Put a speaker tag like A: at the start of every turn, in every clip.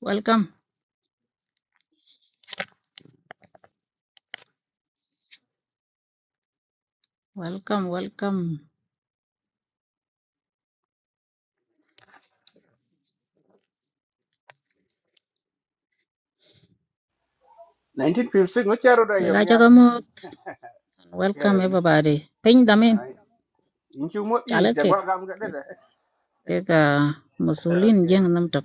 A: Welcome, welcome, welcome.
B: 1956 ngocharo da
A: We
B: yong
A: got
B: ya
A: Jagamot and welcome
B: keri
A: everybody. Ping them in.
B: ai inchu mo i ja
A: Chalake.
B: gwa gam ga da da.
A: Take a Musulin Jing
B: okay
A: Namtok.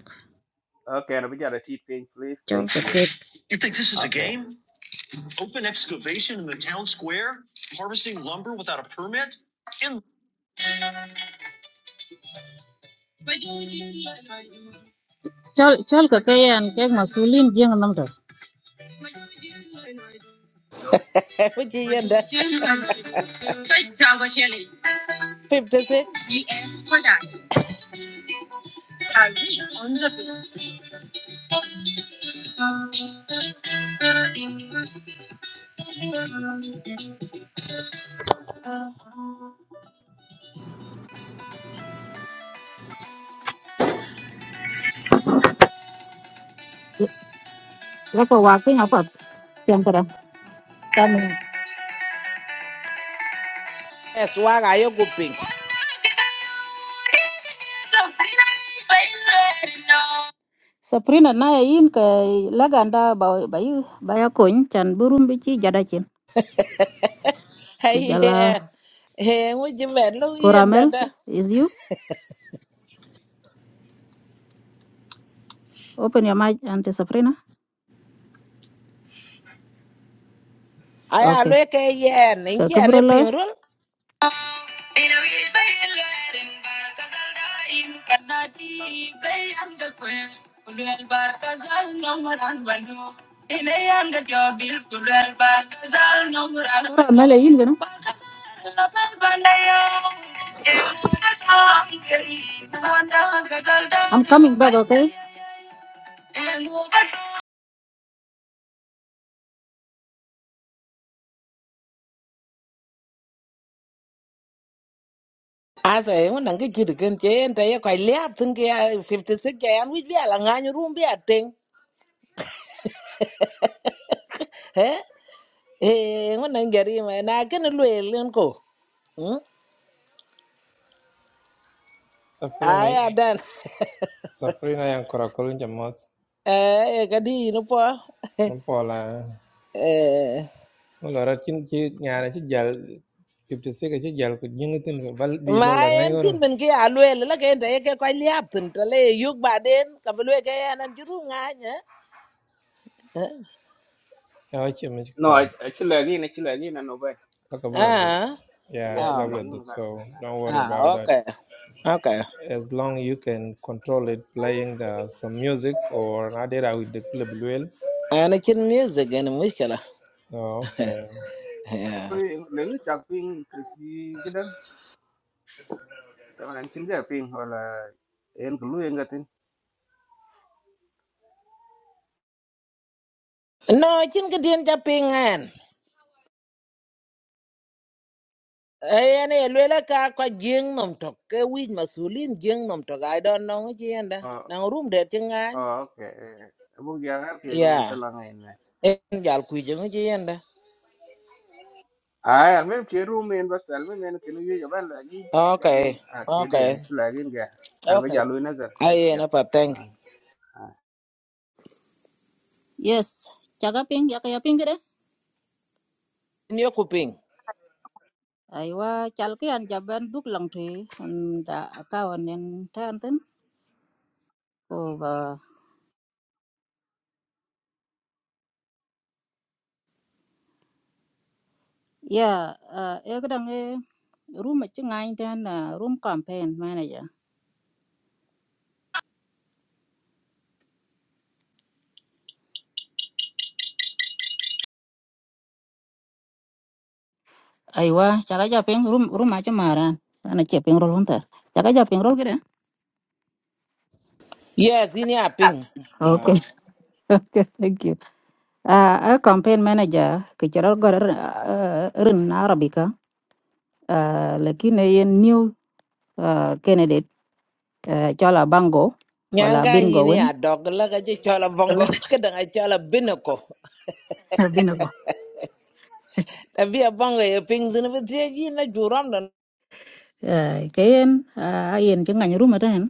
B: okay no bijara ti ping please
A: Chol
B: thank
A: the
B: you
A: cake.
B: okay
A: Chol Chol the cake and cake Musulin Jing Namtok.
C: Eku chi yenda 56
A: Like a walking up. Yang kurang. Kami.
C: es waga yo kuping.
A: Sabrina na yin ka laganda ba ba yu ya kon chan burum bici ci jada chin
C: Hey
A: ku jala
C: yen. Hey ngu chi men lu yenda
A: koramel
C: da.
A: is you open your mic anti Sabrina
C: Aya lu
A: okay
C: ke yen in
A: ka
C: chi ane
A: kabro
C: ping
A: loy
C: rul.
A: Melayin ganun. I'm coming back, okay?
C: Asa ngu nang ki chiri ken che yenda ye kwa liap tin ki ya 56 ya yan wich bi ala nganyu rum bi a ting. Hey. Eh, wannan gari mai na gani luwelin ko. Hmm?
D: Safrina,
C: Aya dan.
D: Safrina yang kura kuru jamot.
C: Eh, eh, gadi ni po.
D: Nampola.
C: Eh.
D: Ngora chin chi ngana chi jal 56 chi jal ku jingitin ku bal bi lo
C: ma
D: la ngai
C: en
D: goro.
C: kin men ke a lwel la ke nda ke ko liap tin to le yug ba den ka lwe ke en an juru nga nya
D: Ya wachi mi chi
B: no
D: kala.
B: actually again actually again no ba
D: La ka
B: ta
D: bula
B: ban
D: duk.
B: nang
C: ah
D: Ya
B: ya
D: chi la
C: ah
B: actually
D: bula
B: again no
D: duk.
B: ba
D: So
B: ba na
D: don't worry
C: ah
D: about that.
C: okay okay
D: As long you can control it playing the some music or adera with the club well.
C: ana kin music en mushkala
D: Oh, okay.
B: lengu chak ping ku ji ga da ta ban chin ga ping hola en ku lu en ga tin
C: no kin ke den ja pingen en e lwel ka ko jing nom to ke wi masulin jing nom to i don't know ji enda
B: oh
C: na room de ti nga
B: oh, okay bu ya ga ti
C: ya
B: ngai ta la ngai
C: en jal ku jing ji enda
B: À, làm việc kêu ruộng mình, bớt làm việc mình cái này giờ bán lại cái, cái này
C: okay
B: kêu lên, cái
C: okay
B: này lại cái này, làm việc
C: okay
B: jalôi nha chứ,
C: ai
B: thank you.
C: en pa thank
E: Yes, chakaping yakayaping kede.
C: ni ku ping
E: Aiwa chalki an jaban duk lang tui an da akawan nen tan tin. Ko ba ya e kadang e room chi ngai tan room campaign manager.
A: Aywa, chaka aja ping room room aja maran. Ana che ping roll hunter. Chaka aja ping roll gede.
C: Yes, ini aping.
A: Okay. Okay, thank you. Uh, a campaign manager kichara gor uh, rin Arabica. Uh, lakini ye new uh, candidate uh, chola bango wala
C: Nyanga
A: bingo
C: ini adog laga je chola bongo
A: ربنا
C: kadang a chola binoko.
A: يرحمه.
C: Tapi a bongo ye ping dina betia ji na juram
A: Ay, kayen a yen ci ngany ruma tan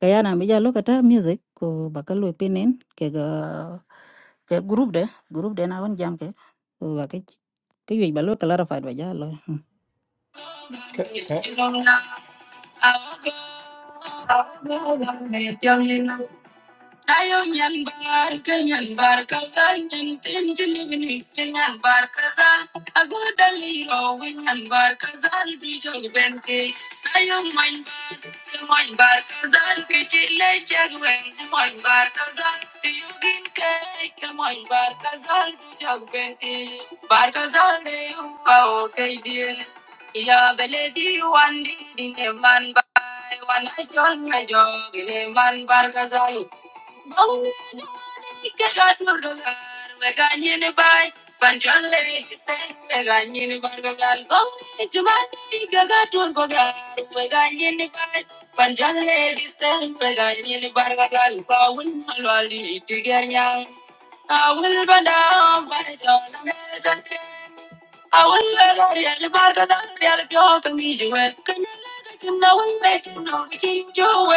A: kaya na bija lokata music ko bakalu pinin ke ga ke group de group de na won jam ke ko ba ke ke yoy balo kala rafa
D: Okay. okay.
A: ba ja lo Ayo nyan bar ke nyan bar kazal nyan tin jini bini ke bar kazal ago daliro we bar kazal bi jog ben ke ayo man bar ke man bar kazal ke chile jag man bar kazal yogin ke ke man bar kazal bi jog bar kazal de o ke dil ya beledi wandi dine man bar wana chol me jog ne man bar kazal que gas murdogar, me gañe ne bai, panchale que se me gañe ne bargogal, come chumani que gas murdogar, me gañe ne bai, panchale que se me gañe awul banda bai I will on the reality of the I you, let you know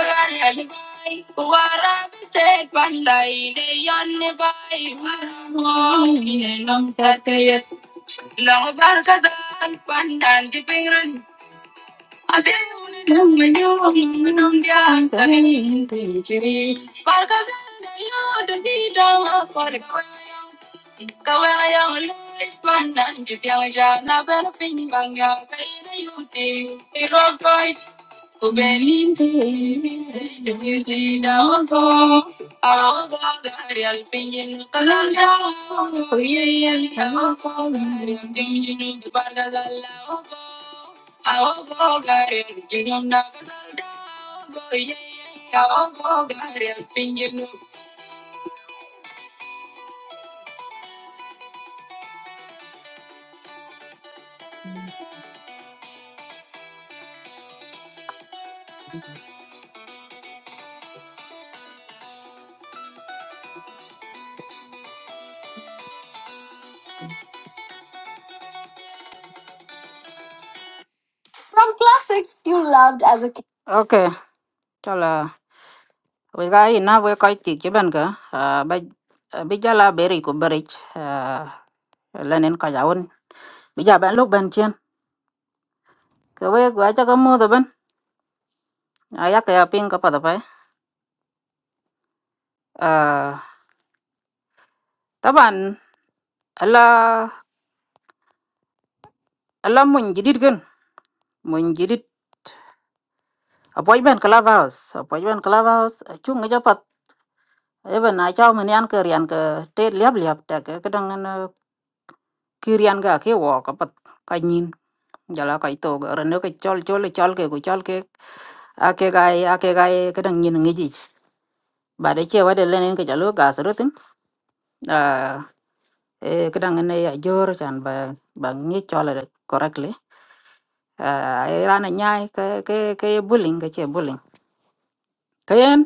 A: and can Abang, nung mayong nung diang, kailan tinig ni? Par kasi ninyo, dumi dala para kaw ng kaw ngayong lupa na naging tanga na pinipanggang kailan yuting irong bright. Kumbenin tayong tinig na ako. Ako nga di alpinin kasi ako. Iyan ka ako. Tinig niyo tapos ako. Áo có gai chỉ nhung đã có sao đó rồi áo có gai pin nhung. ok cho là với cái na với cái chị chứ bên cả à bây à, bây giờ là beri của beri à lên đến cái giáo bây giờ bạn lúc bên trên cái với cái cho cái mua đó bên Ai yak cái pin có phải đâu phải? à bạn. à, là à, là mình chỉ đi gần mình chỉ đi appointment clubhouse appointment clubhouse chung cái even na cho mình ăn cái riêng cái tết liệp liệp ta cái cái đang ăn cái riêng cái cái vỏ cái bát cái nhìn giờ là cái tổ cái rồi nó cái chol chol chol cái cái chol cái à cái gai à cái gai cái đang nhìn nghĩ gì bà đấy chơi vào đây lên cái chả lúa gà sữa tin à ê, cái đang ăn này giờ chẳng bà bà nghĩ cho là correctly à ai ra này nhai cái cái cái bullying cái chơi bullying cái em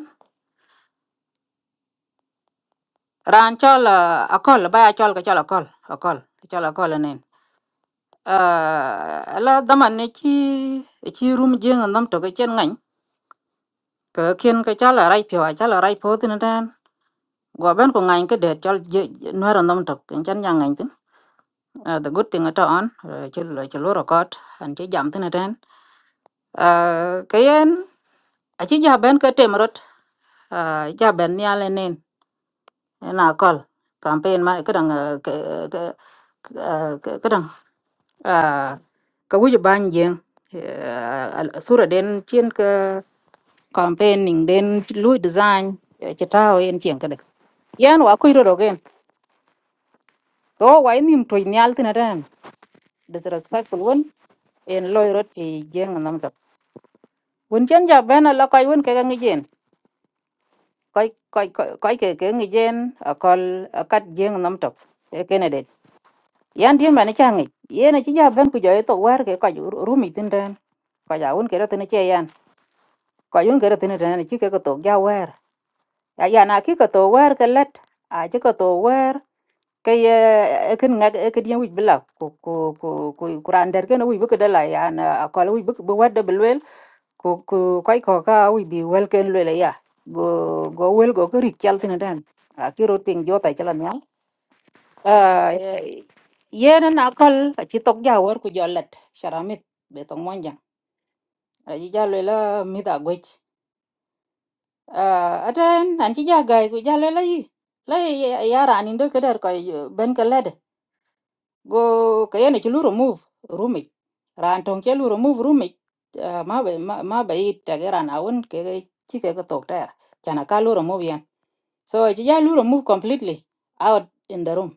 A: ran cho là alcohol bà cho là cái cho là alcohol alcohol cho là alcohol này à là Ah, la daman ne ci ci rum jeng nam cái ke chen ngan ke ken ke là rai pyo chala rai pho tin dan go ben ko ngan ke de chal no ran nam to ken chan yang ngan tin Ah, the good thing at on ci lo ci lo record an ci jam tin dan Ah, ke yen a ci ja ben ke tem rot bên nhà lên ya na kol campaign ma kadang ka ka kadang ka wuji ban jeng sura den chien ka campaign ning den lu design ci taw en chien kada yan wa kuiro rogen to wa nim to nyal tina dan disrespectful won en loy rot e jeng nam tak won chen ja bena la koy won ke ga ngijen koy koy koy ke ke ngijen akol akat jeng nam tak e kene yan dia mane cha ngi yene chi ja ben ku jo to war ke ka ju rumi tin den ka ja un ke ra tin che yan ka yun ke ra tin den chi ke ko to ja war ya ya na ki ko to war ke let a chi ko to war ke ye kin ngak e ke dia wi bila ku ku ku ku kuran der ke no wi bu ke da la ya na ko wi bu bu wa da bel ku ku kai ko ka wi bi wel ken le ya go go wel go ke ri kyal tin den a ki ro ping jo ta chalan Ah, eh, yen na kol a ci tok jawar ku jollet sharamit be to monja a ji jalo la mi da gwej Ah, aten an ci jagay ku jalo la yi la yara ni ndo kedar ko ben ka lede go ka yen ci lu remove rumi ran ton ke lu remove rumi Ah, ma be ma ma be it ta gara na won ke ke- ci ke ka tok ta kana ka lu remove yan so a ci jalo remove completely out in the room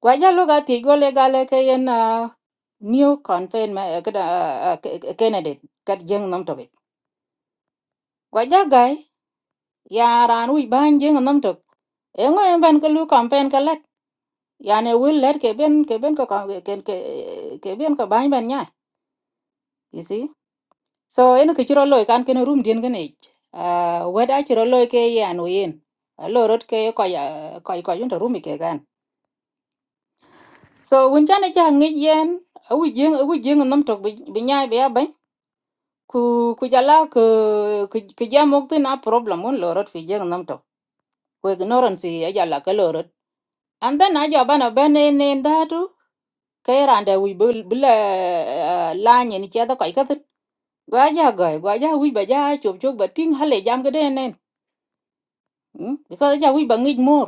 A: Gwaja luga ti gole gale ke yen uh, new confinement uh, kada, uh, uh, ca- candidate kat jeng nam tobe. Gwaja gai ya ran wi ban jeng nam tobe. Engo en ban ke lu campaign ke lat. Yani will let ke ben ke ben ko ke ke ke ke ben ko ban ban nya. You see? So en ke chiro loy kan ken room dien gen age. Uh, weda chiro loy ke yan yen. Ah, Lo rot ke ko ya ko ko yun to room ke gan. So wun chane cha ngi yen awi jeng awi jeng nam tobe bi bi nyai be ya ban. ku ku jala ku ku ku jamok tina problem un lorot fi jeng nam to ku ignorance ya jala ka lorot and then aja bana bane ne ndatu kay rande wi bul bul laanye ni cheda kai ka tin gwaja gai gwaja wi ba ja chop chop ba ting hale jam ga den nen Mm, because ja wi ba ngij mor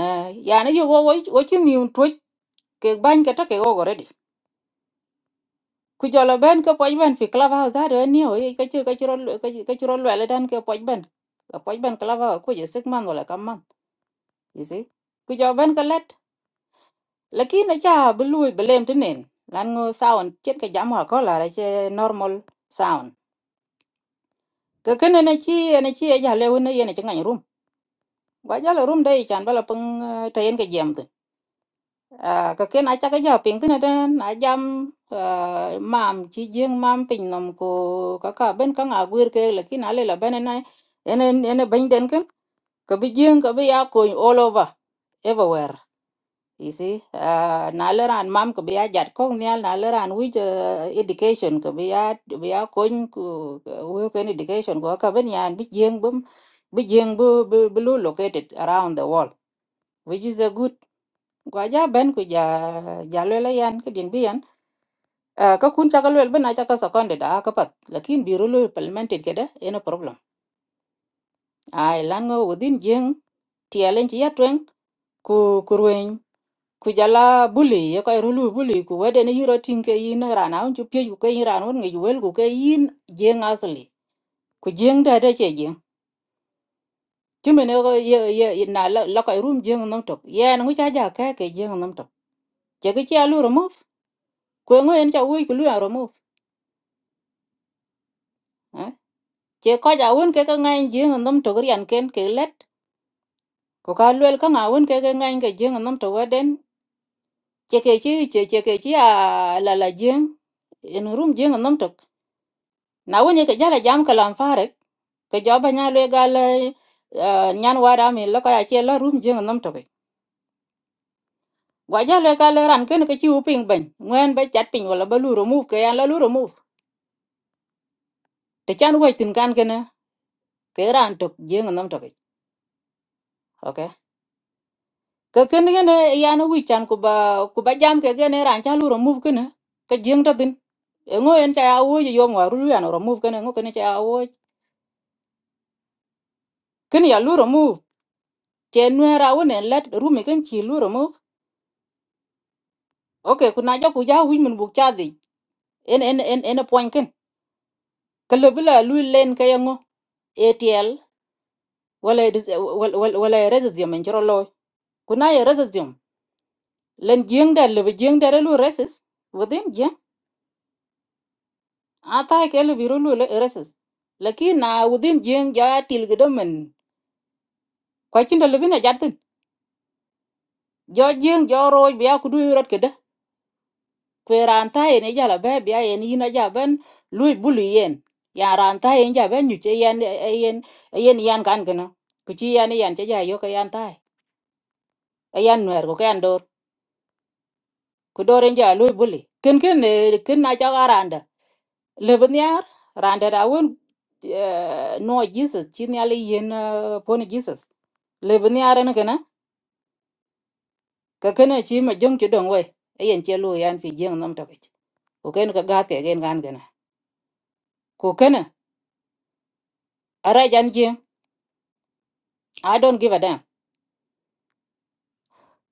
A: Ah, ya ne yo wo wo chi ni un twech ke bany ka ta ke ku jolo ben ko poj ben fi club house da do ni o ka chiro ka chiro ka chiro lwe le dan ke poj ben ka poj ben club house ku je sik man wala kam man you see ku jolo ben ko let lakin cha bu lui belem tinen lan ngo sound chet ka jam ha ko la ra che normal sound ka kene na chi na chi ya le wona yene chi ngany room wa jalo room dai chan bala pung tayen ka jam à cái kia nãy chắc cái giờ pin thế này đó nãy jam à mam chỉ riêng mam pin nằm cô cả cả bên cả ngà vừa kia là khi nãy là bên này em em em bên đến cái cái bị riêng cái bị áo quần all over everywhere you see à nãy là anh mam cái bị áo giặt con nha nãy là anh with education cái bị áo bị áo quần của của cái education của cả bên nhà anh bị riêng bấm bị riêng bu bu bu located around the world which is a good gwa ja ben ku ja ja lwela yan ke din biyan uh, ka kun chaka lwel bena chaka sekonde da ka pat lakin biro lo parliamented keda eno problem ai lan ngo within jeng tielen ci yatweng ku ku rueny ku jala buli ye ko rulu buli ku wede ne yiro tinke yin rana un chu pye ku ke yin rana un ngi wel ku ke yin jeng asli ku jeng da da che jeng timene ko ye ye ye na la la ko rum jeng nam tok yen ngu cha ja ka ke jeng nam tok che ke cha lu remove ku ngo en cha wuy ku lu remove eh? chỉ che ko ja won ke ka ngai jing nom to rian ken ke let ko ka lwel ka nga won ke ka cái ke jing nom to waden chỉ cái chi che che ke chi a la la jing en rum jing nom to na won ke jala jam ka lan fare ke jo ba nya le ga le nyan wa da mi lo cái ya che room rum jing nom to gwa ja le ka le ran ken ke chi u ping ben ngwen ba chat ping wala ba lu ro mu ke ya la lu ro mu te chan wo tin kan ke na ke ran to jing nom ok? ka ken gene yana wi chan ku ba ku ba jam ke gene ran cha lu remove kene ka jeng ta tin e ngo en cha ya wo ye yom waru lu yana remove kene ngo kene cha ya wo ken ya lu remove che nwe ra wo ne let ru mi ken chi lu remove okay ku na ja ku ja wi mun bu cha di en en en en point ken ka le bla lu len ka yango atl wala dis wala wala wala resizium en jro lo ku na ye resizium len jeng da le jeng da lu resist within ata kele virulo le ereses lakin na wudin jeng ja til gedemen ko cinda lebina jatin jo jeng jo roj biya kudu yurat kede kwe ranta ene jala be biya ene yina ja ben lui bulu yen ya ranta ene ja ben nyuche yen eh, yen yen yan kan gena kuchi yan yan che ja yo ka yan tai yan nuer ko ka yan dor ku dor en ja lui buli ken ken eh, ken na ja Lebanyar randa da won no Jesus chin yali yen eh, pon Jesus. Lebanyar na, kana ka kana chi ma jong chi dong we ayen che lu yan fi jeng nam ta kich. Ko ken ka gat ke gen gan gana. Ko kana ara jan jeng I don't give a damn.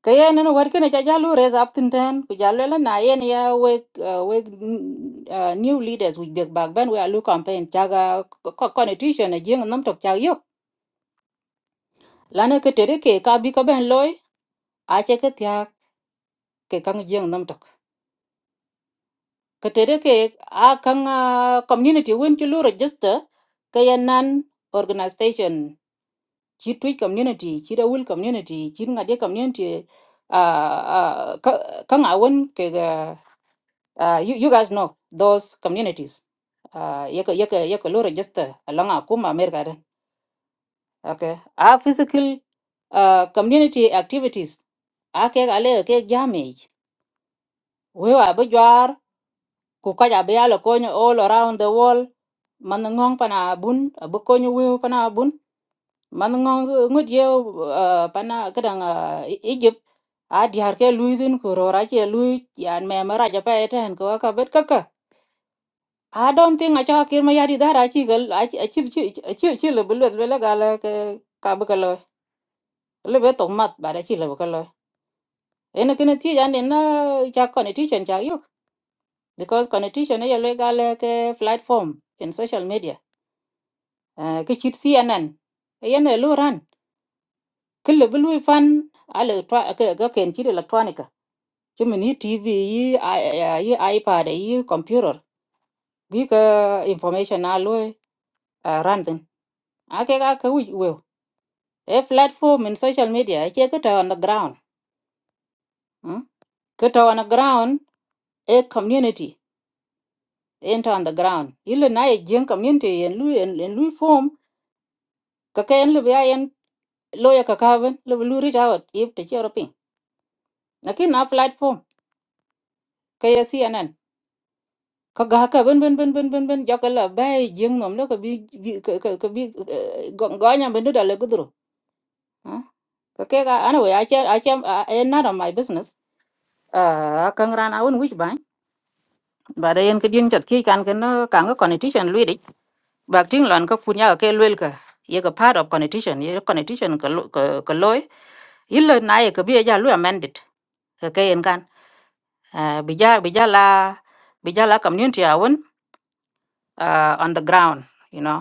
A: Ka yen ne war kana cha jalu raise up tin ten ku jalu la na yen ya we eh, we mm, eh, new leaders we big back ban we alu campaign chaga co- co- constitution jeng nam tok cha yok. Lana ka tere ke ka bi ka ben loy ache ka ke kang jeng nam tok ka tere ke a kang ah, community wen ti lu register ka ya nan organization ki twi community ki da wul community ki ngade community ah, ah, ka- kang a wen ke ga ah, you, you guys know those communities Ah, yaka yaka yaka lu register along a kuma america den okay a physical ah, community activities ake gale ke jamej wewa bujwar ku kaja be yalo konyo all around the world man ngong pana bun bu ko ñu wiu pana bun man ngong ngut ye uh, pana kadang uh, Egypt a diar ke lui din ku rora che lui yan me mara ja pa eten ko ka bet kaka I don't think a cha kir ma yari dara chi gal a chi a chi a chi chi le bul le le gal ke ka bu ka lo le be to mat ba da chi le bu ka lo ene kene ti jan ne na cha connection cha yo because connection ye le gal ke platform in social media Eh, ke chit CNN yen lu ran kile bi lui fan ale twa ke ga ken chi electronica chi mini tv yi i- i- yi ipad yi computer bi ka information na lui uh, ran tin a ke ga ka wi we e platform in social media ke ke ta on the ground mm? ke ta on the ground a community enter on the ground ile na ye gen community en lui en, en lui form ka ke en le bi en lo ya ka ka ben le bi lui reach out if te chi roping na ki na platform ke CNN ka ga ka ben ben ben ben ben ben jaka la bai jeng nom lo ka bi bi- ka ka ka bi eh, go go nya ben da le gudro Ah, ka ke ga ana we a che a che en not on my business a kang ran a un wich bai ba da yen ka din chat ki kan ken ka ga constitution lui dik ba ting lon ka punya ka ke luel ka ye ka part of constitution ye constitution ka lo- ka ka loy illa na ye ka bi ya lu amended ka ke en kan Ah, bi ja bi ja la bi ja la community a un ah, on the ground you know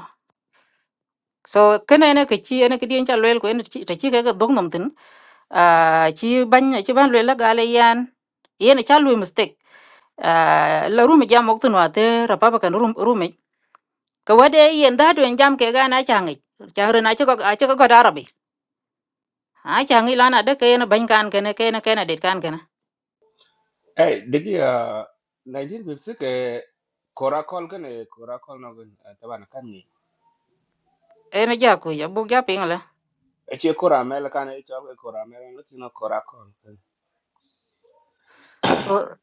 A: so kene ne ke chi ene ke dien cha lwel ko ene chi ta chi ke ke dong nam tin a chi ban chi ban lwel la gale yan ene cha lwe mistake a la rum jam ok tin wa te ra pa kan rum rum ka wade yen da to jam ke ga na cha ngi cha re na cha ko a cha ko da arabi a cha ngi la na de ke ene ban kan ke ne ke ne ke ne det kan ke ne
B: À, đấy đi à, nói gì biết chắc cái cora call cái này, cora call nó cái, tao bán cái này.
A: ene ja ku ya bu ja ping la
B: Ở chỗ cora, mày là cái này, chỗ cora mày làm cái nó cora call.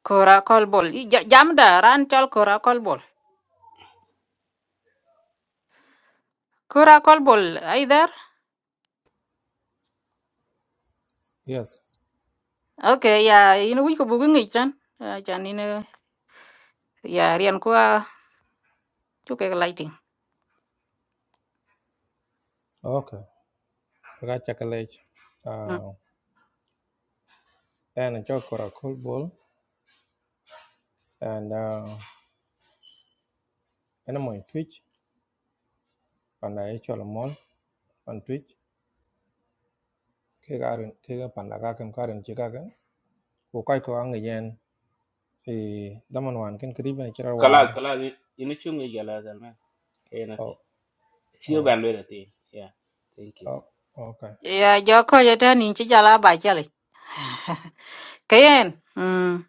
A: kora kol bol I ja- jam da ran chol kora kol bol kora kol bol ai dar
D: Yes.
A: okay ya ina wi ko bu ngi chan chan ya rian kwa chuke lighting
D: Okay. I got chocolate.
A: mm.
D: Uh, and a chocolate cool ball. And uh, ene mo twitch panda e chol mon on twitch ke garen ke ga panda ga kem karen chi ga gan ko kai ko ang e yen fi daman wan ken kribe ne chira
B: Khá
D: war
B: là khá là, nhưng mà chúng người jalôi làm à, đấy nè.
D: oh
B: Siêu
D: oh
B: bán luôn rồi đấy, yeah, thank you.
D: oh okay
A: ya joko ya tani chi jala ba chale kayen mm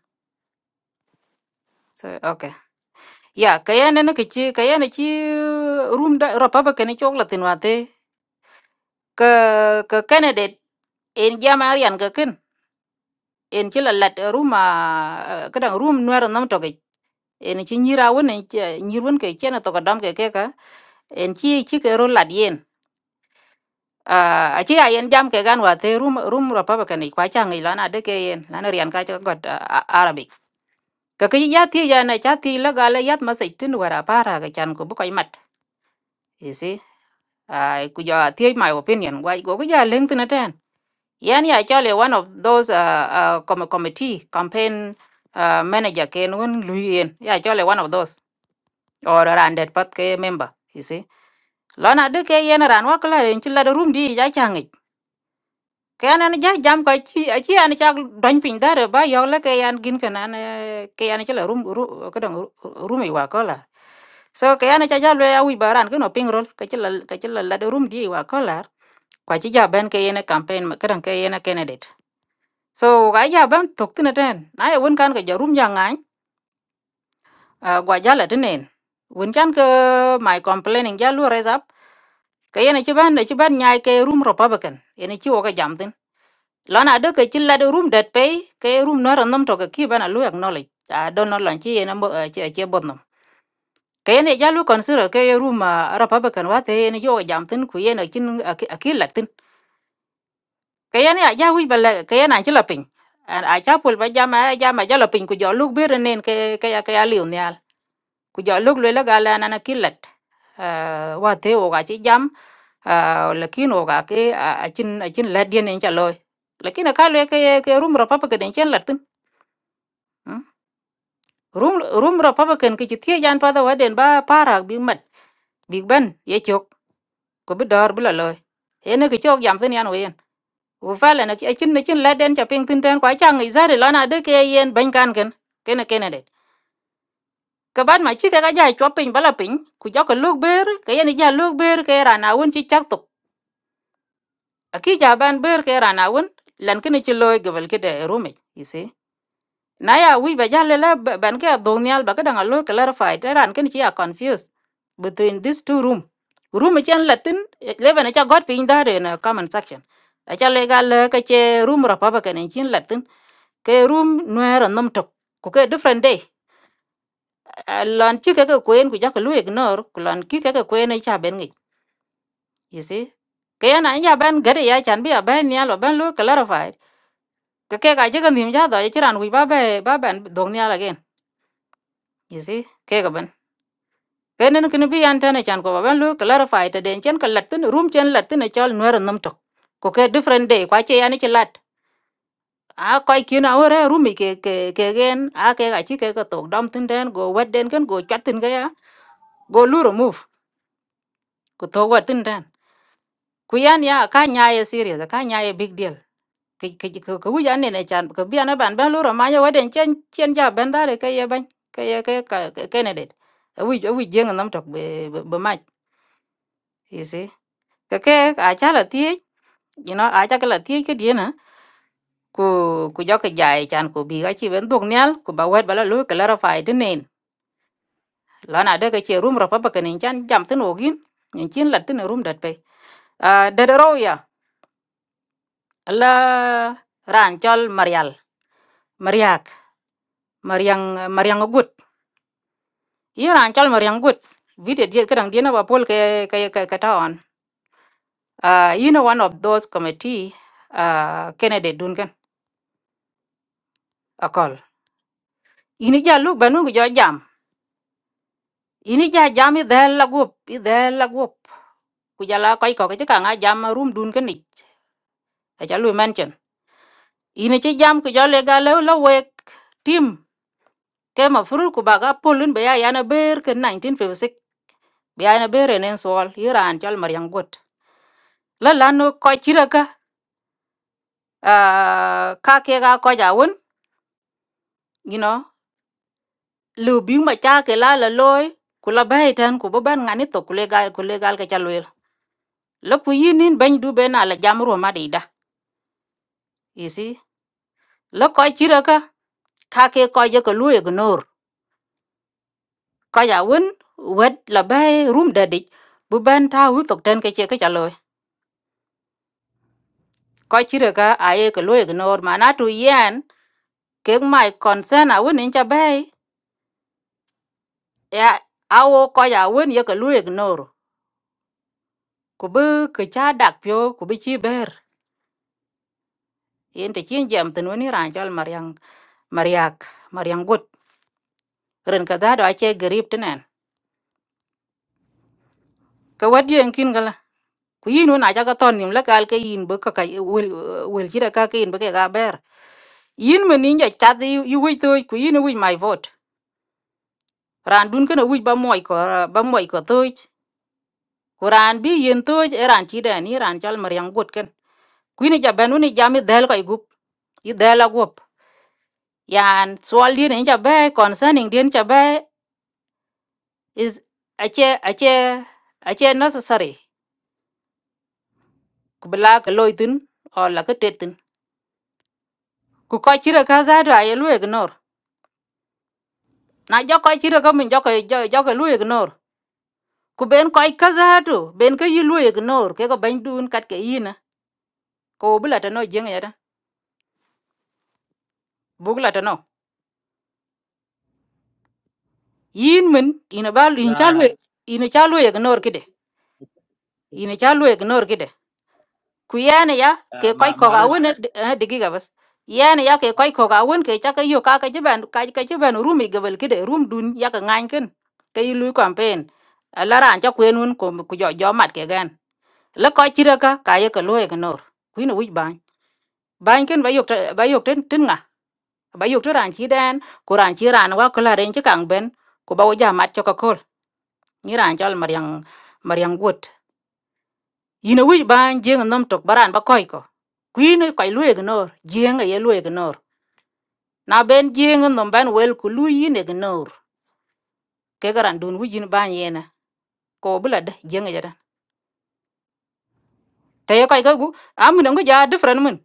A: so okay ya kayen ne ke chi kayen chi room da ropa ba ken chok latin wate ka ka candidate en jama rian ka ken en chi la lat room a kadang room nuer nam to ge en e chi nyira won en nyirwon ke chen e to ka dam ke ke ka en chi chi ke ro lat yen Ah, aci ayen jam ke gan wate rum rum rapa ba kani kwa changi lana de ke yen lana rian ka cha got ah, ah, arabic ka ke ya thi ya na cha thi la gala yat ma sai tin wara para ga chan ko bu kai mat you see ai ku ya thi my opinion wai go ya leng tin ten yan ya cha le one of those uh, uh, com committee campaign uh, manager ken won lu yen ya cha le one of those or randet pat ke member you see lana de ke yen ran wa kala ren chi la de rum di ya changi kayan an ja jam ko chi a chi an cha don pin dare ba yo le kayan gin kan an kayan cha la rum ru ka dang rum i wa ko la so kayan cha ja le awi baran ko no ping rol ka chi la ka chi la la do rum di wa ko la kwa chi ja ben kayan campaign ka dang kayan candidate so ga ja ben tok tin den na ye won kan ka ja rum ja ngan gwa ja la tinen won chan ko my complaining ja lu raise up kayan chi ban chi ban nyai ke rum republican ene chi wo ka jam tin lana do ke chilla do room dat pay ke room no ran nam to ke ki bana lu acknowledge a do no lan chi na mo che che bod nam ke ne ja lu consider ke room a republican wa te ne yo jam tin ku ye ne kin a ki la tin ke ye ne ja wi bala ke ye na chi la pin a cha pul ba jama jama ja la pin ku jo lu bir nen ke ke ya ke ya liu nyal ku jo lu le la gala, la na ki la wa te o ga chi jam la kin o ga ke a chin a chin la dien en cha loy lakin ka le ke ke room ra papa ke den chen la tin Ừ. rum rum republican ke chitie jan pa da waden ba para bi mat big ben ye chok ko bi dor bi la loy ene ke chok jam tin yan wen u fa le na chi chin na chin la den cha ping tin ten kwa chang i zari lona de ke yen ban kan ken kene kene de ka ban ma chi ka ga ja chop pin bala pin ku jo ko luk ber ke yen ja luk ber ke ra na won chi chak tok aki ja ban ber ke ra na won lan kene chi loy gebel ke de rume you see na ya wi ba ja lela ben ke dong nyal ba kadang alo clarify te ran ken chi ya confused between these two room room chen latin eleven cha god pin da in a comment section a cha le ga le ka che room republican in chin latin ke room nuer nom tok ku ke different day A- a lon chi ke ke kuen ku ja ka lu ignore ku lon ki ke ke kuen ni cha ben ngi you see ke ya na ya ben gare ya chan bi ya ben nyal ba ben lu clarify ke ke ga je ga nim ja da chi ran wi ba be ba ben dong nyal again you see Ke kenen kin bi yan tane chan ko ba ben lu clarify ta den chen ka latin room chen latin e chol nuer nam to ko ke different day kwa che yani chi lat a ko kin a ore room i ke ke ke gen a ke ga chi ke ka tok dam tin den go wet den ken go chat tin ga ya go lu remove ko to wat tin den ku yan ya ka nya ye serious ka nya ye big deal ke ke ke ku yan ne ne chan ko bi an ban ben lu ro ma ye wet den chen chen ja ben da ke ye ban ke ye ke ka ke ne det wi wi jeng nam tok be be be mach you see cái cái à cha là tiếc you know à cha cái là tiếc cái dia na ku ku jo cái jai chan ku bi ga chi ben dog nyal ku ba wet bala lu clarify de nen la na de cái chi room ro pa cái nen chan jam tin ogin nen chin la tin room dat pe à de de ro ya la ran chol marial mariak mariang mariang gut yi ran chol mariang gut video dia kadang dia na ba pol ke ke ke cái ta on à you know one of those committee à Kennedy Duncan akol ini jalu banu ku jo jam ini ja jam i dhel la guop i dhel la guop ku jala koi ko ke ka nga jam room dun ke ni a cha lu mention ini che jam ku jale ga le la wek tim ke ma furul ku baga polun be ya yana ber ke 1956 be yana ber en sol iran chal maryam got la la no ko chira ka ah, ka ke ga ko ja won you know lu bi ma cha ke la la loy ku la bai tan ku bo ban ngani to ku le ga ku le ga ke cha lu la ku yinin ban du be na la jam ro ma de da You see? la koy ci raka ka ka ke koy je ko luye k nor ko ya won wet la bay rum da dik bu ban ta wi tok ten ke che ke chalo koy ci raka a ye ko luye k nor mana tu yen ke mai concern a won in cha bay ya awo ko ya won ye ko luye ko nor ku bu ke cha dak pyo ku bi ci ber yen te chin jam tin woni ran jal maryang maryak maryang gut ren ka da do a che grip tenen ka wad yen kin gal ku yin wona jaga ton nim la kal ka yin bo ka kai wel wel jira ka ka yin bo ka ga ber yin me ninja chat yu wi to ku yin wi my vote ran dun kana wi ba moy ko ba moy ko to ku ran bi yin to e ran ti da ni ran chal mar yang gut ken ku ni ja ben ni ja mi del kai gup i del a gup yan swal din ni ja be concerning din ja be is ache ache ache necessary ku bla ka loitin o la ka tetin ku ka chira ka za do ay lo na jo koy chiro ko min jo koy jo jo koy lu ignore ku ben koy kaza to ben ko yi lu ignore ke ko ban dun kat ke yina ko bula ta no jeng yada bugla ta no yin min ina ba lu- in
F: Yeah, now,
A: chalu ina chalu ignore kide ina chalu ignore kide ku yana ya
F: uh,
A: ke koy
F: my,
A: ko
F: my,
A: ga
F: the.
A: wona digi ga bas yana ya ke koy ko ga won ke ta ka yo ka ka jiban ka ka jiban rumi gabal kide rum dun ya ka ngan ken ke yi lu campaign alara an ta kwenun ko ku jo jo mat ke gan la ko chira ka ka ye ka lo ye nor kuin wi ban ban ken ba yok ta- ba yok ten tin nga ba yok to ran chi den ku ran chi ran wa ko la ren chi kang ben ku ba wo ja mat cho ka kol ni ran chol maryang maryang gut yin wi ban jeng nom tok baran ba koy ko kuin ko lo ye nor jeng ye lo ye nor na ben jeng nom ban wel ku lu yin ye nor ke garan dun wi yin ban yena ko bula de jeng ye ta te ko ga gu amun ngo ja different mun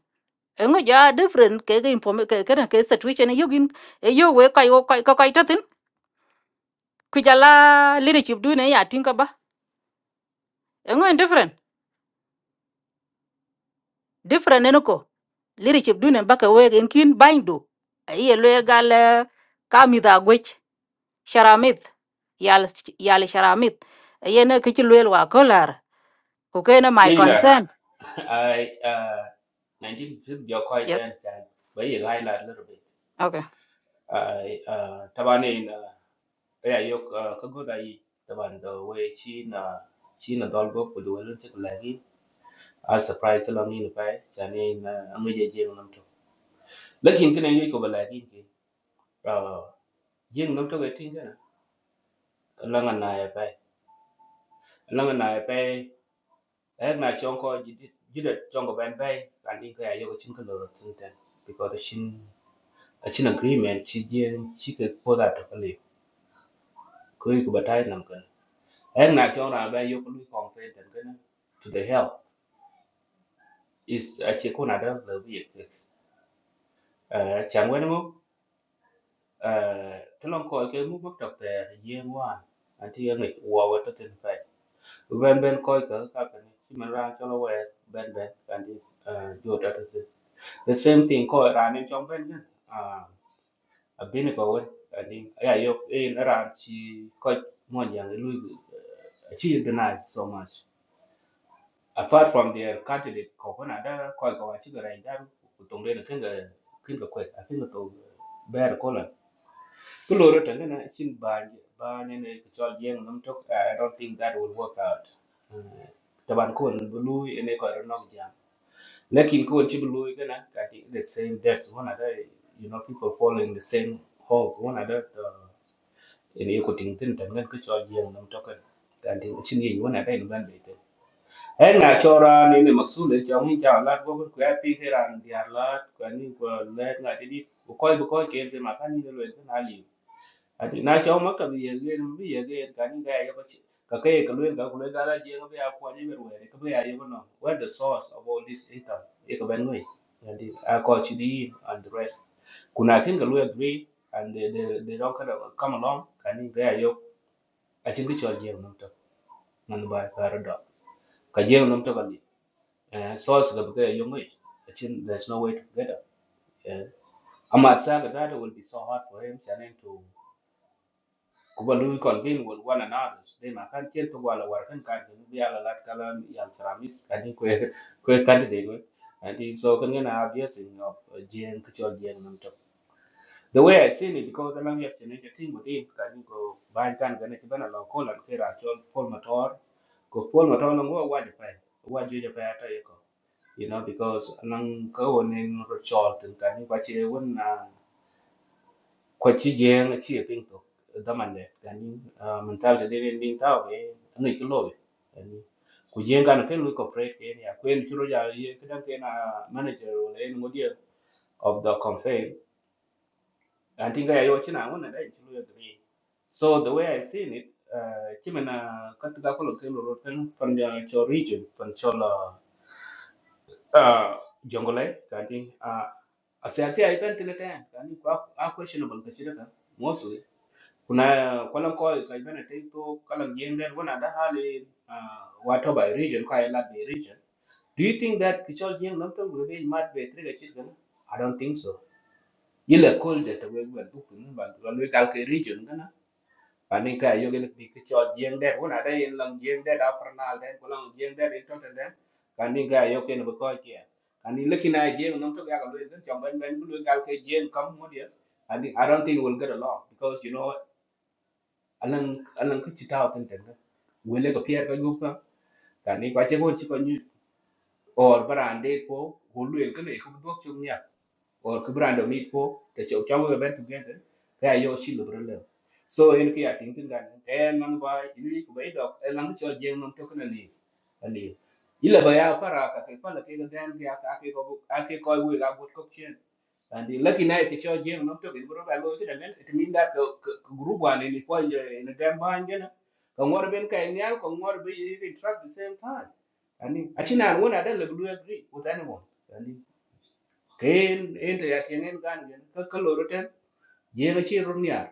A: engo ja different ke ke inform ke ke ke situation yo gin e yo we kai wo kai ko kai tatin ku jala leadership du ne ya tin ka ba engo different different ne ko leadership du ne ba ka we gen kin bindu ai le gal eh, ka mi da gwech sharamit yal yal sharamit ye ne ke ti lwel wa kolar ko ke ne my
B: Ừ,
A: concern
B: à, nói gì biết chắc cái cora call
A: yes
B: cái này, bây giờ hay là little bit.
A: okay
B: à, à, thằng anh ấy nói, bây giờ có không có đại gì, thằng anh đó, với chi na, chi na dẫu có phụ du lên thì cũng là cái, à, surprise làm gì nữa phải, cho nên là, anh mới chơi chơi một năm thôi. Lần khi anh kinh nghiệm gì có bao la cái, à, riêng năm trước thì anh nhớ là, lần anh na ép phải, lần anh na ép phải, ở nhà trống coi, chỉ được trống coi bán phải, còn những cái anh ấy có chừng nào đó thì, đi qua đó xin, xin agreement, xin tiền, xin cái phụ đó thôi, cái này, có gì cũng bắt tay làm cái. and na cho ra ba yo lu consent and kana to the help is a che ko na da the be fix eh chang wen mo eh thlong ko ke mu bak tak te ye wa an ti ngi wa wa to tin fai ben ben ko ka ka ka ni chi ra cho lo wa ben ben kan di eh jo da to the same thing ko ra ni chong ben ne ah a bin ko wen an di ya yo e ra chi ko mo yang lu chi deny so much apart from their catholic ko kana da ko ko wa chiga rai da ku tong le kin ga kin ga kwet a kin ga to ber ko la ku lo ta na sin ba ba ne ne ku chol yeng nam tok i don't think that will work out Eh, ta ban ko ni lu ne ko ro nok jam lakin ko chi lu ga na ka the same depths one other you know people following the same hope one other in ko ting tin ta ngan ku chol yeng nam tok kan ti chin ye one other in ban be en na chora ni ne masule ja mi ja la go ko ya pi ke ran dia la ko ni ko le na ti di ko ko ko ke ze ma kan ni le na ali ati na cho ma ka bi ye le mu bi ye ge ka ni ga ya ko chi ka ke ka le ka ku le ga la je ga ya ko ni be we ka be ya ye no where the source of all this income e ko ben we and the a ko chi di and the rest kuna kin ga lawyer agree and they, they, they don't kind of come along kani ga ya yo a chin ki chol jeng nam to man ba ka ra do ka jeng nam to ka Uh, so it's also the bigger young age. I think there's no way to get up. Yeah. I'm outside but that It will be so hard for him challenge to Kuba Louis convene with one another. They ma can't get to Walla Warkan Kadi, be a lot Kalam Yal Tramis, Kadi Kwe Kwe Kadi. And so can get an obvious in your GM Kuchol GM. the way I seen it, because I'm not yet a thing within, can you go buy can get a ban along call and fair and all Paul Mator, go Paul Mator long or what if I, what do you pay at you? You know, because along go on in Richard and can you watch a one quachi jang a cheer thing to the man there, can you mentality living thing out, eh, and it's low. And Kujeng kan kan lu corporate ni, aku yang curu jadi, kadang kan manager oleh mudia of the campaign I think I watch na one that actually agree. So the way I seen it, uh, chimena katika kolo kelo roten from the cho region from cho la uh, jongole kanti uh, asiasi ai kan tele kan kanti kwa a questionable kashira kan mostly kuna kala ko ka ibana tento kala jende wana da hali uh, wato by region kwa ila by region. Do you think that kichol jeng namto gobe mat be tre ga chit I don't think so. Yile cold that we were talking about, we calculate region anin ka yo gen di ke cho jeng der wona da yin lang jeng der afranal den ko lang jeng der to den den kanin ka yo ken ko ke anin leki na jeng nom to ga lo den cho ban ban lu gal ke jeng kam mo dia anin i don't think we'll get along because you know alang alang ku chi ta ten den wele ko pier ko yuka kanin ka che ko chi ko ni or barande ko hulu el ken e ko do chung or ki brando mi ko te chok chong we ben together ka yo shi lo bro le so en ki ating tin gan en nam ba ni ko be dok en lang chol jeng nam to kana ni ali ila ba ya para ka ke pala ke gan ke ka ke ko ka ke ko we ga bot ko chen and the lucky night ke chol jeng nam to ke bro ga lo ke dan it mean that the group one ni ko je ne dan ba ngena ka ngor ben ka nyal ka ngor be you track the same time ani achina wona dan le blue agree with anyone en en de ya tienen gan gen ka ka loro ten je ga chi run ya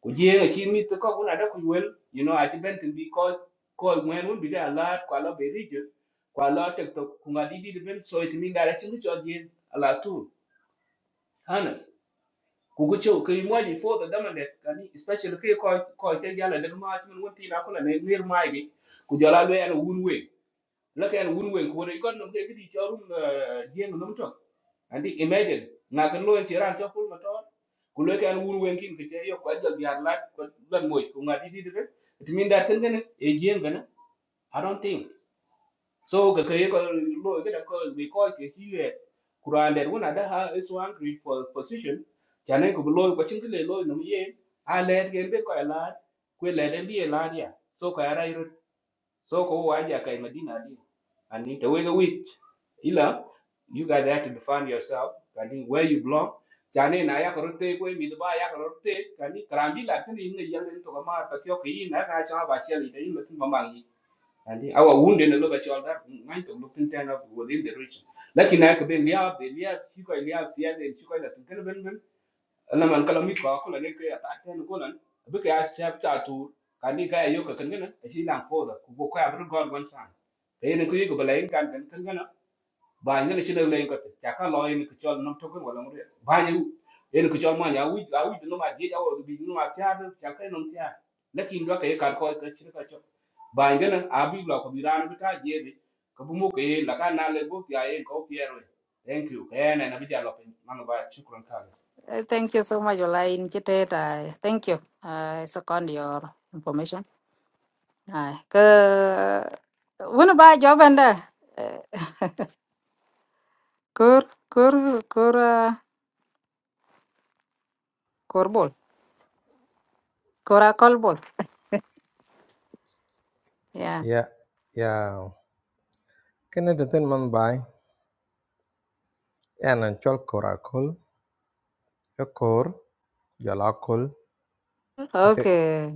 B: ku je ga chi mi to ko kuna da ku wel you know i think to be called called when un bi ga la kwa la be region kwa la te to ku ma di di de ben so it mi ga ra chi mi cho je ala tu hanas ku ku cho ke mo di fo da da man de kan especially ke ko ko te ya la de ma chi mun won ti na ko la ne mir ma gi ku jo la be an un we la ke an un we ku re ko no ke di cho run je ngom to andi imagine na kan lo ci ran to pul motor ku lo kan wur wen kin ke yo ko jal yar la ko lan moy ko ngadi di de it mean that kan gane e jien gane i don't think so ga ke ko lo ga da ko mi ko ke ci ye kuran der wona da ha is one great for position chane ko lo ko cin ke lo no ye a le gen be ko la ku le den bi la ya so ko ara so kwa hiyo waje akae Madina hadi and nitaweza which ila you guys have to define yourself kani where you belong kani na yako rote kwa midba yako rote kani karambi la kani inge yange to kama tatio ki na na cha ba sia lita ila tuma mangi and our wound in the lobe cha altar mind to look in within the region lakini na yako ben ya ben ya siko ya sia ya siko ya na man kala mit ko ko la ne ke ya ta ten ko lan bi ke ya chap ta tu ka ni ka yo ka kan gana a shi lan fo da ku bo ko ya bur god wan san ke ne ku yi ko bala yin kan kan kan gana ba ne shi le yin ko ta ka lo yin ku chol nam to ko wala mu ba ne yin ku chol ma ya wi ga wi no ma je ya wo bi no ma ta da ta ka no ta lakin do ka ye ka ko ka shi ka cho ba ne na a bi lo ko bi ran bi ta je bi ka bu mo ke la ka na le bo ya yin ko piero thank you eh na na bi ja lo pe ma no ba shukran ka
A: Eh, thank you so much olain chiteta thank you i second your information Ai, ka wani ba jawaban da kur kur kur ah, kur bol kura kol bol ya
D: ya ya kene de ten man bai ene chol korakol yo kor jalakol ake
A: okay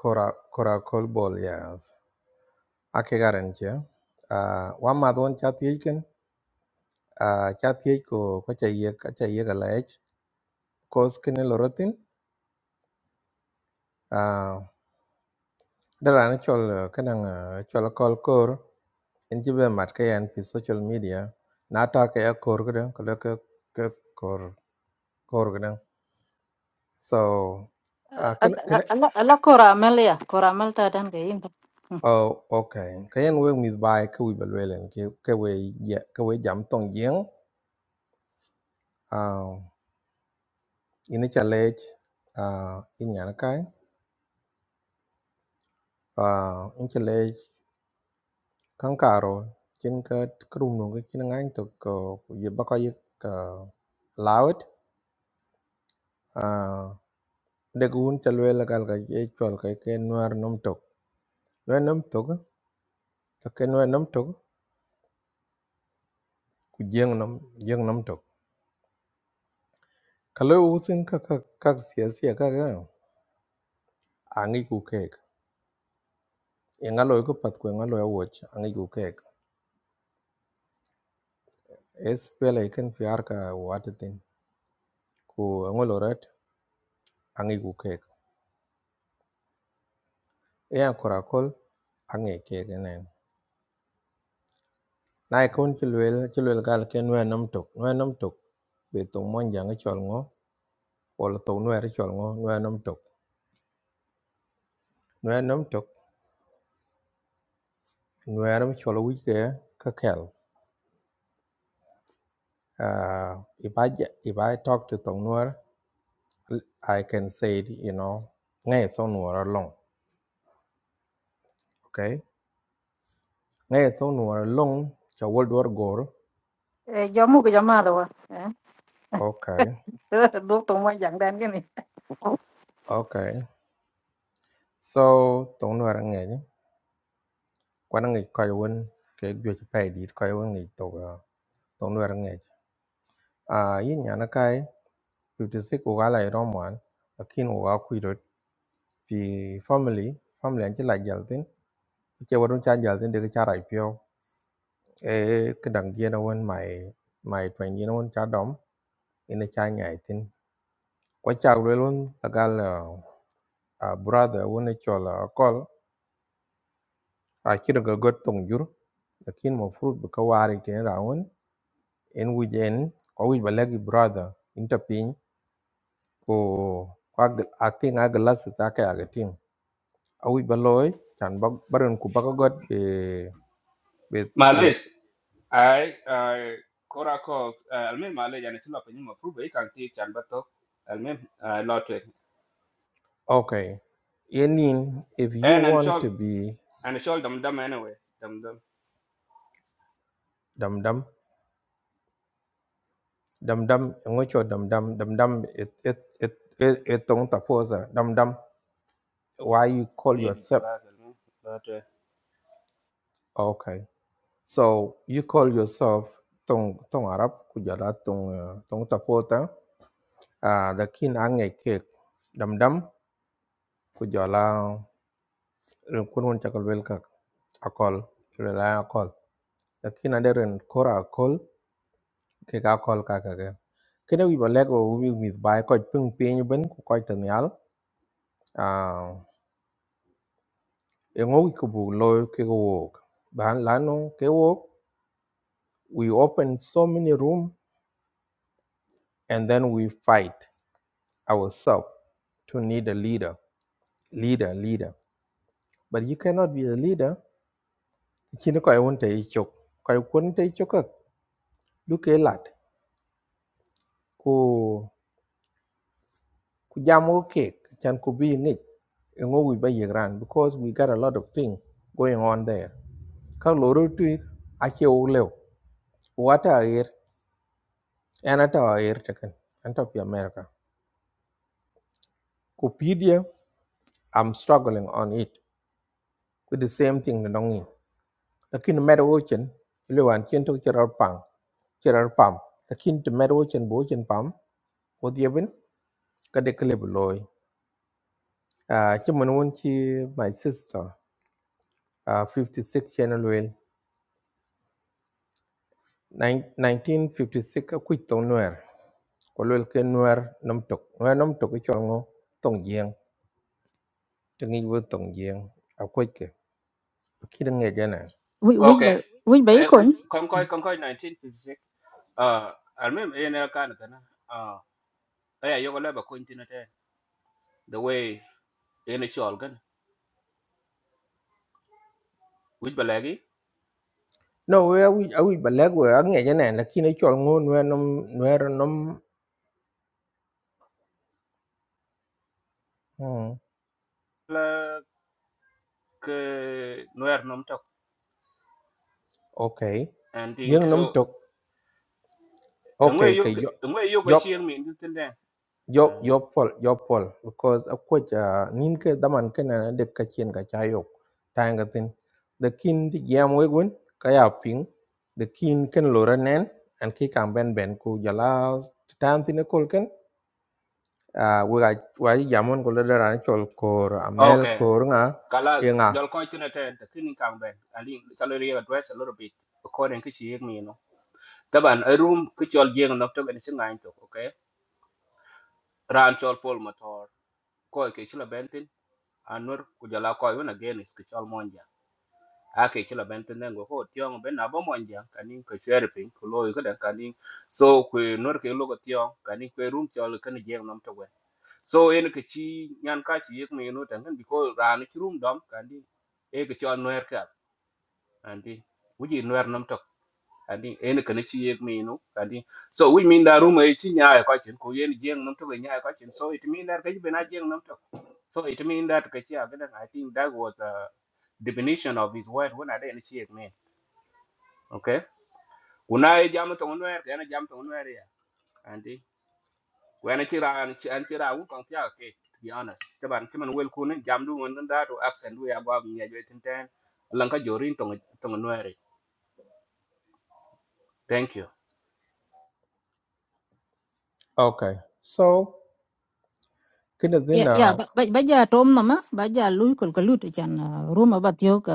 D: kora korakol bol yas ake garen che ah wa ma don chat yeken ah chat yek ko ko chayek chayek alech kos kene lorotin Uh, da rana chol uh, kanang uh, chol kol kor in jibe mat ka yan pi social media na ta ka ya kor gada ka dang kala ka ka kor kor ka dang so uh, kan
A: alla
D: kan
A: alla alla kura mel ya kura mel ta dan ga yin
D: oh okay ka yan we mi bai ka wi balwelen ki ka we ya ka we jam tong yeng uh, in cha lech uh, in yan kai uh, in cha lech kan karo chen ka krum no ka chen ngang to ko ye ba ka ye ka lawet dek wun ca luel gal ga ye chol ga ke nuar nom tok lue nom tok la ke nuar nom tok ku jeng nom jeng nom tok ka lo usin ka ka ka sia sia ka ga angi ku kek e ngalo ku pat ku ngalo ya woch angi ku kek es pele ken fiar ka wate tin ku ngolo rat angi ku kek e an kora kol angi kek ne na e kon ca luel ca luel gal ke nuar nom tok nuar nom tok be tong mon jang e chol ngo wala tong nuar chol ngo nuar nom tok nuar nom tok nuer mi chol wi ke ka kel uh, if i ge- if i talk to tong nuer i can say it, you know ngai so nuer long okay ngai so nuer long cha wol dor gor
A: eh jamu ga jama da wa
D: okay
A: eh do to mo jang dan gini
D: okay so tong nuer ngai ni kwan ngai kai won ke gyo chi pai dit kai won ngai to ga tong nuer ngai a yin yana kai 56 ko gala i romwan akin u ga kuidot pi family family an chi la jaltin che wadun cha jaltin de ka cha rai pyo e ke dang dia na wan mai mai twain dia na wan cha dom ina cha nyai tin kwa cha le tagal a brother wona chola kol a kira ga got tong jur lakin mo fruit bu ka wari tin raun en wi ko wi balagi brother inta pin ko kwa gl- a tin a glass ta ka ga tin a wi baloy chan bag baran ku baka got be be be
B: malis ai ai kora ko alme male jane chilo pe nyuma fru be kan ti chan bato alme lotwe
D: okay yenin if you
B: en an
D: want
B: chol
D: to be
B: an chol dam dam anyway dam dam
D: dum dam dam ngo cho dam dam dam dam it it it it, it don't oppose dam dam why you call
B: de di
D: yourself
B: kala alme lotwe
D: okay so you call yourself tong tong arab ku jala tong uh, tong tapota ah the kin ange ke dam dam ku jala ren kun won chakal wel ka akol rela akol the kin ade ren kora akol ke ka akol ka ka ke kene wi ba lego wi mi bai ko pung pin ben ku ko tanyal ah en ogi kubu lo ke wok ban lano ke wok we open so many rooms, and then we fight ourselves to need a leader leader leader but you cannot be a leader kini ko won te chok ko kun te chok lu ke lat ku ku jamo ke chan ku bi ngi en ogi ba yegran because we got a lot of things going on there ka loro tu ake o lew wata ayer. And at our air taken, and top of America. Kupidia, I'm struggling on it. With the same thing, the nongi. The kin matter ocean, Luan chin to Gerard Pang, Gerard Pam. The kin to matter ocean, Bojan Pam, what the event, got a clip loy. Ah, Chimanuanchi, my sister, ah, 56 channel well. 1956 a quit on Nuer. Kolwel ke Nuer Nomtok. Nuer Nomtok ke Chongo, Tong Jiang. Tengi wo Tong Jiang. A quit ke. Kidding again.
A: وين وين
B: okay
A: بي- وين
B: eh wi
A: بيكون
B: kon koy kon koy 1956 ah alme en el kan kana ah ay yo la ba ko intinate the way en chol gan wi balagi
D: No, we awi awi balag we ang ngayon na lakini chol ngun we nom we nom hmm,
B: la ke noer nom tok
D: okay.
B: and think
D: Yung
B: so
D: nom tok
B: ngwe
D: okay
B: yo
D: kay yo
B: ngwe yo ko
D: yo
B: chieng min tin den
D: yo yo
B: Ah,
D: pol yo pol because of course uh, nin ke daman ke na de ka chien ka chayok tang ka tin the kin di yam we gun kaya ping the kin ken lora nen and ki kam ben ben ku jala tan tin ko ken uh, we ga wa yamon ko le ran chol kor amel
B: okay
D: kor
B: Kalas,
D: nga
B: jol ko chuna ten, ta kini kang ben, ali kalori address a little bit, according to she me, you know. Taban, a room which jol jing nok to ben sing ngain to, okay? Ran chol pol motor, ko ke chula bentin, anur kujala ko yun again is kichol monja. Ake chula bentin then go ho, tiong ben abo monja, kanin ke sherping, kulo yuka den kanin. So, kwe nur ke logo tiong, kanin kwe room chol kani jing nok to ben. So, en ke chi nyan ka shi yek me, you know, tangan, because ran chi room dom, kanin, e ke chol nuer andi wuji nwer nam tok andi en ka ne chi yek mi nu andi so wuj min da ruma chi nyaa ka chen ko yen jeng nam tok nyaa ka chen so it mean that ka bena jeng nam tok so it mean that ka chi agan i think that was the definition of his word when i didn't see it mean okay una e jam to nwer ka na jam to nwer ya andi when chi ran chi an chi ra wu kong kya ke to be honest to ban chi man wel ku ne jam du ngon da to accent we above nyaa jo tin ten lan ka jorin to to nwer thank you
D: Okay. So, kina then
A: yeah yeah
D: uh,
A: ba ba ba ja tom nama ba ja lui kol kol lut chan ruma ba tio ka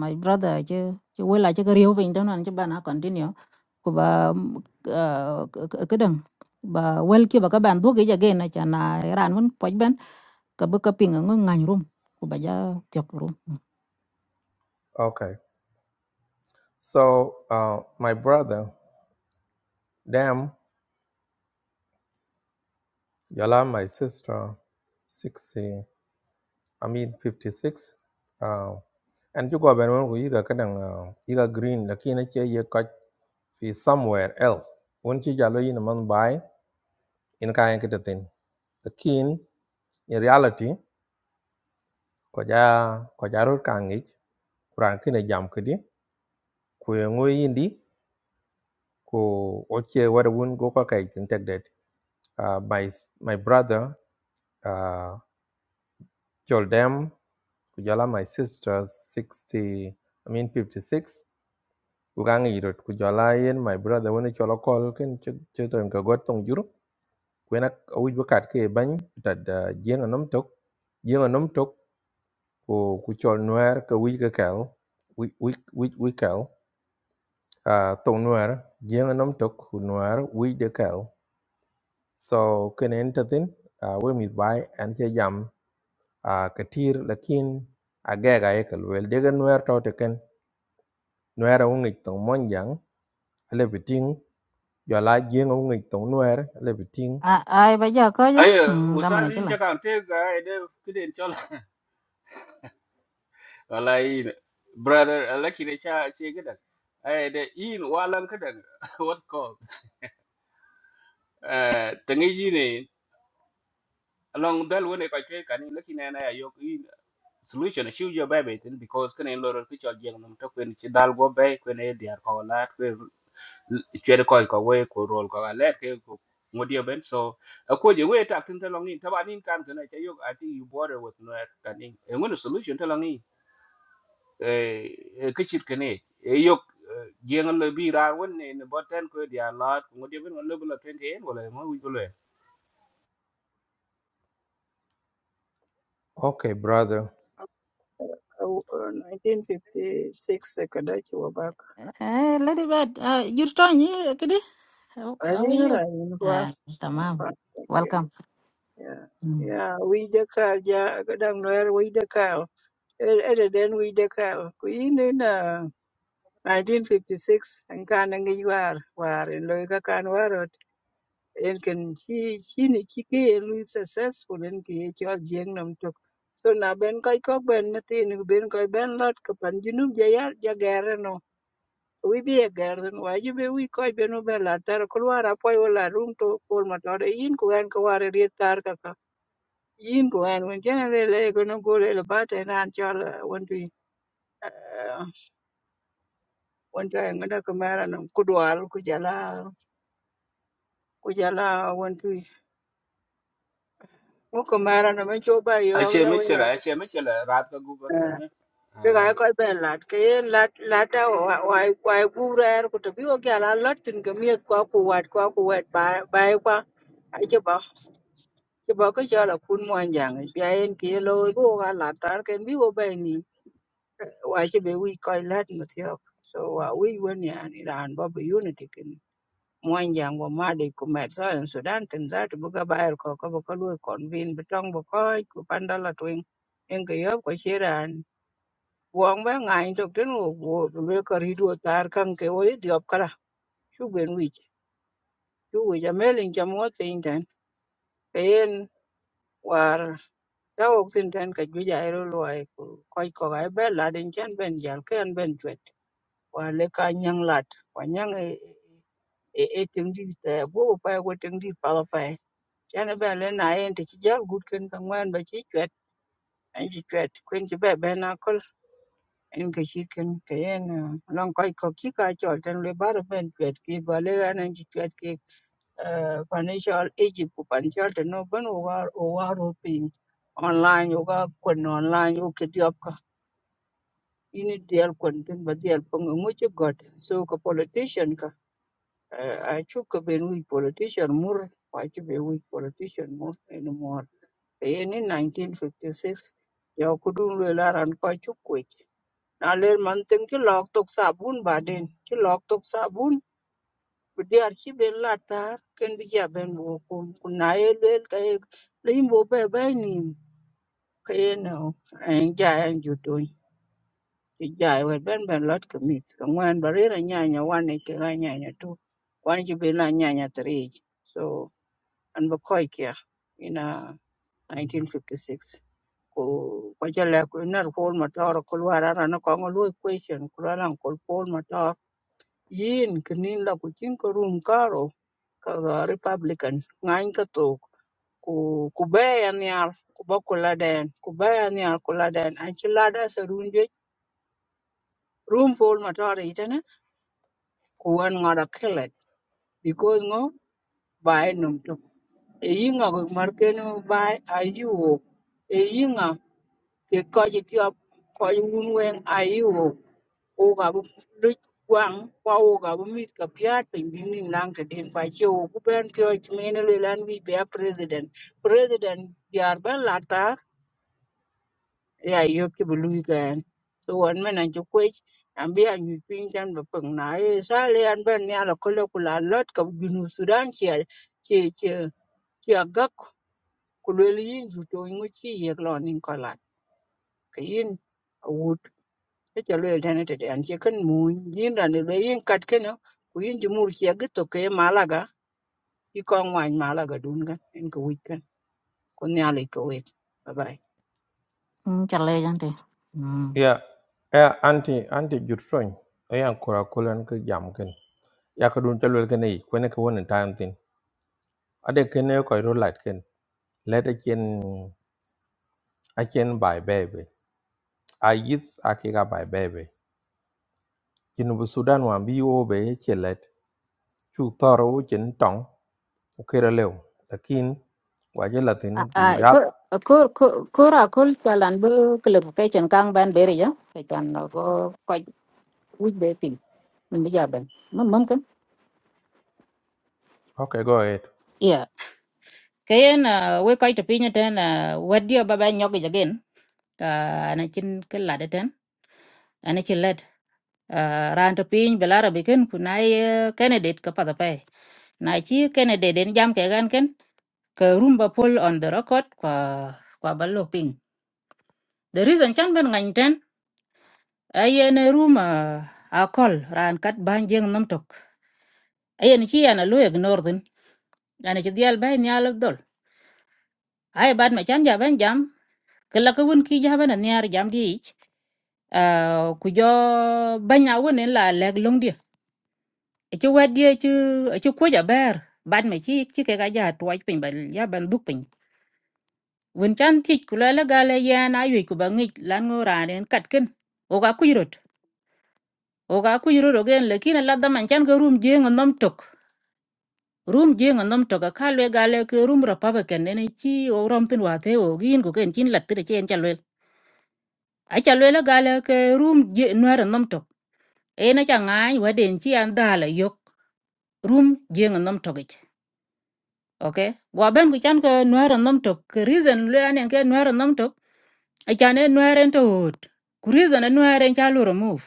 A: my brother che che wela che riu bin don an che bana continue ko ba kedang ba wel ki ba ka ban du ge ja ge na chan ran mun poj kabu kaping ngi ngany rum ku baja tiok rum
D: okay. So, uh, my brother, them, Yala, my sister, 60, I mean 56. Uh, and you go ben when you got kadang you got green lakini che you got fi somewhere else. When you jalo in a man by in kaya kitatin. The kin in reality koja koja rut kangich kuran kina jam kidi kuyengwe indi ku oche wada wun go ka kai Uh, my my brother uh, Joldem kujala my sister 60 I mean 56 kugang irot kujala yen my brother woni cholo kol ken cheten ka got tong juro kwena awuj bakat ke bany tad jenga nom tok jenga nom tok ko ku chol noer ka wij ka kel wij wij wij kel uh, tong noer jenga nom tok ku noer wij de kel so ken entertain uh, we mi bai an che jam a katir lakin a gaga ye kal wel de gan wer to te ken wer a ungi tong mon jang le biting yo la jeng ungi tong wer le biting
A: a ai baja ko ja
B: Ayo,
A: dama na
B: usazi
A: chila
B: incha kan te ga ede kiden chola. Wala in brother alaki ne sha ce gidan. Ai da in walan kadan what call? Eh tangi ji ne along dal wone ka ke kan laki ne na yo in solution shi yo ba be tin because kan lor ki chol jeng nam to kwen ci dal go be kwen e diar ko la kwen ci ko ko we ko rol ko la ke ko ngodio ben so ko je we ta tin ta long in ta ba nin kan kan ta yo i think you border with no kan in ngun solution ta eh ke chit kene e yok jeng le bi ra won ne ne boten ko dia lot ngo de ben le bla ten ten wala mo wi bla
D: okay brother
G: Uh, 1956 Kadachi were back.
A: eh lady bad jur to ni kidi how
G: I
A: how are
G: think I
A: you
G: remember.
A: eh tamam
G: Yeah,
A: welcome
G: yeah,
A: hmm
G: yeah. We the car, yeah, down there we the car. Other than we the car, we in in, uh, 1956 and can and you are war in Loika can war it and can he he ni chike and we successful and ki chol jeng nam tok. So na ben koi kok ben matin ben koi ben lot kapan junub jayar jagare wibi e garden wa jibe wi ko be no be la tar ko wara po yo la rum to pol ma to yin ko en ko wara ri tar ka ka yin ko en won jena le le ko no go le le ba te nan chol eh, won tu won to en da ko mara no ku dwal ku jala ku jala won tu mo ko mara no men cho ba
B: a
G: yo
B: che
G: la
B: me
G: we
B: che
G: la
B: la
G: ko
B: che me che la ra ta gu ba sa me
G: ke ga ko be la ke en la la ta wa wa wa e gu ra ko to bi o ga la la tin ga mi ko ko wat ko ko wet ba ba e kwa chứ bảo cái cho là phun mua giang ấy bia en kia lôi bố gà là tar ken bi wo bay ni wa chứ bé we coi lát mà theo so wa we when ya ni ran ba bi unity ken mua giang wa ma de ku met sa en sudan ten za tu ga ba er ko ko ko lôi kon vin bi tong bo ko ku pandala twing en ke yo ko chiran buông bé ngài thực trên ngủ ngủ về cái đi đua tar căng cái ôi đi học chu chú bên chu chú vị cho mấy linh cho mua tiền tiền tiền ta wok tin tan ka juja ero luwai ku koi ko ga be la din chen ben jal ke an ben chwet wa le ka nyang lat wa nyang e e e ting di ta go pa go ting di pa la pa chen be le na en ti jal gut ken ka ngwan ba chi chwet an chi chwet kwen chi be be na kol en ke chi ken ke en long koi ko ki ka chol ten le ba ben chwet ki go le an en chi chwet ki eh, financial agent ku financial ten no ben o wa o wa ro pin online yoga kun online yoga ini dial kon tin ba dial pong ngu chi god so ka politician ka eh, a chu ka ben wi politician mur pa chi be wi politician mur anymore e ni 1956 yo ku dun le la ran ko chu ku na le man tin chi lok tok sabun bun ba den chi lok tok sa bun bu dial chi ben la tar ken bi ja ben wo ku ku na e le ka e le bo be be ni ka e no en ja en Chị jai wet ben ben lot commit. Kangwan barira nyanya one ke ga nyanya two. One ki be la nyanya three. So an ba koi kia in uh, 1956. Ko ko jala ko nar Paul Matar ko wara na ko ngol question ko lan ko Paul Matar. Yin kinin la ko chin ko room karo ka ga Republican ngain ka to ku ku be yan yar ku ba ku laden ku be yan yar ku laden an chi lada sa runje room Paul Matar itana kuwon ŋo kilet because ŋo bai num tuk i yiŋa ko marken bai a yuwok i yiŋa ki koji tiop koji wun weŋ a yuwok wuk a bi luc gwaŋ kwa wuk a bi mit ka piat piny bi nim naŋ tiden kwa ci wuk ku ben pio ci mini luel an wic be a president president diar ben lata ya yo ki bu lui gan so wan men an ju kwech an bi an yu pin tan ba pung na e sa le an ban ya la kolo ku la lot ka ginu sudan ki al ki ki ki agak ku le yin ju to ngu chi ye lo nin ko la ka yin wut e ja le tan te an che kan mu yin ran le yin kat ken no, ku yin ju mur ki agak to ke malaga ki ko ngwan malaga dun gan en ko wit kan ko nya le ko wit bye bye
A: mm chale jante mm
D: yeah eh anti anti jutron e an kura kulan ke jam ken ya ka dun chalwel ken ei kwene ke wonen time tin ade ken ne ko ro light ken let a chen a chen bye baby a yit a ke ga bye baby jinu bu sudan wan bi wo be che let chu toro wu chen tong ukira leo lakin waje
A: a
D: latin be
A: a ko
D: real
A: ko ko ra kol chalan bu club kai chen kang ban beri ja kai chan ko ko wuj be ping min baja ban mum mum kan
D: okay go ahead
A: kayen we koy to pinyo ten wadio baba nyogi jagen ka ana chin ke lade ten ana chin led ran to piny belara biken kunai candidate ka pada pay na chi candidate den jam ke gan ken ka rumba pull on the record kwa kwa ballo ping the reason chan ben ngany ten ayen room a call ran kat ban jeng nam tok ayen chi ana lu ignore den ana chi dial bay nyal dol ai bad ma chan jaban jam kala ka won ki jaban an yar jam di ich Ah, ku jo banya won en la leg long di e ci wad di ci ci ko ja ber bad ma ci ci ke ga ja tuaj pin ba ya ban duk pin won chan ti ku la la ga le ya na yu ku ba ngi lan ngo ra den kat ken o ga ku yirot o ga ku yirot o gen le kin la da man chan ga rum je ngo nom tok rum je ngo nom tok ka le ga le ke rum ra pa ba ken ne chi o rom tin wa te o gin ko ken chin lat ti de chen chan acha lwela gala ke rum je nwar nom tok e na cha ngany waden chi an dala yok rum je nom tok ich okay gwa ben ku chan ke nwar nom tok ke reason lwela nen ke nwar nom tok acha ne nwar en to hot ku reason ne nwar en cha lu remove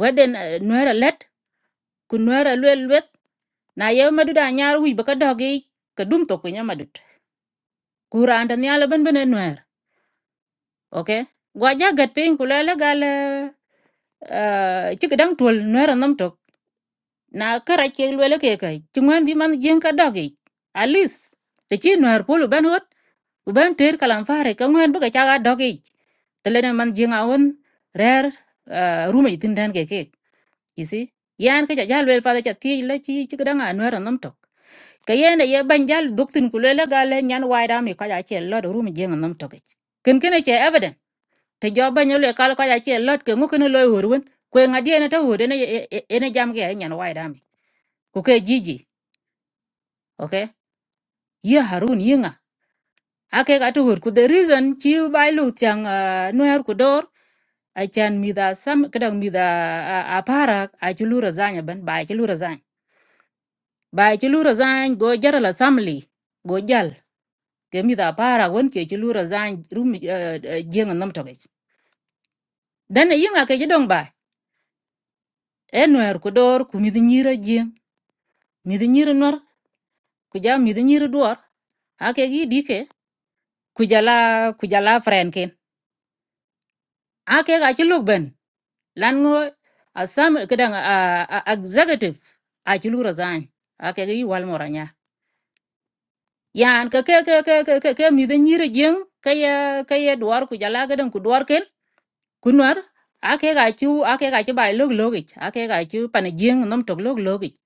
A: waden nwar let ku nwar lwel wet na ye madut a nyar wic bä kä dök ki kä dum tök piny amadut ku raan tɛ nial abënbën enwɛɛr ok gua ja gɛt piny ku lɛlɛ gal cï kädaŋ tuol nwɛɛr anɔm tök na kara ke lwele ke kai chungwan bi man yin ka dogi alis te chi nor pulu ban hot u ban ter kalam fare ka ngwan bu ka chaga dogi te le man yin awon rer ruma itin dan ke ke isi yan ka jal wel pa cha ti le chi chi ka nga nor nam tok ka yen ye ban jal doktin ku le ga le nyan wai da mi ka ja che lo ruma yin nam tok e. ken ken e che evident te jo ban yo le kal ka ja che lot ke ngu ken lo horwen kwe ngadie na ta hode ne ene jam ke nyan wai da mi ku ke jiji okay ye harun yinga ake ga to ku the reason chi bai lu chang uh, noer ku dor a chan mi da sam kadang mi da uh, a para a chulu lu razanya ban ba chi lu razan ba chi lu razan go jarala samli go jal ke mi da para won ke chi lu razan rum uh, uh, jeng nam to dan yinga ke jidong ba e noer ku dor ku mi nyira jeng mi nyira nor ku ja mi nyira duor ake gi dike ku jala ku jala frenken ake ga chulu ben lan ngo a sam kedang a a- executive a chulu resign a ke gi wal moranya yan ka ke ke ke ke ke ke mi de nyire jeng ka ya ka ya duar ku jala kedang ku duar kel kunwar a ke ga chu a ke ga chu bai log logich a ke ga chu pan jeng nom tok log logich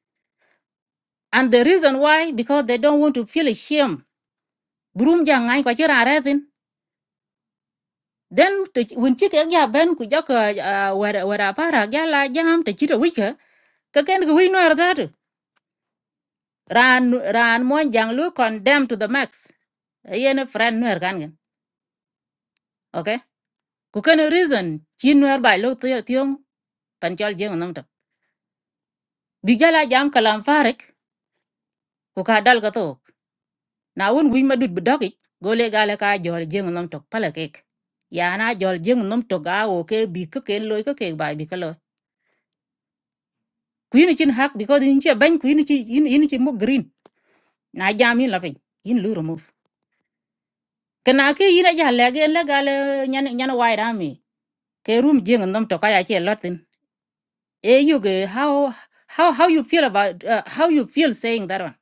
A: and the reason why because they don't want to feel ashamed burum ja ngai kwa chira retin then to win chi ke ga ben ku jaka wara wara para ga la jam te chira wika ka ken ku wi no ran ran mon jang lu condemn to the max yen friend nuer kan gen okay ku ken reason chi nuer ba lu tiyo tiyo pan chol jeng nam to bi jala jam kalam farik ku ka dal ga to na won wi madut bi dogi gole gale ka jol jeng nam to pala kek ya na jol jeng nam to ga o ke bi ke ken loy ke ke ba bi ka loy ku yin chin hak because yin che ban ku yin chi yin yin chi mo green na jam yin la fin yin lu remove kana ke yin ja le gen la gale nyan nyan wai rami ke room jeng nom to kaya che lot tin e you ge how how how you feel about uh, how you feel saying that one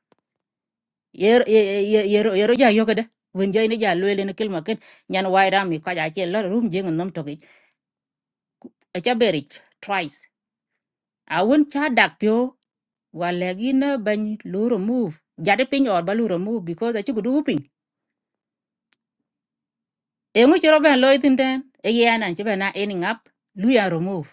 A: yer yer yer yer ja yo gede wen joy ne ja lele ne kelma ken nyan wai ram mi kaya che lot room jeng nom to ge e cha beri twice a won cha dak pyo wala gi na ban lu remove jade pin or ba lu remove because a chi gudu pin e ngu chro ben loy tin den e yana chi ben na ending up lu ya remove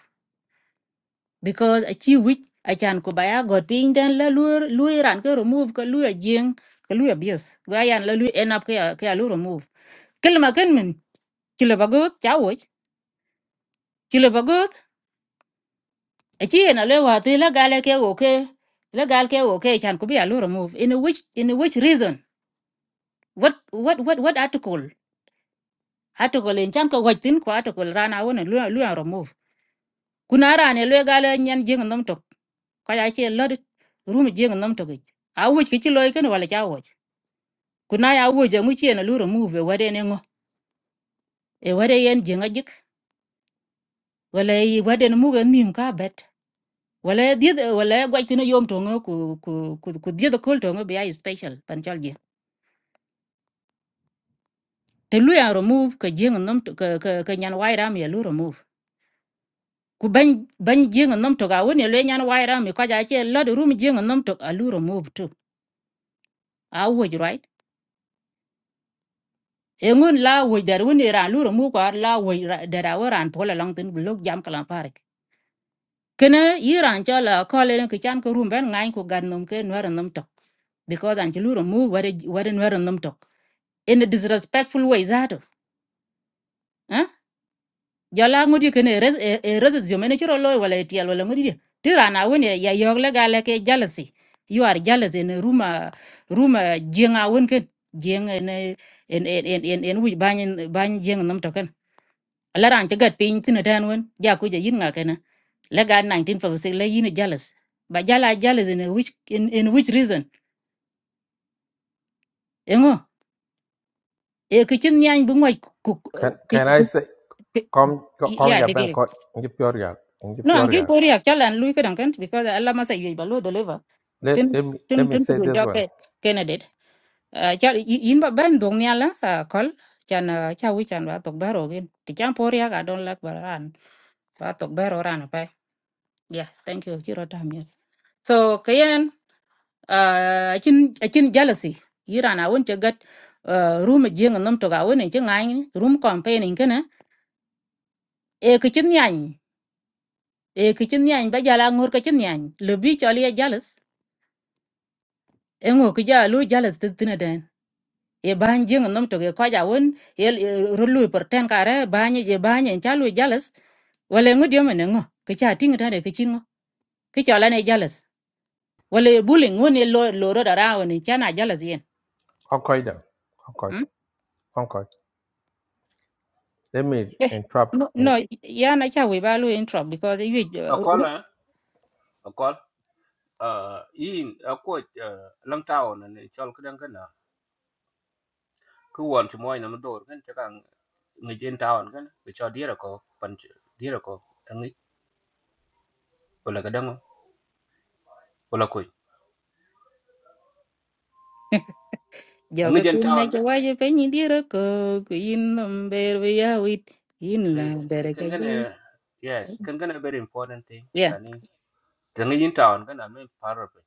A: because a chi wich a chan ko baya god piny den la lu lu ran ko remove ko lu jing ko lu abuse go yan la lu end up ko ko lu remove kelma ken min chile bagot chawoch chile bagot a chi na le wa ti la gale ke wo ke la gal ke wo ke chan ko bia lu remove in a which in a which reason what what what what article article in chan ko wach tin ko article rana wona lu lu a remove kuna rane le gale nyen jing nom tok ko ya chi lo rum jing nom tok e. a wuch ki chi loy ken wala chawoch kuna ya wuja mu chena luro mu be wade ne ngo e wade yen jenga jik wala e wade mu ga nim ka bet wala e died wala e gwai tino yom tongo ku ku ku ku died kol tongo be ai special pan chalje te lu ya remove ka jenga nom to ka ka ka nyan wai ram ya lu remove ku ban ban jenga nom to ga woni le nyan wai ram ka ja che la de rum jenga nom to a lu remove to a wuj right e ngun la wuj dar woni ra lu remove ko la wuj dar wa ran pola long tin blok jam kala parik kene yiran chola kole ne kichan ko rumben ngain ko gan nom ke nwar nom tok because an chulu mu ware ware nwar nom tok in a disrespectful way zato eh jola ngudi kene res e e res yo mene chiro loy wala etiel wala ngudi tirana woni ya yog le gale ke jealousy you are jealous in a ruma ruma jenga won ken jeng ne en en en en en wi banyin banyin jeng nom tok la ran ci gat pin tin tan won ja ku ja yin nga kana la ga 1956 la yin jealous ba jala jealous in a which in, in which reason engo e ke chin nyang bu ngoy ku ku-
D: can can
A: ku-
D: i say
A: ku-
D: come come
A: ya
D: your
A: de
D: bank
A: ge
D: in your yak in
A: no an
D: your
A: ki
D: yak
A: pori ak chalan lui ka dan kan because Allah masa yey ba lo deliver
D: let
A: tin
D: let me let
A: tin
D: me
A: tin ku
D: say
A: dun
D: this
A: ja
D: one
A: ke candidate cha yin ba ban dong nya la kol chan ah, cha wi chan ba tok baro gen ti chan pori ak don lak baran ba tok baro ran pa yeah thank you chiro tam So kayen uh, akin akin jealousy yira na won chagat uh, room jing nom to ga won en chingan room campaigning kana e kichin yan e kichin yan ba jala ngur kichin yan le bi chali ya jealous e ngo ki ja lu jealous tin tin den e ban jing nom to ge ko ja won e rulu per ten kare ban ye ban en chalu jealous wala ngu dio men ngo ki cha ting ta de kichin ngo ki chala ne jealous wala bullying won e lo lo ro da ra won chana jealous yen
D: concord concord
A: hmm?
D: concord let me
A: Eh,
D: interrupt
A: No,
D: in
A: no, ya na cha we balu intro because you
B: a ko la a ko in a ko lang ta on ne chol ka dang kana ku won ti moy na mo dor kan ta kan ngi jen ta on kan be cho dira ko pan dira ko ngi wala ka dang wala ko ngi
A: joga
B: jen
A: kin
B: ta
A: na
B: on
A: cha
B: kan
A: waje pe ni dire ko in number we ya wit in la
B: please
A: bere ka
B: kan kan
A: yi.
B: yes kan kan very important thing
A: Yeah,
B: ani Tengi yin town kana min paro pe.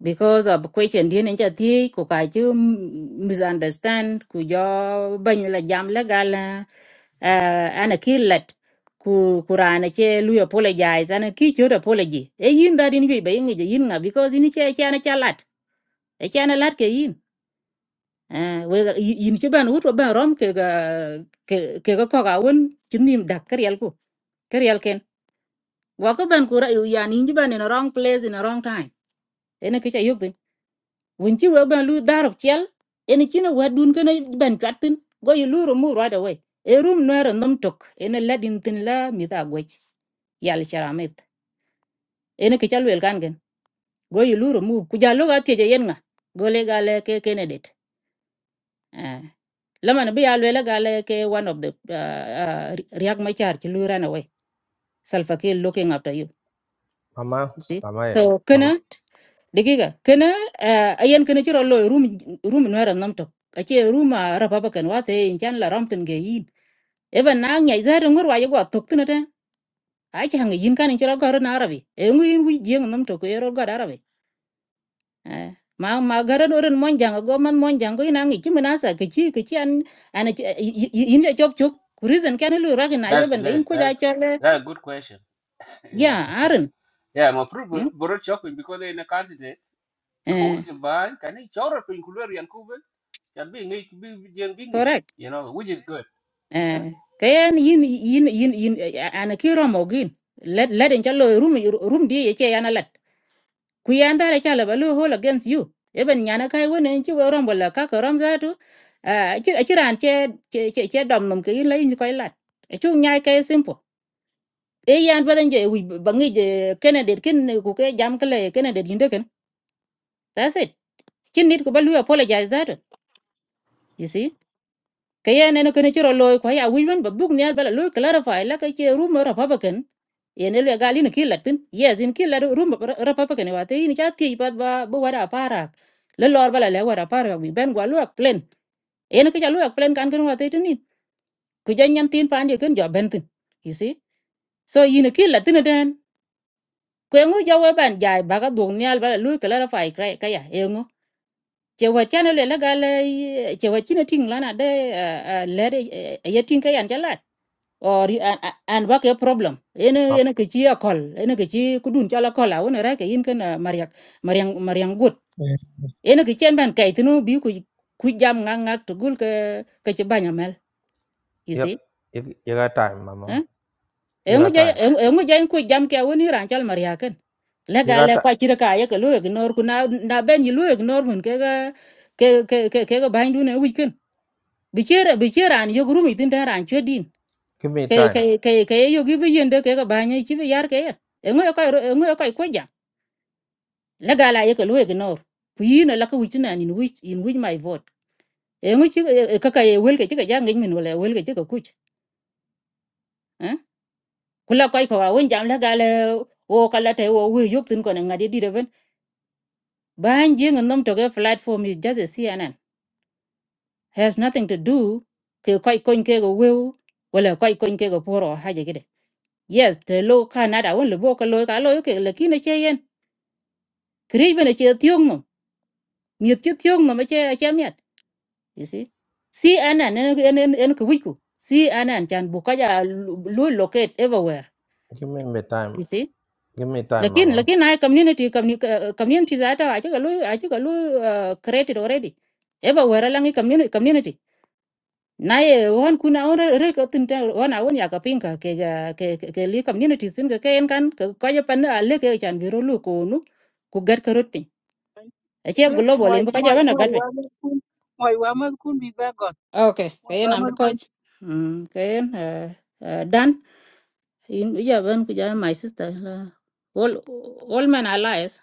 A: because of question din en cha ti ko ka ju m- misunderstand ku jo ban la jam la gala uh, ana killat ku kurana che lu apologize ana ki cho apology e yin da din we be ngi je yin na because ini che cha na cha lat e cha na lat ke yin à, wega yi- yin ci ban wut wa ban rom ke ga ke ke ga ko ga won ci nim dak ker yel ko ker yel ken wa ko ban ku ra yu ya ni ci ban in a wrong place in a wrong time ene ke ca yok din won ci wa ban lu darop ciel ene ci na wa dun ke na ban chatin go yu lu mu right away e rum no era nom tok ene ladin tin la mi da gwech yal charamet ene ke ca wel kan gen go yu lu mu ku ja lo ga tie je yen nga go le ga le ke kenedet Uh, Lama na biya lwela gale ke one of the uh, uh, Riak Machar ki lui ran away. Salva Kiir looking after you.
D: mama
A: You see?
D: mama yeah
A: So
D: mama
A: kana digiga kana uh, ayan kana chiro lo room room nwera namto. Ache room uh, Republican wate inchan la ramtin ge yin. Even na nya izare ngor wa yego tok tinata. Ache hanga yin kan chiro garo na arabi. E ngwi yin wi jeng namto ko yero garo arabi. Eh, ma ma garan oran mon janga go man mon jango ina ngi kimi nasa ke chi ke chi an an in ja chop chop ku reason kan lu recognize
B: That's
A: ban ba in
B: good.
A: ko ja
B: That's
A: chole
B: that's a good question.
A: ya
B: Yeah.
A: aran
B: Yeah, ma fru
A: mm,
B: boro shopping because in a country de ko
A: eh
B: wuji ban kan ni choro pe kulor yan kuben. Kan bi ngi bi jen bi ngi.
A: correct
B: You know, which is good. Huh?
A: eh kayan yin yin yin yin eh, an ki ro mo gin let let in chalo room room di ye che yana let ku yan dare chala ba lu hol against you eben nyana kai wona chi wo rom bola ka ko rom za tu a chi a chi ran che che che che dom nom ke in la in ko lat chung nyai ke simple e yan badan je wi bangi je candidate kin eh, ku ke jam kale candidate yinde ken that's it kin nit ko balu apologize that you see kayen ene kene chiro loy ko ya wi ban babuk ne bala loy clarify la ka che rumor republican yene le gali ne kilatin yes in kilat rumor republican wa te ni chati pat ba ba ba wara para le lor bala le wara para wi ben gwa luak plan yene ke cha luak plan kan ken wa te ni ku janyan tin pan je ken jo ben tin you see so yine kilatin den kwengu ja we ban jai baga dog nyal bala lui kala rafa ikra kaya engu che wa chana le la gal che wa china ting lana de eh, eh, le ye ting kaya an jalat or you- an an an ba ke problem ene
D: mama
A: ene ke chi akol ene ke chi kudun chala kola wona ra ke yin kana mariak mariang mariang gut ene ke chen ban kai tinu bi ku ku jam ngak ngak to gul ke ke che banyamel you
D: yep
A: see
D: you, you got time
A: eh?
D: mama you
A: engu
D: got
A: jay
D: time
A: engu jay ku jam ke woni ran chal maria ken le
D: you
A: ga
D: got
A: le kwa
D: ti-
A: chira ka ye ke lu ignor ku na na ben yi lu ignor mun ke ga ke ke ke ke ga bain dune wi ken bi chera bi chera an yo gurumi tin da ran chodin
D: give me
A: ke ke
D: time
A: ke ke yo gi bi yende ke ga bain yi chi bi yar ke ye engu ka engu ka ku jam le ga la ye ke lu ignor ku yi na la ku tin an in which in which my vote engu chi e, ka ka ye wel ke chi ga ja ngin min wala wel ke chi ka kuch eh kula kai ko wa won jam le ga le wo kala te wo wi yok tin ko na ngadi di de Behind Jing and Nomtoge platform is just a CNN. Has nothing to do ke quite coin ke go will well quite coin ke go poor or haja get it. Yes, the low canada won le boka loy ka loy ke lakina che yen. Kri ben che tiong no. Mi che tiong no che che miat. You see? CNN en en en en ku wiku. CNN chan buka ja loy locate everywhere.
D: give me me time
A: You see?
D: give me time
A: Lakin
D: mama
A: lakin ai community commu- eh, community zata acha loy acha loy created already. Everywhere langi community community. naye wan kuna on re ko tinta wan awon ya ka pinka ke ga- ke ke ke li communities sin ke ken kan ko ko ya pan ale ke chan biro lu ko nu ku gar ka rot pin a che
G: ze
A: global
G: moi
A: en ka
G: moi
A: jaba na
G: moi
A: gat pin
G: wa me kun moi wa me kun bi
A: okay ke en am
G: Ramos
A: ko
G: Gutierrez.
A: mm ke en eh, eh, dan in ya ban ku ja my sister la all all men are liars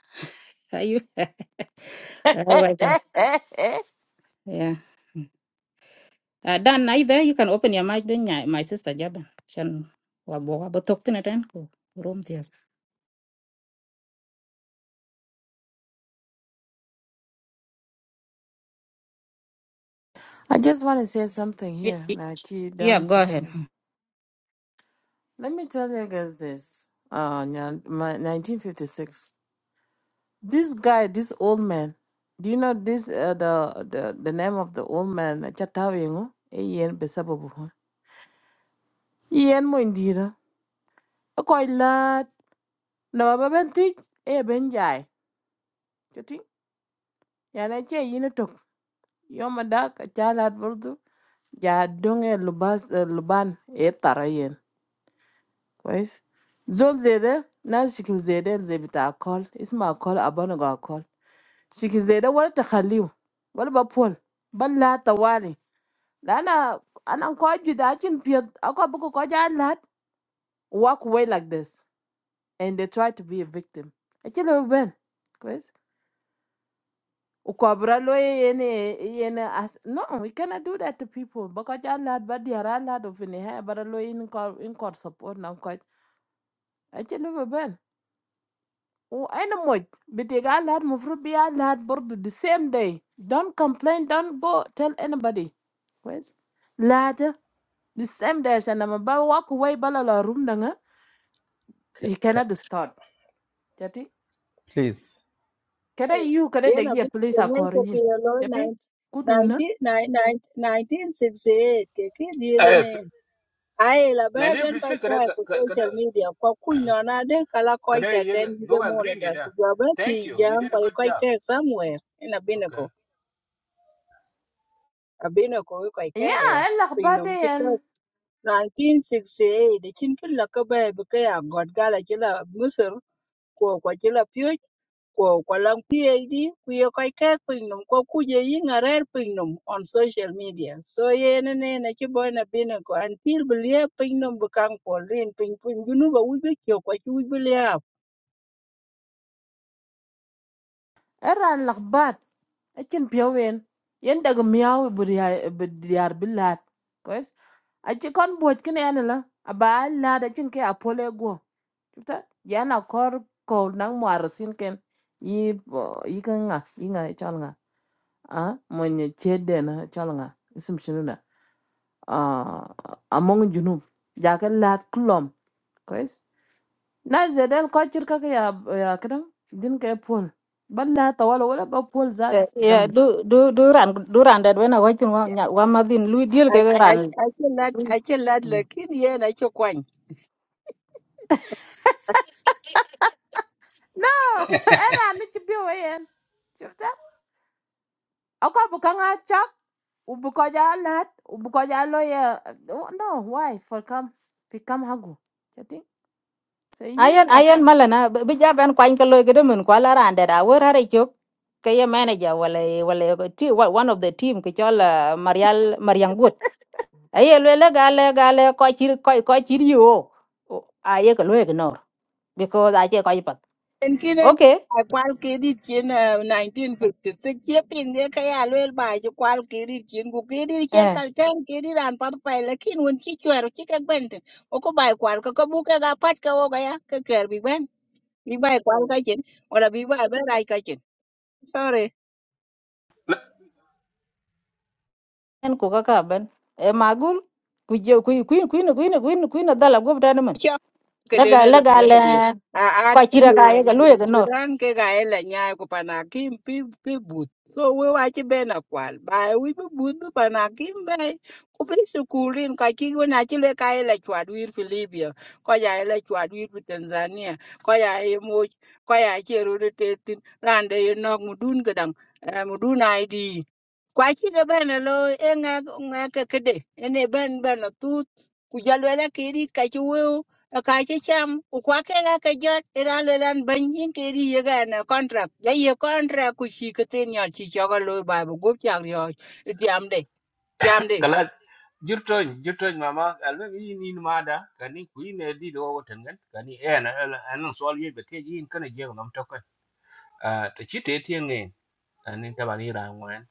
A: are you i welcome yeah uh, dan either you can open your mic then ya- my sister jaba chan wa bo wa bo tok tin tan ko rom
H: I just want to say something
A: Y-
H: here.
A: y-
H: Now, gee,
A: Yeah,
H: damn
A: go ahead.
H: chicken. Let me tell you guys this. Uh, nya- my- 1956. This guy, this old man. Do you know this? Uh, the the the name of the old man. Chatawingo. Ian besababu. Ian mo indira. Akoy lad. Na baba bentik. E benjai. Chati. Yana che yinatok. Yomadak. Chalad burdu. Ya dunge lubas eh, luban. E tarayen. Why? Don't say that. Now she can say that she bit alcohol. It's not alcohol. I don't know about alcohol. She can say that. What about Paul? But not the one. Now, now I'm quite. Did I just feel? I can't believe I just walked away like this and they try to be a victim. How can you be? Why? We cannot do that to people. But I just had bad day. I had a funny hair. But I need some support. I'm quite. How can you be? Oh, anybody! But the girl had moved to be a lad board the same day. Don't complain. Don't go tell anybody. Where's lad? The same day, she and my boy walk away, ball out the room. Dang,
D: can,
H: he
D: can,
H: cannot stand. Okay?
D: please
H: Can I, you, can I take
G: Yena
H: you a
G: bit
H: place I can
G: Jamaica
H: arrange?
G: kilo loy
H: Okay? Could do, na.
G: 1968 ke ki
B: Eh,
G: diyenin. Ai la beben kai
B: 1956
G: ta
B: kada
G: ku
B: kada
G: social media kwa kuina na de kala koi
B: kada
G: ta
B: ye
G: ten de
B: doga green de
G: monitor ku
B: da.
G: jabe ki
B: Thank you. You
G: jang
B: did a
G: koi
B: good
G: koi
B: job.
G: ke somewhere ina
B: Okay.
G: binako abinako koi ke ga
H: Yeah,
G: ya
H: I lack bad,
G: pinom ti ka
H: and
G: 1968 de kin kin la ka be be ka ya god gala ki la musur ko ko ki la ko ko lan PhD ku ye ko ke piny nom ko kuje yi ŋarer piny nom on social media so yen ne ne na ci boy na bino ko an pil bi lie piny nom bi kaŋ pol rin piny piny ginu ba wuj bi kyo ko ci wuj bi liap
H: I ran lack bad. I can be a win. You and the girl will be be be dear, be lad. Cause I just can't board. Can I, na? I'll be a lad. I can't go. Chúng ta yana kor ko nang mwar sin ken yi bo- yi nga yi nga chal nga a mo nye chede na chal nga isim shinu na a among junub ya ka lat kulom, kois na zedel ko chir ka ka ya ya kidan din ka pol balla ta wala wala ba pol zat
A: Eh,
H: zam
A: yeah, du du du ran du ran that when I watch one one madin lui deal ke ran
G: aci lad ai lad lakin yen aci kwany
H: No, e na era ni ci bi wayen chupta akwa buka nga chak ubuko ja lat ubuko ja lo ya no why for come fi kam hagu So you
A: ayen
H: know.
A: ayen malana bi jaban kwain ka loy gede mun kwala ran that a wer hare chok ke ye manager wala wala ko ti wa- one of the team ke chol ah, marial mariang gut aye le le gale gale ko chir ko ko chir yo aye ka loy ignore because aje ko ipat
G: En kine
A: okay
G: a kwal kedit chin ah, 1956 ye pin ye ka ya lwel ba ji kwal kedit chin ku kedit che
A: eh
G: kal ten kedit an pat pai lakin won chi chwer chi ka gwent o ko bai kwal ka ko bu ka ga pat ka o ga ya ka chwer bi ben bi bai kwal ka chin wala bi bai ba rai ka chen. sorry
A: en ku ka ka ben e magul ku je ku ku ku ku ku ku ku dala gob
G: cho cái đến
A: laga
G: đây là
A: laga le
G: a a
A: kwa
G: ti
A: chira ka ye galu ye no
G: sudan ke ga ela nya ko panakim pi pi but so we wa ti be na kwal ba we bi but bi panakim be ku bi sukulin ka ki go na ti le ka ela chwa duir fi libya ko ya ela chwa duir fi tanzania ko ya e mo ko ya ti ru te tin rande ye nok mudun gadang mudun id kwa chi ga bana lo e nga nga ka kede ene ban bana tu ku jalo la ke ri ka chi wo ka chi cham ku kwa ke ga ka jot ira lo lan ban yin ke ri ye ga na contract ya ye contract ku chi ka tin ya chi cho ga lo ba bu gup cha ri yo diam de diam de
B: Kala jirton jirton mama alme yi ni mada kani ku ne di do wotan gan kani eh na an so ye be ke yin kana je ngam à te chi te tien nge anin ka bani ra ngwan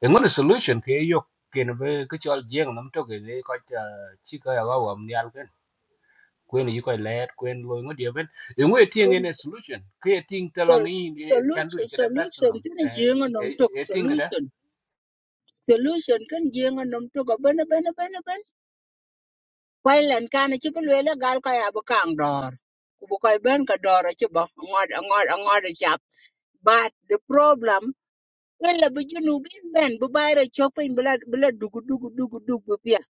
B: e ngol solution ke yo ke no be ke chol jeng nam to ke le ko chi ka ya wa wam nyal ken kwen yi ko let kwen lo ngo dia ben e ngwe tien nge
G: kun
B: ne solution ke ting te long
G: sol-
B: yi ni kan du
G: solution
B: ke de
G: solution
B: personal
G: tin
B: e
G: je nga nom tok
B: e ting ga da
G: solution solution kan je nga nom tok bana bana bana Kwɛ̀ lɛn kɛ́ na cï bï lwel ëgal ka ya bï kàŋ dɔ̀ɔr, kobo kɔc bën ka dɔ̀ɔr ëcïbö öngödë öngödë cap. But the problem ëla bï junubin bën bï ba ïrö cök pïny bï la dugu dugu dugu duk bï pyeth,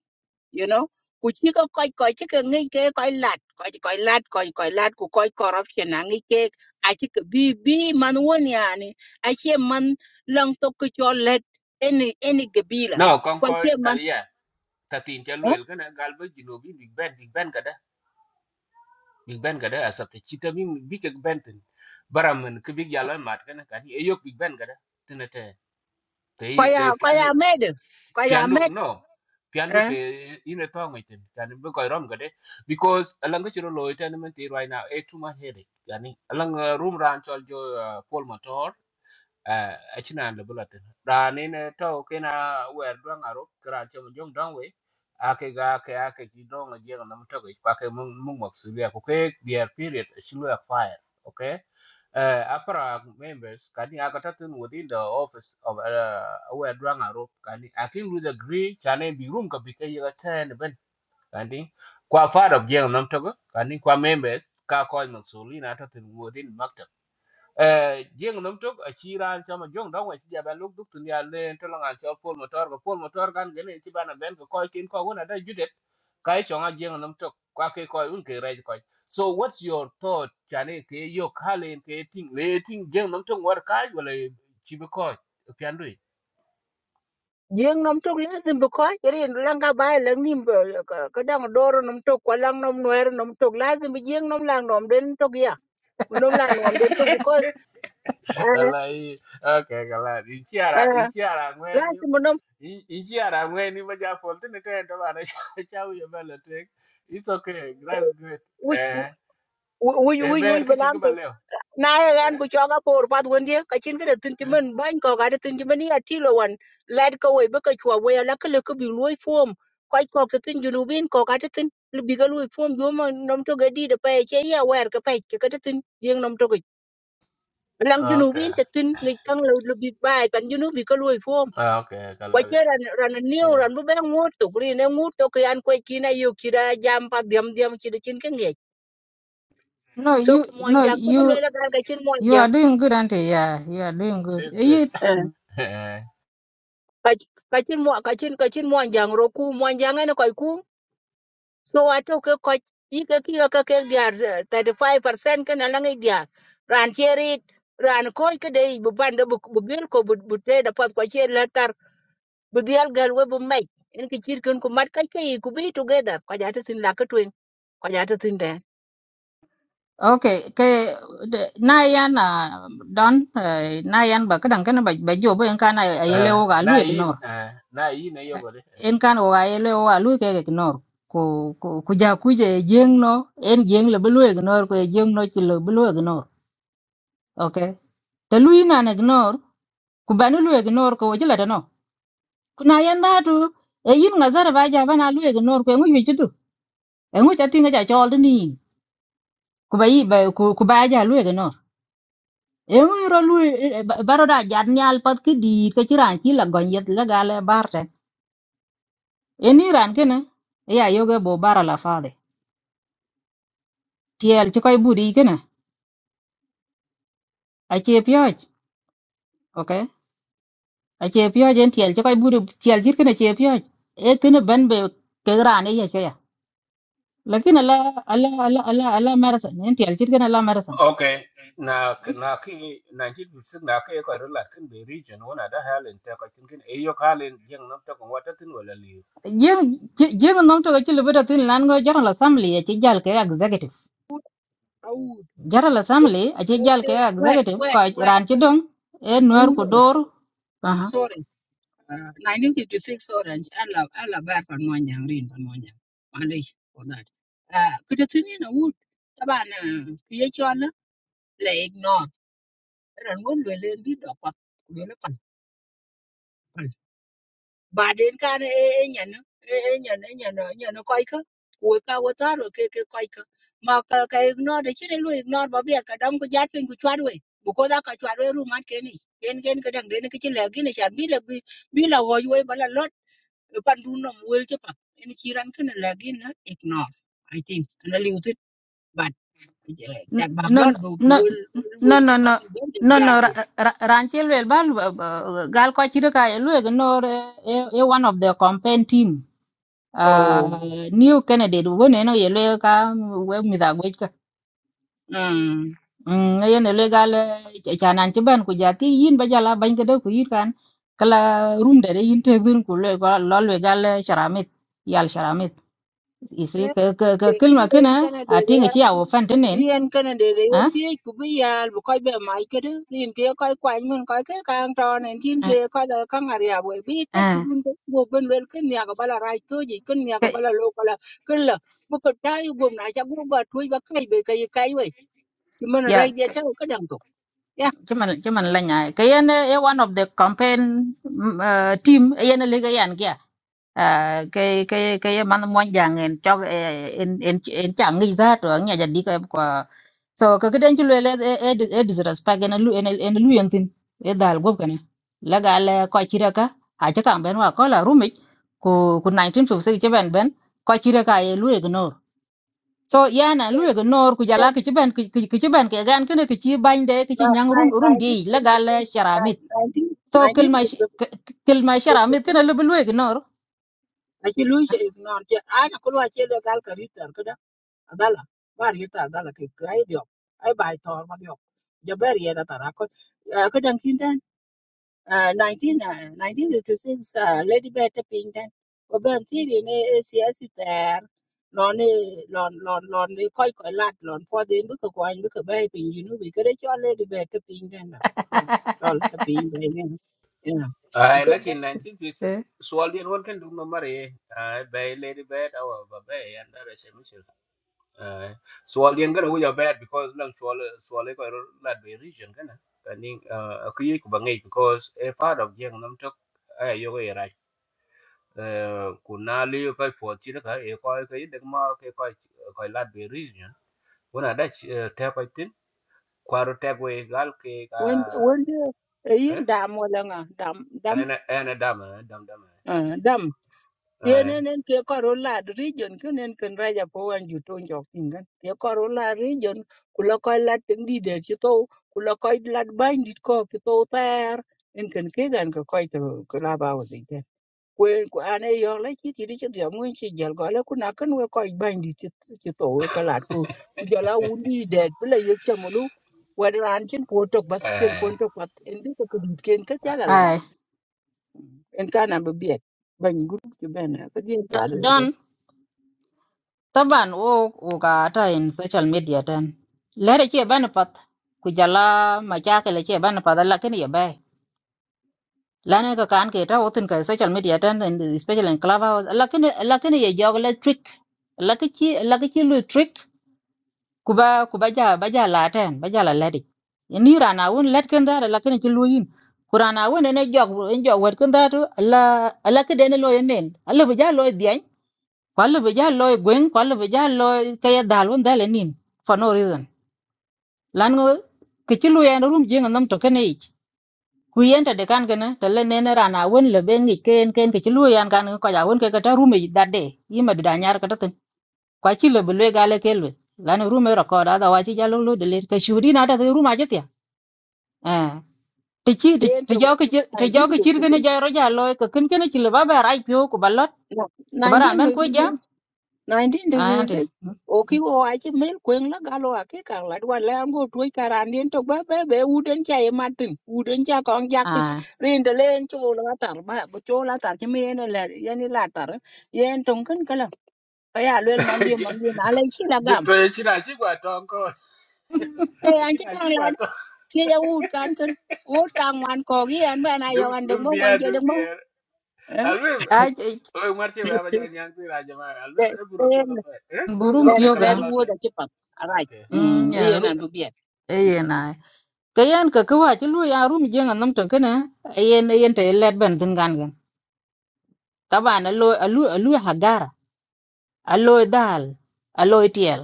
G: you know. Ku cï ka köc köc cï ka ngec kee köc lad, köc köc lad köc köc lad ku köc corruption na ngec kee a cï ka bï bï man won yani ace man löng thon kï cö lëd any any gabila.
B: now kon
G: Kɔc
B: ko
G: ce man,
B: ya ta tin cha
G: ëh,
B: luel ken gal be jino bi big ben big ben ga da big ben ga da asa te chi ta bi bi ke ben tin baram men ke big yalan mat ken ka ni e yo big ben ga da tinate te
G: köc
B: te
G: a köc
B: kan
G: a mëdë, köc a
B: piandu no piandu
G: mëdë.
B: te ine pa ngaitin yani be ko rom gade because alanga chiro loy tan men ti right now e too much headache yani alanga room ran chol jo uh, Paul motor eh achinan le bulletin da ne ne to kena wer don aro kran che mo jong don we ake ga ke ake ki don ga je na mto ga ke mung mung maksulia ko ke their period shilu a fire okay uh, APRA members kani akatatun within the office of uh, aware Dwangaro kani akin with agree chane bi room ka bike yaga ten ben kani kwa part of jeng namtogo kani kwa members ka ko masuli na ta tun within jeng nom tok a chiran chama jong dong wa chiya ban luk duk tunya le to la cho pol motor ko pol motor kan gene bên cái ben ko ko kin ko wona da cái kai chonga jeng nom tok qua cái ko un ke rai ko so what's your thought cho nên cái yêu khá lên cái thing lấy thing riêng nằm trước ngoài cái chane ke yo kalen ke ting le ting jeng cái tok war kai wala chi be ko piandui
G: Jeng nom tok yin sim bu ko kirin langa bay lang nim bu ka dang doro nom tok ko lang nom noer nom tok lazim bu jeng nom lang nom den tok ya Bu nom lang nom den tok because uh,
B: alai okay kala ichiara
G: uh,
B: ichiara ngweni
G: lazim bu nom
B: ichiara ngweni ma ja fol tene cái to bana cha cha u yo bala tek it's okay that's good
G: which
B: eh
G: which
B: e
G: which
B: ber
G: which
B: ke
G: balam
B: chinga
G: tok
B: baleo
G: na ya gan
B: eh
G: ku choga por pat wonde ka chin ga tin ti
B: Eh?
G: men ban ko ga tin ti men ya ti lo wan lad ko we bu ka chwa we la ka le ko bi loy form ko ko ka tin junubin ko ga tin bi ga loy form yo ma nom tok ga di da pa che ya wer ka pa ka tin jeng nom tok lang
B: Ah, Ok,
G: junubi te tin ngi kang lo lo big bai pan junubi ko lo form
B: Ah, okay kala
G: kwa che ran ran niu
B: yeah
G: ran bu ben ngur to kri ne ngur to ke an kwe kina yu kira jam pa diam diam chi de chin ke ngi
A: No,
G: so
A: you,
G: ko mon
A: no,
G: jam to lo
A: you,
G: la gar ka chin mon
A: you
G: jam
A: are doing good, auntie. Yeah, you are doing good.
B: this
A: Eh,
B: good
A: You,
G: eh
B: eh
G: ka ka chin mo ka chin ka chin mon jam ro ku mon jam ne ko ku so ato ke ko i ke ki ka ke diar 35% ke na lang i diar ran che ran ko ke de bu ban de bu bu gel ko bu bu te da pat kwa che la bi gyal gal we bi mac en ki cir ken ku mat kac ke yi ku bi together ko ja te sin la ke twen ko ja te sin den
A: okay, ke de- na yan na don eh, na yan ba kadang kana ba ba jo ba en kana ayele
B: eh,
A: o ga lu
B: na yin
A: ignore.
B: eh, na yin e
A: Eh,
B: yogo de
A: En kana o ga ayele o ga lu ke ignore. Ko ko ku ja ku je jeng no en jeng le blu ignore ko jeng no ti le blu ignore. Okay. Te lu ina ignore ku ba lu ignore ko wajila kuna yanda tu e yin nga zara ba ja bana lue ga nor ko ngu yitu tu e ngu chati nga ja chol ni ku ba yi ba ku ku ba ja lue ga nor e ngu ro lue baro da ja nyal pat ki di ka ci ran ki la gon yet la ga le barte e ni ran ke na e ya yo ga bo bara la fa de tiel ci koy budi ke na a che pyoj okay a che pyoj en tiel ci koy budi tiel jir ke na che pyoj e ke na ban be ke ran e ya ke ya lakin ala ala ala ala ala marasan en tiel jir ke na la marasan
B: okay na na ki 1956 na ke ko rola kin be region wona da halen ta ko kin kin e yo halen jeng nam ta ko wata tin wala li
A: Jim Jim nom to ci libuda tin lan go General Assembly a ci jal ke executive.
G: Aoud,
A: General Assembly a ci jal ke
G: wait,
A: executive ko
G: wait, wait.
A: ran ci dong e nuer
G: Aoud,
A: ku dor.
G: eh,
A: Aha.
G: sorry. Uh, 1956 orange. Allah, Allah, bar panwanya, rin panwanya. Malaysia for one young. Manage for that. Uh, kudatini na Aoud. Taban, kuya chola, la ignore. Ran won lele ndi dopa. baden kan e e nyen e e nyen e nyen e nyen ko ik ku ka wo ta ro ke ke ko ik ma ka ka ignore de chine lu ignore ba bia ka dam ku jat pin ku chwat we bu ko da ka chwat we ru mat ke ni gen gen ka dang de ne ke chile gi ne chan bi le bi bi la wo we ba la lot e pan du no wel che pa en chi ran ken la gi na ignore i think na li utit but tak bak
A: No
G: lot
A: no
G: bu bu
A: no
G: wel wel
A: no
G: wel che
A: no
G: pa du ben de
A: no
G: diar
A: no
G: to
A: ran ci wel bal gal ko ci ka e lu no e e, e one of the campaign team.
G: oh
A: Uh, new candidate wone no ye le ka we mi da
G: mm
A: Mm, yen legal chanan ci ben ku jati yin ba jala bañ ko de ku yit kan kala room de yin te gun ku le ko lol legal sharamit yal sharamit isri ke ke ke kelma kena ati ngi ya wo fan tenen
G: yên cái này để để
A: ha
G: thiết cũng bây giờ bộ coi bề máy cái đó liền kia coi quanh mình coi cái càng tròn này thiên kia coi là các ngài à bởi biết chết
A: eh
G: cũng đun cái bộ bên bên cái nhà của bà là rai thôi gì cái nhà của
A: ke
G: bà là lô bà là cái là bộ phật trai gồm lại chắc cũng bà thui bà cây bề cây cây vậy thì mình là
A: ya
G: rai dia chắc cái đồng tục nha
A: cuman cuman lanya ke yen eh, eh, one of the campaign mm, uh, team eh, yen legal yan à, cái cái cái man mon jang en cho en en en chang ngi za to nya jadi ka kwa so ka kiden chu le e e disrespect en lu en en lu yen tin e dal gob kana la ga le ko chira ka ha cha kang ben wa ko la rumi ku ku 1956 che ben ben ko chira ka e lu ignore so yana lu ignore ku jala ki chi ben ki ki chi ben ke gan kene ki chi ban de ki chi nyang rum rum di
G: nineteen
A: la ga
G: sixty
A: le sharamit
G: nineteen sixty-three
A: so
G: nineteen
A: kilma kilma
G: sixty
A: sharamit
G: six
A: kene lu lu ignore
G: adala bari ta adala ke kai dio ai bai tor ma dio jo beri era tara ko eh, ko dan kin tan 19 ah, 1956 ah, lady beta ping tan ko ben ti ri ne siasi ter lon ni lon lon lon ni koi koi lat lon po din bu ko kwan bu ko bai ping yinu bi ko de cho lady beta ping tan na lon ta ping bai ne ya ko
B: ai
G: kun ben
B: lakin 1956 swal den won kan dum no mare ai bay lady bad awa ba bay and da she Uh, so alien gana wuja bad because lang swal swal ko ro la be region gana kani uh, kuyi ku bangai because a part of jeng nam tok ay yo ko ra kunali ko po chi ka e ko ko de ma ke ko ko la be region wana da te ko tin kwaro te go e gal ke ka
G: wen wen de yin
B: eh
G: dam wala nga dam dam
B: ana ana dama dam dama
G: dam
B: eh
G: yenen ke kor lad region kenen ken raja po wan ju to jok tingan ke kor lad region kula koy lad tin di de ci to kula koy lad bandit ko ki to ter en ken ke gan ko koy to kula ba wo de kwen ku ane yo la ci ti di ci de mu ci jel go la kuna ken we koy bandit ci to we ka lad ku ku jala wundi de bla yek chamulu wadran cin po tok bas cin po
B: eh
G: tok pat en di ko kedit ken ka jala lad
A: Ai,
G: en kana be biet ban gurup ci ben ka
A: d-
G: di
A: don taban wo uga ta in social media tan. Lere ke bani pat ku jala machake le ke bani pat lakini ye bai. Lane ka kan ke ta wotin ka social media tan in the- especially in clubhouse lakini lakini ye jog le trick. Lakiki lakiki lu trick kuba kuba ja baja la tan baja la ledi. Ni rana won let kan da lakini ki lu yin. Kurana won ne jog en jog wet kan da to la lakide ne lo yen nen. Allah bu ja lo dian kwallo be ja loy gwen kwallo be ja loy kaya dal won dale nin for no reason lan go kichilu ya rum jing nam to kene ich ku yenta de kan gana to le nene rana won le be ngi ken ken kichilu ya kan ko ja won ke kata rume that day yima du danyar kata tin kwa chilo be le gale kelwe lan rume record ada wa chi jalo lo de le ka shuri na da ruma jetia eh ti chi ti
G: Entong
A: jo ke ti jo ke chir gane
G: 1956
A: ja ro ja loy ka ken ken chilo ba ba rai pyo ku balot
G: no
A: ku baran ben ku ja
G: 1956
A: anti
G: 1956 oki wo achi mel kweng la galo ake kang la dwan la ango tuoi karan dien to ba ba be uden cha e matin uden cha kong jak tin rin de len chu la tar ba bu chu la tar chi me ne la ye ni la tar ye en tong kan kala ka ya lel man die man die na le chi la
B: je
G: gam
B: pe chi na chi kwa to ko
G: e an
B: chi
G: chi
B: na
G: kang
B: chi
G: la
B: kwa to
G: chi ya ud kan kan ud kang wan ko gi an ba na yo
B: duk
G: an
B: duk
G: dong bo wan
B: dia
G: che
B: duk
G: dong bo
B: dia alwim
A: à,
B: Oye, muerte, voy a bañar ñang tira llamar.
G: eh
B: Al menos es puro piodo fue. ¿Eh?
A: burum
G: let
B: Ok,
A: tiyoga
G: let
B: calar lo otro.
G: wood a chip up. All right.
B: Ok.
A: mm
G: Mm,
A: ya
G: ian
A: ru
G: and bubiet.
A: eye na kayan ka kawa ti lu ya rum jenga nam tan kana ayen ayen te led ben tin gan gan taban alo alu alu hagara alo dal alo tiel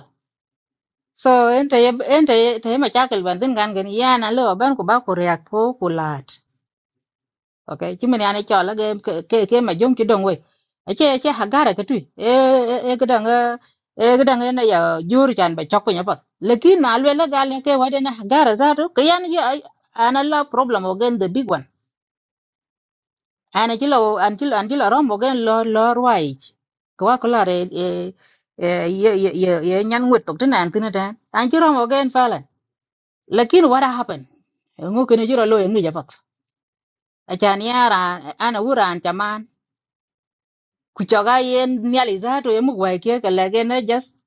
A: so ente ente te ma chakal ben tin gan gan ya na lo ban ko ba ko react ko kulat okay chứ mình anh ấy cho là cái cái cái mà dùng cái đồng quê ấy chứ chứ hàng gara cái tuy ê ê ê cái đồng ê cái đồng này giờ dưa chan bị chọc nhau bớt lekin mà luôn là gal cái vấn đề này hàng gara ra rồi cái anh ấy anh ấy là problem again the big one anh ấy chỉ là anh chỉ là anh chỉ là rom again lo lo right cái quá cái là ê ê ê ê ê ê nhăn nguyệt tục trên này anh tin đấy anh chỉ rom again phải là lekin what happened ngô cái này chỉ là lo người japat Achani ara ana wuran kuchoka yen nyali za to yemu kwa kia kala gena just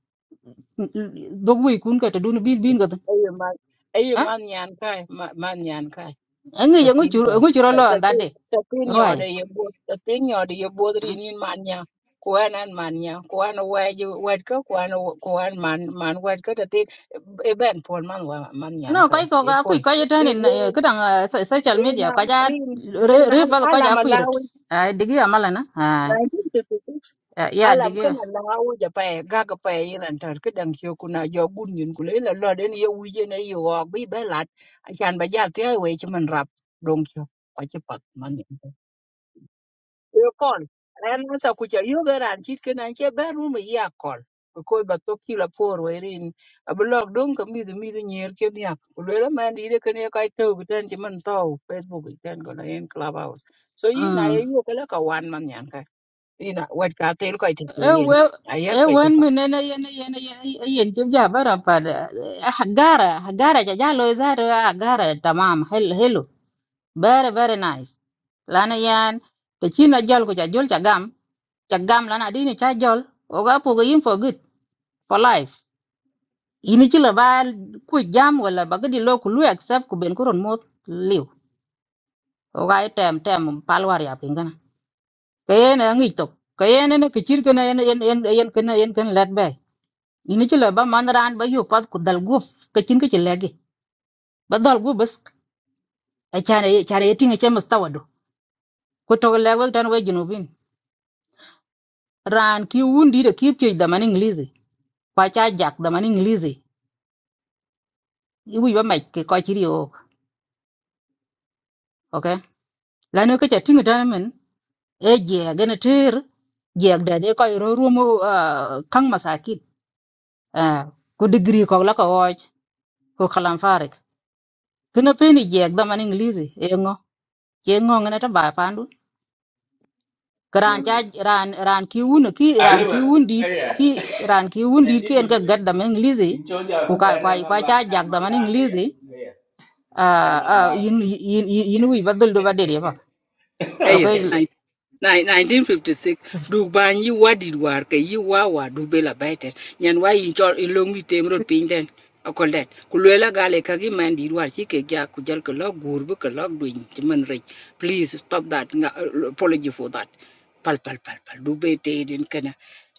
A: dogu ikun ka tadun bil bin bin ka
G: Aye man, aye
A: ha
G: man yan kai, ma- man yan kai.
A: angi
G: The
A: yangu
G: thing
A: churu
G: was,
A: angu churu
G: the
A: lo
G: the
A: anda
G: thing
A: de
G: the thing you the
A: roi
G: you both the thing you the you both in in man ya. Kuan and man ya, kuan away you wed go, kuan kuan man man wed go. The thing, a ben pawn man wa man yan
A: no kai
G: kai,
A: ko
G: a
A: ga kui
G: pawn.
A: kai tan
G: Rin
A: in
G: rin
A: kedang social
G: rin
A: media ka ja
G: rin
A: re
G: rin
A: re ba ka
G: alam
A: ja kui rit
G: alawi
A: ai digi amala na ai
G: 1956
A: ya
G: alam
A: digi
G: kan la ngawu ja pa ga ga pa yinan tar ke dang cho kuna jo gun yin ku le la lo den ye wi je ne yo wa bi be lat a chan ba ja te we chi man rap dong cho pa chi pak man ni yo kon ran na sa ku cha yo ga ran chit ke nan che ba ru me ya kon ko ba to ki la por we rin a blog dong ka mi mi nyer ke ni ak ku le la man di de ke ne ka to gu ten chi man to facebook ten go na en clubhouse so yi na
A: mm
G: ye yo ka la ka wan man yan ina wet ka tel ko ite ko
A: e
G: yen
A: we
G: ayet
A: e
G: ko ite
A: wen
G: pa
A: mene na yen yen yen jib ja bara pa hagara hagara ja ja lo za ro hagara tamam hello very very nice lana yan te china jol ko cha jol cha gam cha gam lana dini cha jol oga pogo yin for good for life ini chila ba ku jam wala ba gadi lo ku lu accept ku ben kuron mot liu oga e tem tem palwar ya pingana kayena ngi tok kayena ne kichir kana yen yen yen yen kana yen kan let bay ini chila ba man ran ba yu pat ku dal guf kachin kachin legi ba dal guf bas achare achare tinga chemas tawadu ko to lewa tan we junubin ran ki wundi da ki pye da man english kwa cha jak da man english i wi ba mai ke ko chi rio okay la no ke cha tinga tan men e je ga na ter je da de ko ro ro mo kang masakin Ah, ko degree ko la ko woj ko kalam farik kina peni je da man english e ngo je ngo ngana ta ba pandu ran cha ran ran ki wun ki ran ki
B: Arriba.
A: wundi ki
B: Oye.
A: ran ki wundi ki en ga gad
B: 1956.
A: da man english
B: Inchon
A: ko
B: ya
A: ka kwa
B: animal
A: kwa cha
B: la
A: jak da
B: animal
A: man
B: la ya.
A: english
B: Ya. Animal
A: uh,
B: la.
A: yin yin yin yin wi badul do badere ba
G: eyo
A: lokoy
B: Ok.
G: nai- nai- 1956 duk bany yi wadit war ke yi wa wa duk be la wa yin chol in long mi tem rot piny ten okol den gale ka gi man dit war chi ke ja ku jal ke lo gur bu ke lo duin ti man rech please stop that nga uh, apology for that pal pal pal pal duk be te den kana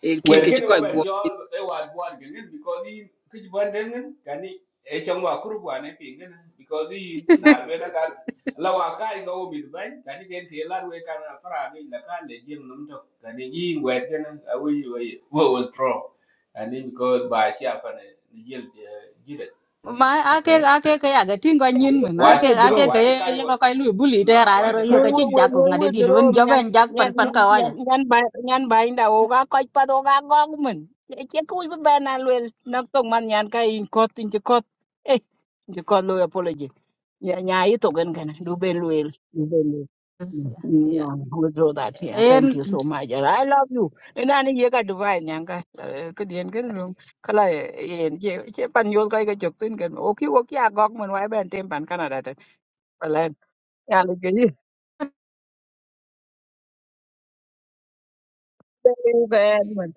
G: en kin
B: wer
G: ke chi
B: gene ba
G: koy go
B: ber chol e war bwan gene because in kich bwan den gen kani e chong wa kuru bwan e pin gen because in nar be la kal la wa kai ga o mit ban kani gen te lar we kan afra ni la kan le jim num to kani yi wer gene a we we wo wo tro kani because ba chi apa ne ni yel jire
A: ma ake
B: okay
A: ake ke aga tinga nyin mi ma
G: no
B: wa
A: ake
B: na
A: ake
G: withdraw
A: ke
B: wa chi kai
A: ye ko kai lu buli de
B: no,
A: ra
B: wa
A: ra
B: chi
A: yo
B: kai
G: Ngồi
A: ka
B: o
A: chi
G: ngồi
B: mit
G: ngồi
A: jak ko
B: ban
G: ngồi
A: ngade
G: ngồi
A: di dun
G: drone nhan
A: joben jak pan
G: nhan
A: pan ka
G: nhan
A: waja
G: nhan nhan bay nhan bay đã ô ga coi pa ô ga gong mình. Chỉ cúi bên bên anh luôn nóc tung man nhan cái in cốt in chỉ cốt. Ê, chỉ cốt lôi apology. Nhà nhà ấy tụng gần cái này, đủ bên luôn, đủ bên luôn. Yeah, withdraw that here.
A: en
G: Thank you so much. And I love you. And I need your divine yanka. Cái ờ, cái điện cái luôn. cái Kala yen che che pan yol cái cái chok tin cái. Okay, okay, gok man wai ben tem pan Canada. Palan. Ber man.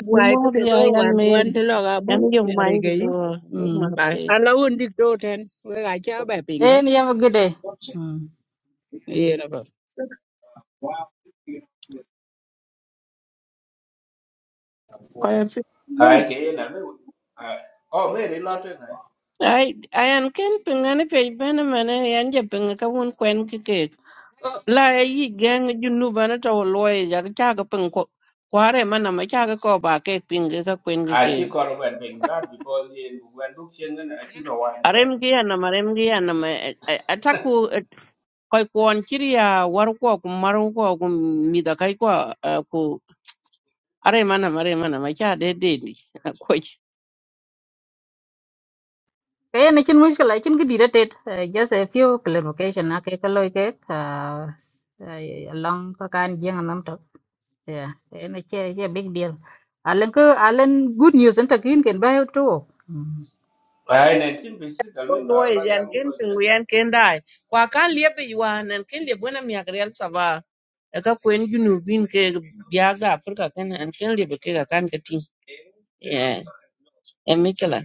G: Wai ko te do
I: Gloria
G: war ko an
I: yanme
G: te lo ga bu
I: yamiyo
G: ne re ge
I: mind
G: yi.
I: to my
G: Ba
I: page.
G: ala won dik to ten we ga cha ba ping ro.
A: en ye gede hmm
G: Ye na ba.
I: Kwaya pin.
B: ai ke na me o me ri lo te
I: Ai ayan ken pingani page bene mane yan je pinga ka won kwen kike. La yi gang junu bana to loy ya cha ga pin ko. Kware mana ma cha ga ko ba ke pinga ka kwen
B: I think
I: kike.
B: Corman Bengal because in when look in and I think Rawan Ben.
I: Arem gi yana marem gi yana ma ataku koy kwon chiriya war ko kum maru ko kum mi da kai ko ku are mana mare mana ma cha de de ni.
A: ke ne chin mushkila chin cái de tet eh, just a few clarification á cái cái loy ke ah, eh, along ka kan jeng yeah ene che che big deal alen ko alen good news enta kin ken ba to Mm.
B: By nineteen visit the link
I: Loy
B: of
I: yan
B: Bagaloo
I: ken
B: Logan.
I: pinguyan ken dai. Kwa kan liep yuan en ken liep buena mi agreal sava. Eka kwen junubin ke biaga Afrika ken en ken liep ke ga kan ke tin. Yeah. En mikela.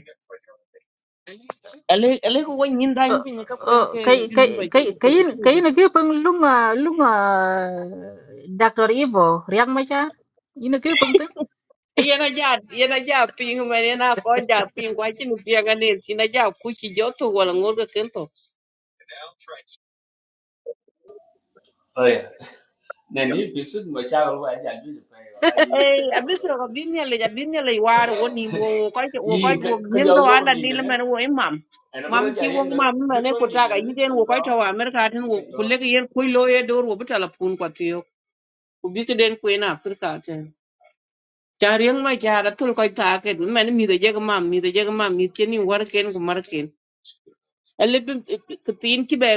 I: Ale ale ko wen yin dan
A: ờ
I: pin ka kwen
A: ờ,
I: ke
A: cái
I: junuba
A: cái
I: chu
A: cái
I: ko
A: cái
I: chu. ko
A: cái này kia bằng lúc mà lúc mà Dr. Evo riang mà cha ini kia bằng thế
I: e Yana ja yana ja pin men yana ko ja pin kwa chin tiaga ne sina ja kuchi joto wala ngor ken to.
B: Oh yeah. Nineteen visit my child who I can do the pay
I: Ê,
B: like the
I: a
B: Jagal
I: biết rồi, biết nhà lấy, biết nhà lấy qua rồi, quên niệm,
B: Logan.
I: quên coi, quên coi,
B: He
I: quên
B: could
I: niệm cái quả
B: you
I: là đi
B: need
I: làm
B: again?
I: anh quên mắm.
B: And a
I: Mắm
B: brother
I: chỉ quên
B: in the
I: mắm, mà
B: you
I: nên
B: told
I: cột
B: me
I: ra
B: the
I: cái gì
B: link
I: đến
B: and
I: quên coi
B: draw.
I: cho anh, mình cái thằng quên lấy cái yên quên lôi cái đồ, quên bắt là phun quạt tiêu, quên biết cái đến quên à, phải cái thằng. Chả riêng mà chả là thul coi ta cái, mình mình thấy cái mắm, mình thấy cái mắm, mình chỉ niệm qua cái nó mà Elebe kitin ki be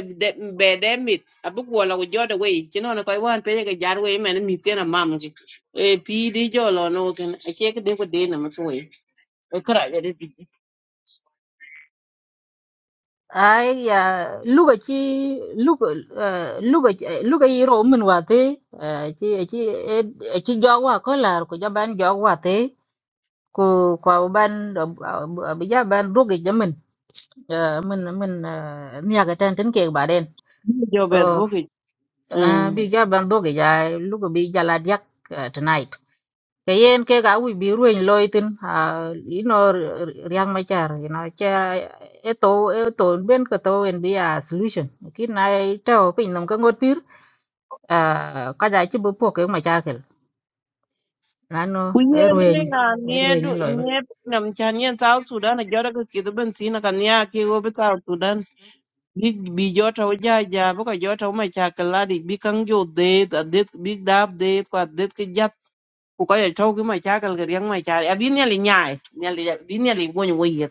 I: be de mit abu ko la jo de we ci non ko wan pe ga jar we men mit na mam ji e pi di jo lo no ken a ke de ko de na ma so we e kra ya de bi
A: ai ya lúc ấy chi lúc ờ, lúc ấy lúc ấy rồi mình vào thế ờ, chi chi ờ, chi gió qua có là của cho bạn gió qua thế ku kwa ban bija ban rugi jamin min min niya ga tan tin ke baden
I: jo be
A: so
I: bu ki mm
A: bija ban rugi ja lugo bi jala diak uh, tonight kayen ke ga wi bi ruin loitin uh, you know riang machar you know cha eto eto ben ko to en bi a solution kin nai to pin nam ka ngot pir uh, ka ja chi bu po ke machakil nano
I: ku
A: e
I: ye ne
A: ruin
I: na
A: e
I: ne
A: ruin
I: do
A: loiba
I: ne na m chan yen tal sudan jo de ki de ben ti na kan ya ki go be tal sudan bi bi jo ta o ja ja bu ko jo ta ma cha ka la di bi kan jo de da de bi dab de ko de ki ku ka to ki ma cha kal ga yang ma cha ya bin ya li nyai ya li bin ya li wo ni wo ye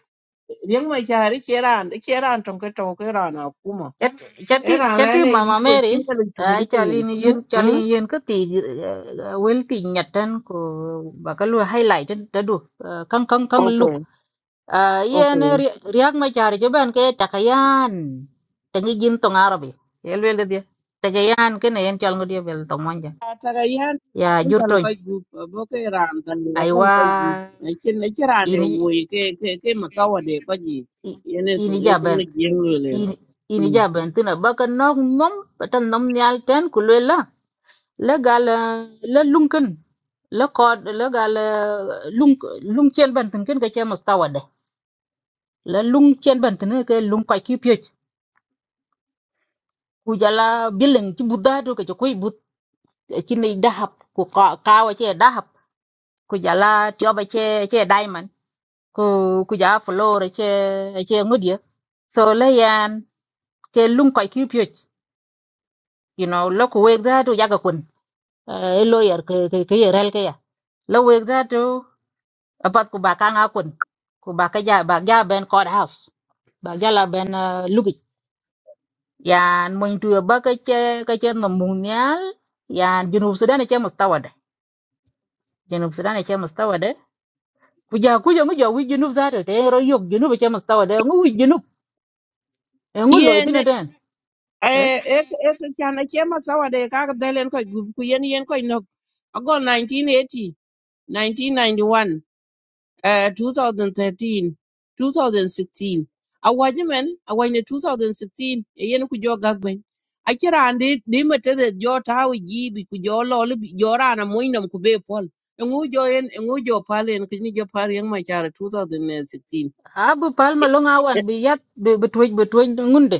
I: yang ma cha ri che ran de che ran tong ka to ka ran a ku ma
A: Chati
I: e
A: chati
I: ran la
A: chati
I: ne yi
A: mama
I: go chin
A: Mary
I: ka li tu ni
A: ai
I: tu ni
A: chalin yin
I: hm
A: chalin yin ka ti wel ti nyatan ko bakalu highlight ta du kang kang kang
I: okay
A: look yen
I: okay
A: riak ma char je ban ke takayan tangi jin tong arabi el wel dia takayan ke ne yen chal ngodie bel tong manja
I: ta ga yan
A: ya
I: un ta
A: jurton
I: ko gu bo ke ran ta ni la ban
A: aiwa
I: ko gu e chin ne che ran e wo
A: ini
I: ye ke ke ke ma sa wa de ko ji
A: i-
I: ye ne tu
A: ini
I: e tu
A: jaban
I: ni jeng le
A: ini ini jaban tina bakan nok mom patan nom nyal ten kulwela la gal la lunkin la kod la gal eh, lung lung chen ban tin ken ka che mustawa de la lung chen ban tin ke lung ka ki pye ku jala billing ti buddha do ke ko but eh, ki nei dahab ku ka ka wa che dahab ku jala tyo ba che che diamond ku ku ja floor e che e che ngudie so la yan ke lung ka ki pye you know lo ku wek da do ya ga kun eh, e lawyer ke ke ke rel ke ya lo wek da do apat ku bakang akun, nga kun ku ba ka ja ba ja ben court house ba ja la ben uh, lugi yan mun tu ba ka che ka che no mun yan junub sudan e che mustawada junub sudan e che mustawada ku ja ku ja mu ja wi junub za ta te ro yok junub e che mustawada ngu wi junub e ngu loy
I: hm
A: tin den eh
I: eh ek ek kana chema sawa de ka delen ko gu ku yen yen ko no ago 1980 1991 eh 2013 awajne 2016 e yen ku jo gagben akira ande de mate de jo tawi gibi ku jo lol jo rana moinam ku be pol e jo en e jo palen kini jo par yang machara 2016
A: abu palma lo nga wan bi yat bi bi tuj bi tuj ngunde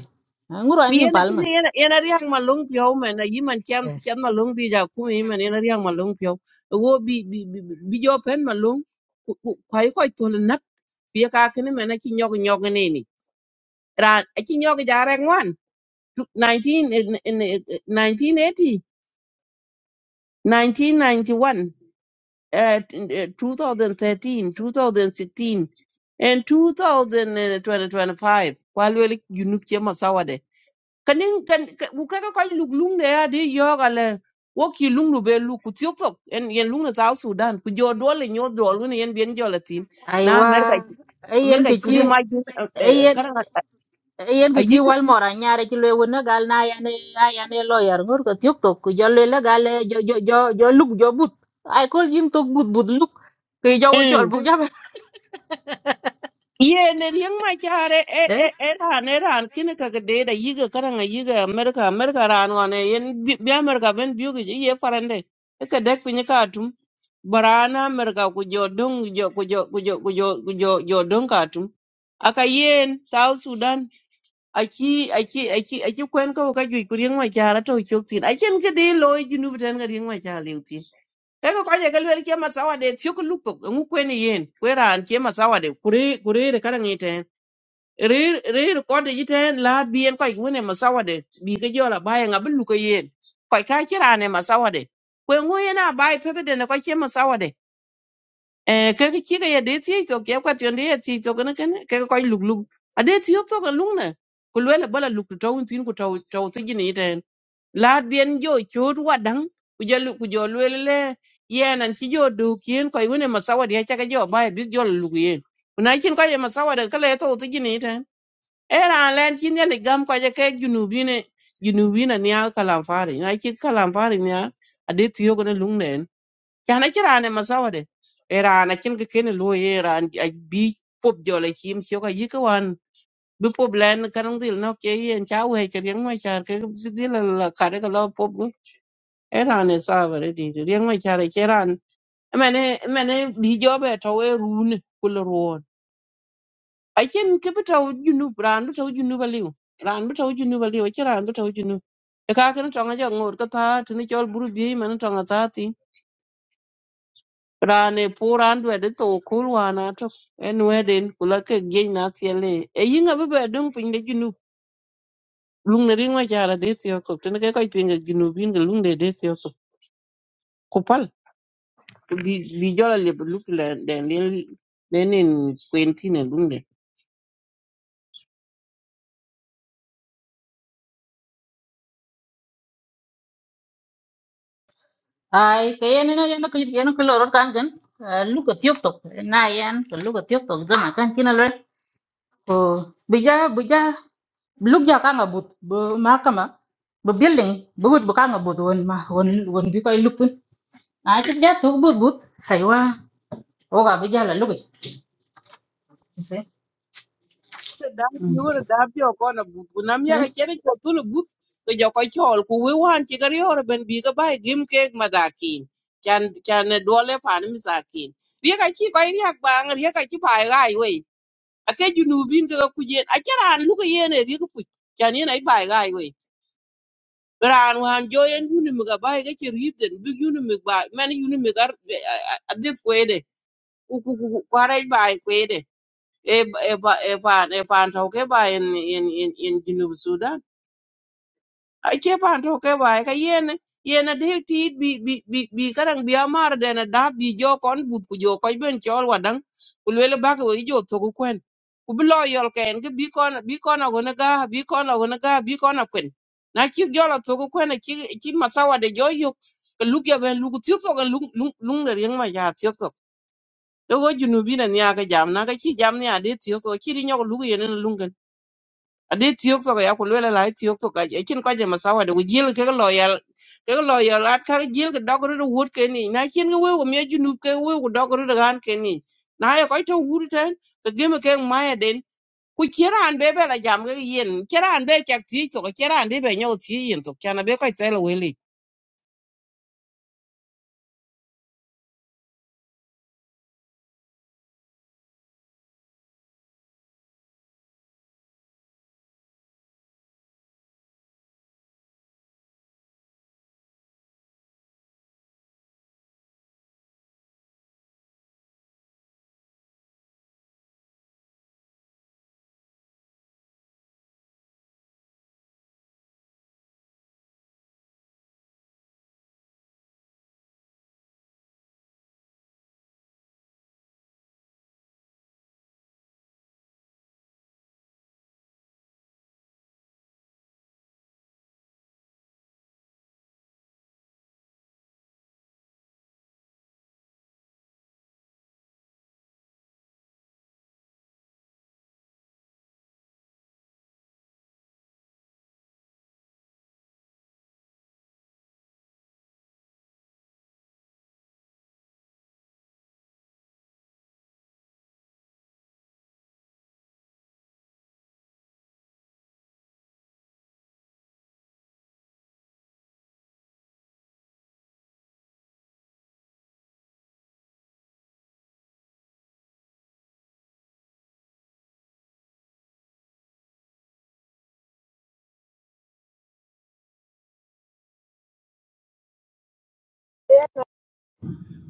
A: E ngu ro mi
I: Kuyena
A: palma
I: tene yana yana riang ma long pyo man yiman cham
A: Eh.
I: cham ma bi ja ku yiman yana riang ma long wo bi bi bi bi jo pen ma kwai kwai to na pye ka kene man ki nyog nyog ne ni ra ki nyog ja re ngwan 19 1980 1991 uh, 2013 2016 and 2025 kwalwele junub che masawade kanin kan buka ka koy luk lung de ya de yoga le wo ki lung lu be lu ku tiok tok en yen lung na South Sudan ku jo dole nyo dol ne yen bien jo latin na
A: aiwa
I: America
A: ayen
I: America
A: ke
I: ku de
A: chi
I: ma jin karanga
A: yen ki ci
I: ayik
A: wal mora nyaare ci lewu na gal na yane yane lawyer ngur ko tiok tok ku jolle la gal eh, jo jo jo jo luk jo but ay kol jin tok but but luk ki jo wo chol bu jabe
I: Ye ne riang ma chare e e
A: eh
I: e ran e ran kine ka ke de da yiga karanga yiga America America ran wane yen bi bi America ben biu ge ye farande e ka dek pinye ka tum barana America ku jo dong jo ku jo ku jo ku jo ku jo jo dong ka tum aka yen South Sudan aki aki aki aki kwen ka ka ju ku riang ma chara to chok tin a chen ke de loy junu beten ga riang ma chara Eka kwa je galwel ke matsawa de tiok lupok ngu kwen yen kwera an ke matsawa de kure kure de karang iten rir rir ko de jiten la bien ko ngune matsawa de bi ke jola baye ngabul lu yen ko ka kira ne matsawa de kwen ngu yana baye pete de ne ko ke matsawa de e ke ke ke ye de ti to ke ko ti onde ye ti to ne ken ke ko luk luk a de ti to ko luk ne kulwela bala luk to tin ku to to ti jini yiten laat bien jo chot wadang ku jalu ku jo lwelele yen an chi jo du kien ko iwene masawadi ha chaka jo bai bi jo lu kien kuna kin ko ye masawadi kale to to jini ten era len kin ye gam ko je ke junubine junubina niya kalam fari ngai kin kalam fari niya ade tiyo ko ne lungnen kana kira ne masawadi era na kin ke ken lu ye era bi pop jo le kim chi ko yi ko wan bi pop len kanang dil no ke yen chawe ke yang ma char ke dil la kare ko lo pop eran e savare di riang ma chara cheran mane mane bi jobe to we run kul ruon achen ke bitaw junu ran bitaw junu baliu ran bitaw junu baliu cheran bitaw junu e ka kan tonga jo ngur ka ta tini chol buru bi man tonga ta ti ran e pu ran dwe de to kul wana to en weden kula ke gen na tiele e yinga be be dum pin de junu lung ne ring ma chara de tiyo ko tini ke ko pinga junu bin ga lung de de tiyo ko pal bi bi jola le look la den lenin kwenti ne dunde
A: ay ke yen no yen ko yen ko lorot kan kan eh, luk ko tiok tok na yan ko luk ko tiok tok zama kan kina lo ko bija bija luk ja ka nga but bu ma kama bu building bu but bu ka nga but won ma won won bi koy luk tun ay ci ja tok but but aywa oga bi jala lugi see
I: da
A: mm
I: biure da bio kono but ku nam yaga chene ko tulu but to joko chol ku we wan ci gar yoro ben bi ga bay gim ke madakin chan chan ne dole pan misakin riya ka ci ko riya ba ngar riya ka ci bay gai we ake junubin ga ku jen a charan lu ga yene riya ku chan yene ay bay gai we ran wan joyen yunu mi ga bay ga ci riden bi yunu mi ba men yunu mi gar adit ko u Kwarai ba ai kwede. E e ba e ba e ba tauke ba in in in in Junub Sudan. Ake ba tauke ba ai ka yene yene de ti bi bi bi bi karang bi amar de na da bi jo kon but ku jo ko ben chol wadang. Ku lele ba ko jo to ku kwen. Ku bi lo yol ken ke bi kon bi kon ago na ga bi kon ago na ga bi kon akwen. Na ki jo la to ku kwen ki ki masawa de jo yo. Ka luk ya ben luk tiok to ka lung lung lung de yang ma ya tiok Dogo junubi na niya ka jam na ka chi jam ni ade tiyo so chi rinyo ko lugu yene na lungan. Ade tiyo so ka ya ko lwela la tiyo so ka e chin ko jama sawa de wujil ke loyal ke loyal at ka jil ke dogro de wut ke ni na chin ga we ko me junub ke we ko dogro de gan ke ni. Na ya ko to wut ten ke gem ke ma ya den ku kira an be be la jam ga yen kira an be chak tiyo so ka kira an be be nyo tiyo yen so kana be ko tele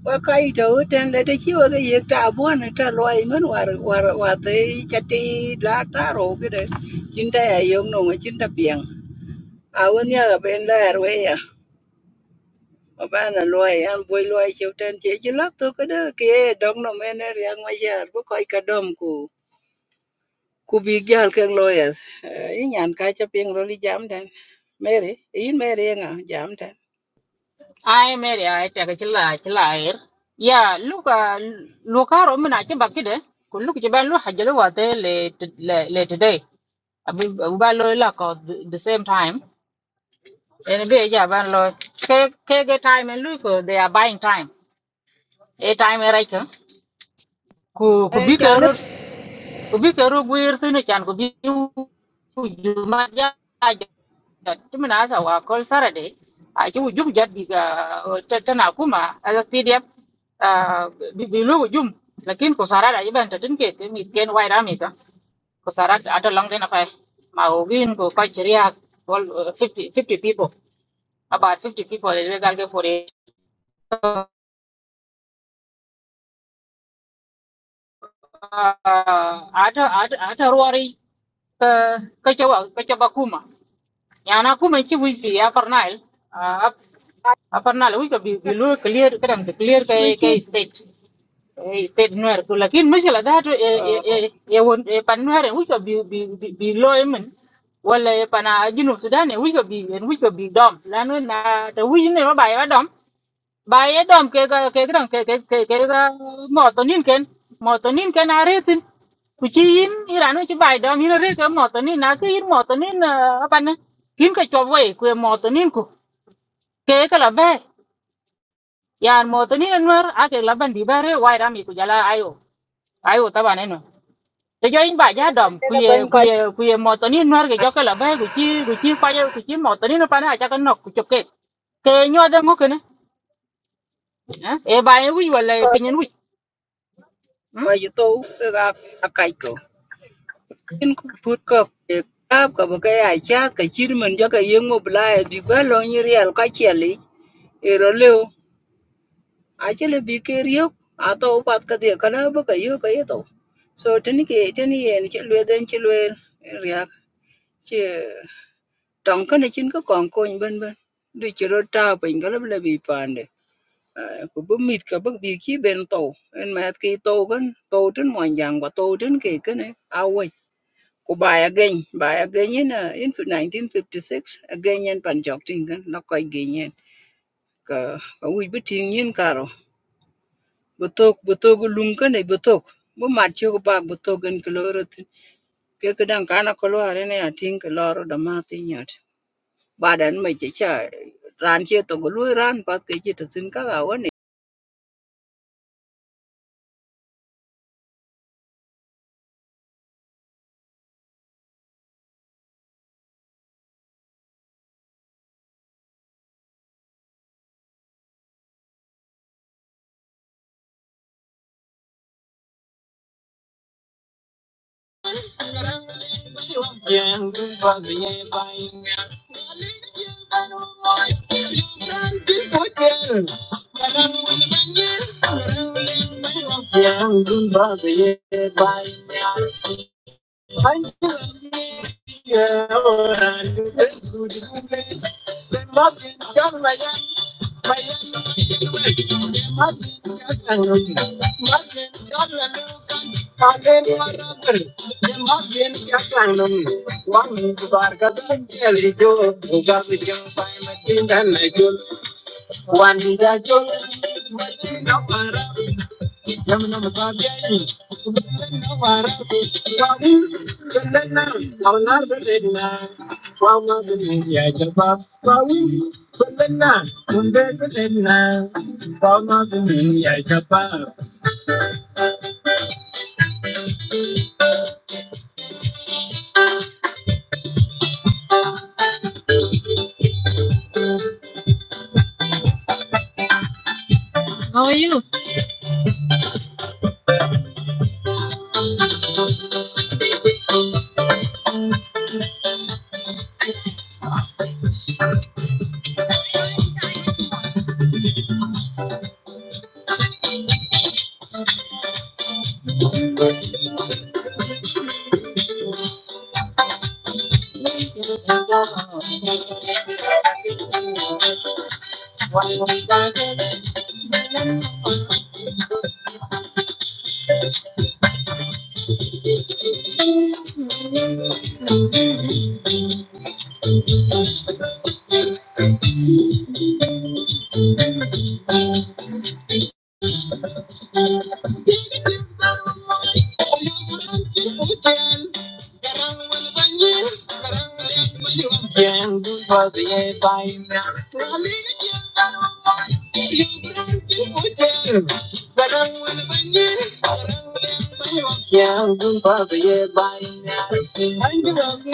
G: Wa to ten le te chi wa ge ta bu an ta lo ai man war war wa te cha ti la ta ro ge de. Chin ta ya yong no ma chin ta piang. A won ya ga ben la er we ya. Ba ba na lo ai an bu lo ai chiu ten che chi lak to ka de ke dong no men er yang ma ya bu ka ka dom ku. ku big jal ke lawyers i nyan ka cha ping ro li jam den mary in mary nga jam den
A: ai meri ai ta ga chilla chilla air ya luka luka ro mina ke bakide ko luka je ban lu hajjalu wa te le le le today abi abu ba lo la ko th- the same time en be ja ban lo ke ke ge time en lu ko they are buying time e time e raika ku ku
G: e
A: bi ke
G: cha le
A: ro ku bi ke ro guir tinu chan ku bi ju ma ja chúng mình đã timin asa wa kol sarade a ci wujum jat bi ga tana kuma as pdf ah, bi bi lu wujum lakin ko sarada iban ta tinke ke mi ken wai rami ta ko sarada ata long dena fa ma o gin ko ka kriya kol 50 fifty people about fifty people is legal ke for it ata ở ata ruari ka ka jawa ka jawa kuma yana kuma ci wifi ya parnal a parnal wi cái bị bị lu clear cái kadam clear
G: bi
A: cái
G: chi
A: cái state state nuer ku lakin mishkila dhatu e
G: o
A: e won e pan nuer en wiko bi bi bi bi lo emen wala e pana junub sudan en wiko bi en wiko bi dom lanu na ta wiji ne ma ba ya dom ba e dom ke ga ke gran ke ke ke ke ga motonin ken motonin ken aretin ku ci yin iranu ci bay dom yin re ke motonin na ke yin motonin apana kin ka chobwe ku motonin ku ke ka la be yan motonin nuer ake la bandi bare wai rami ku jala ayo ayo tabane Thế cho anh bà giá đầm
G: Nên là
A: quỳ
G: bên coi
A: quỳ quỳ mò tớ niên nuôi cái cho cái là bé của chi của chi coi cho của chi mò tớ niên nó phải là cho cái nọc của chụp cái cái nhau đang ngó cái này ê bà ấy quý vào lại
G: coi
A: pin nhân quý,
G: ko ji to ga ka kai ko in put ko e kap ko ba ka ya cha ka chir man ja ka yeng mo bla e ba lo ni real ka che e ro le a che bi ke ri a to pat ka de ka na ba ka yo ka ye to so tini ke tini ye ni che le den che le chứ trong cái che tong kana chin ko bên ko ben ben du chi ro ta pin ga le bi pande ko bu mit ka bu bi ki ben to en ma ki to kan to tin mo yang wa to tin cái kan a we của bài ya gen ba ya gen in uh, in 1956 again in pan jok tin kan no ko gen yen ka ka wi bi tin yin karo bút tok bu tok lum kan e bu tok bu mat chi ko ba bu tok gan ko ro tin ke ka dan kana ko lo are ne atin ko lo ro da ma tin baden ma che cha ran che to lu ran pat ke chi to sin ka ga wa
A: quỳ How are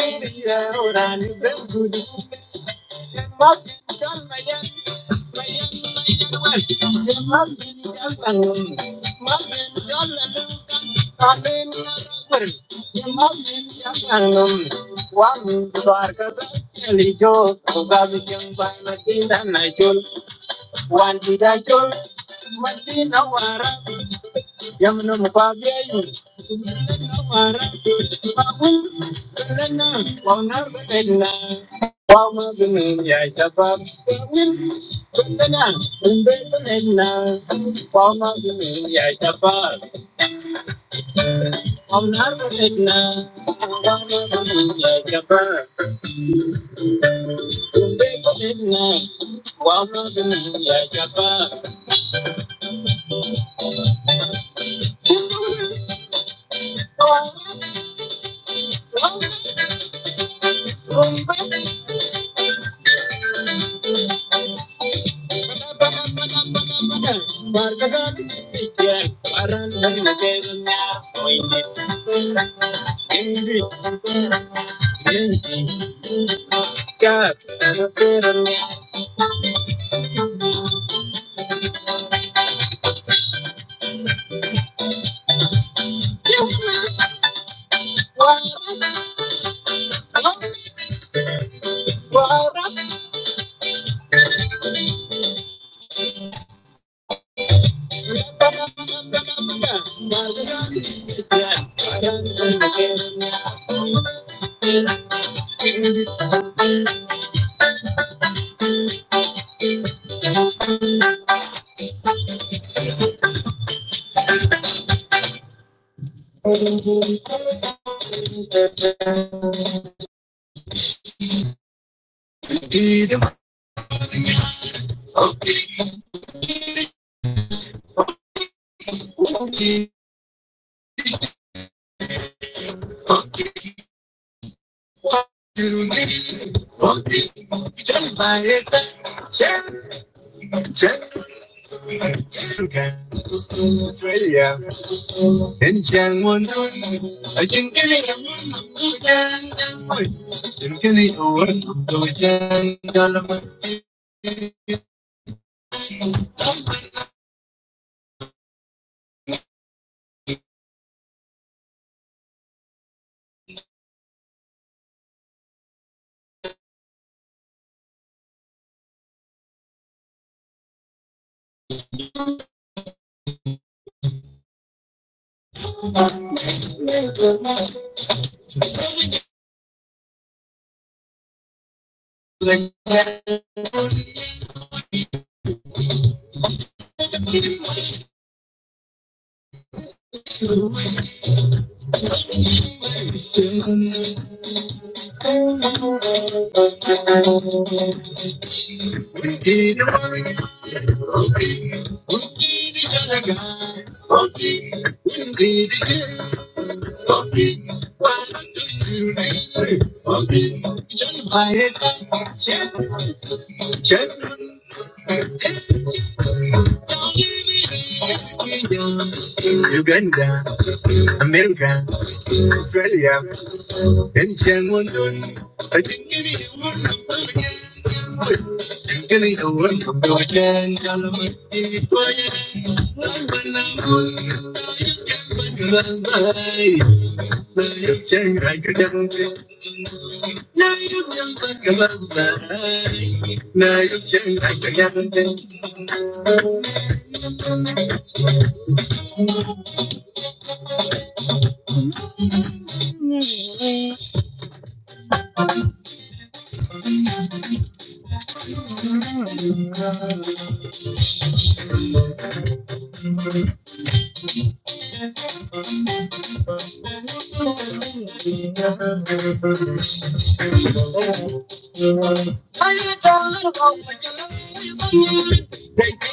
A: you? One did I Yamuna Mapabiayu, Mara, Babu, Lena, Wana, Lena, Wama, Benia, Sabab, Lena, Lena, Wama, Benia, Sabab, Wana, Lena, Wama, Benia, Sabab, Lena, Wama, Benia, Sabab, Margaret, Paran, Lena, Thank you. Thank you. Uganda, America, Australia, and London. I think it is one of the Getting the one from the weekend, Calamity, Now you can back Now you can back Thank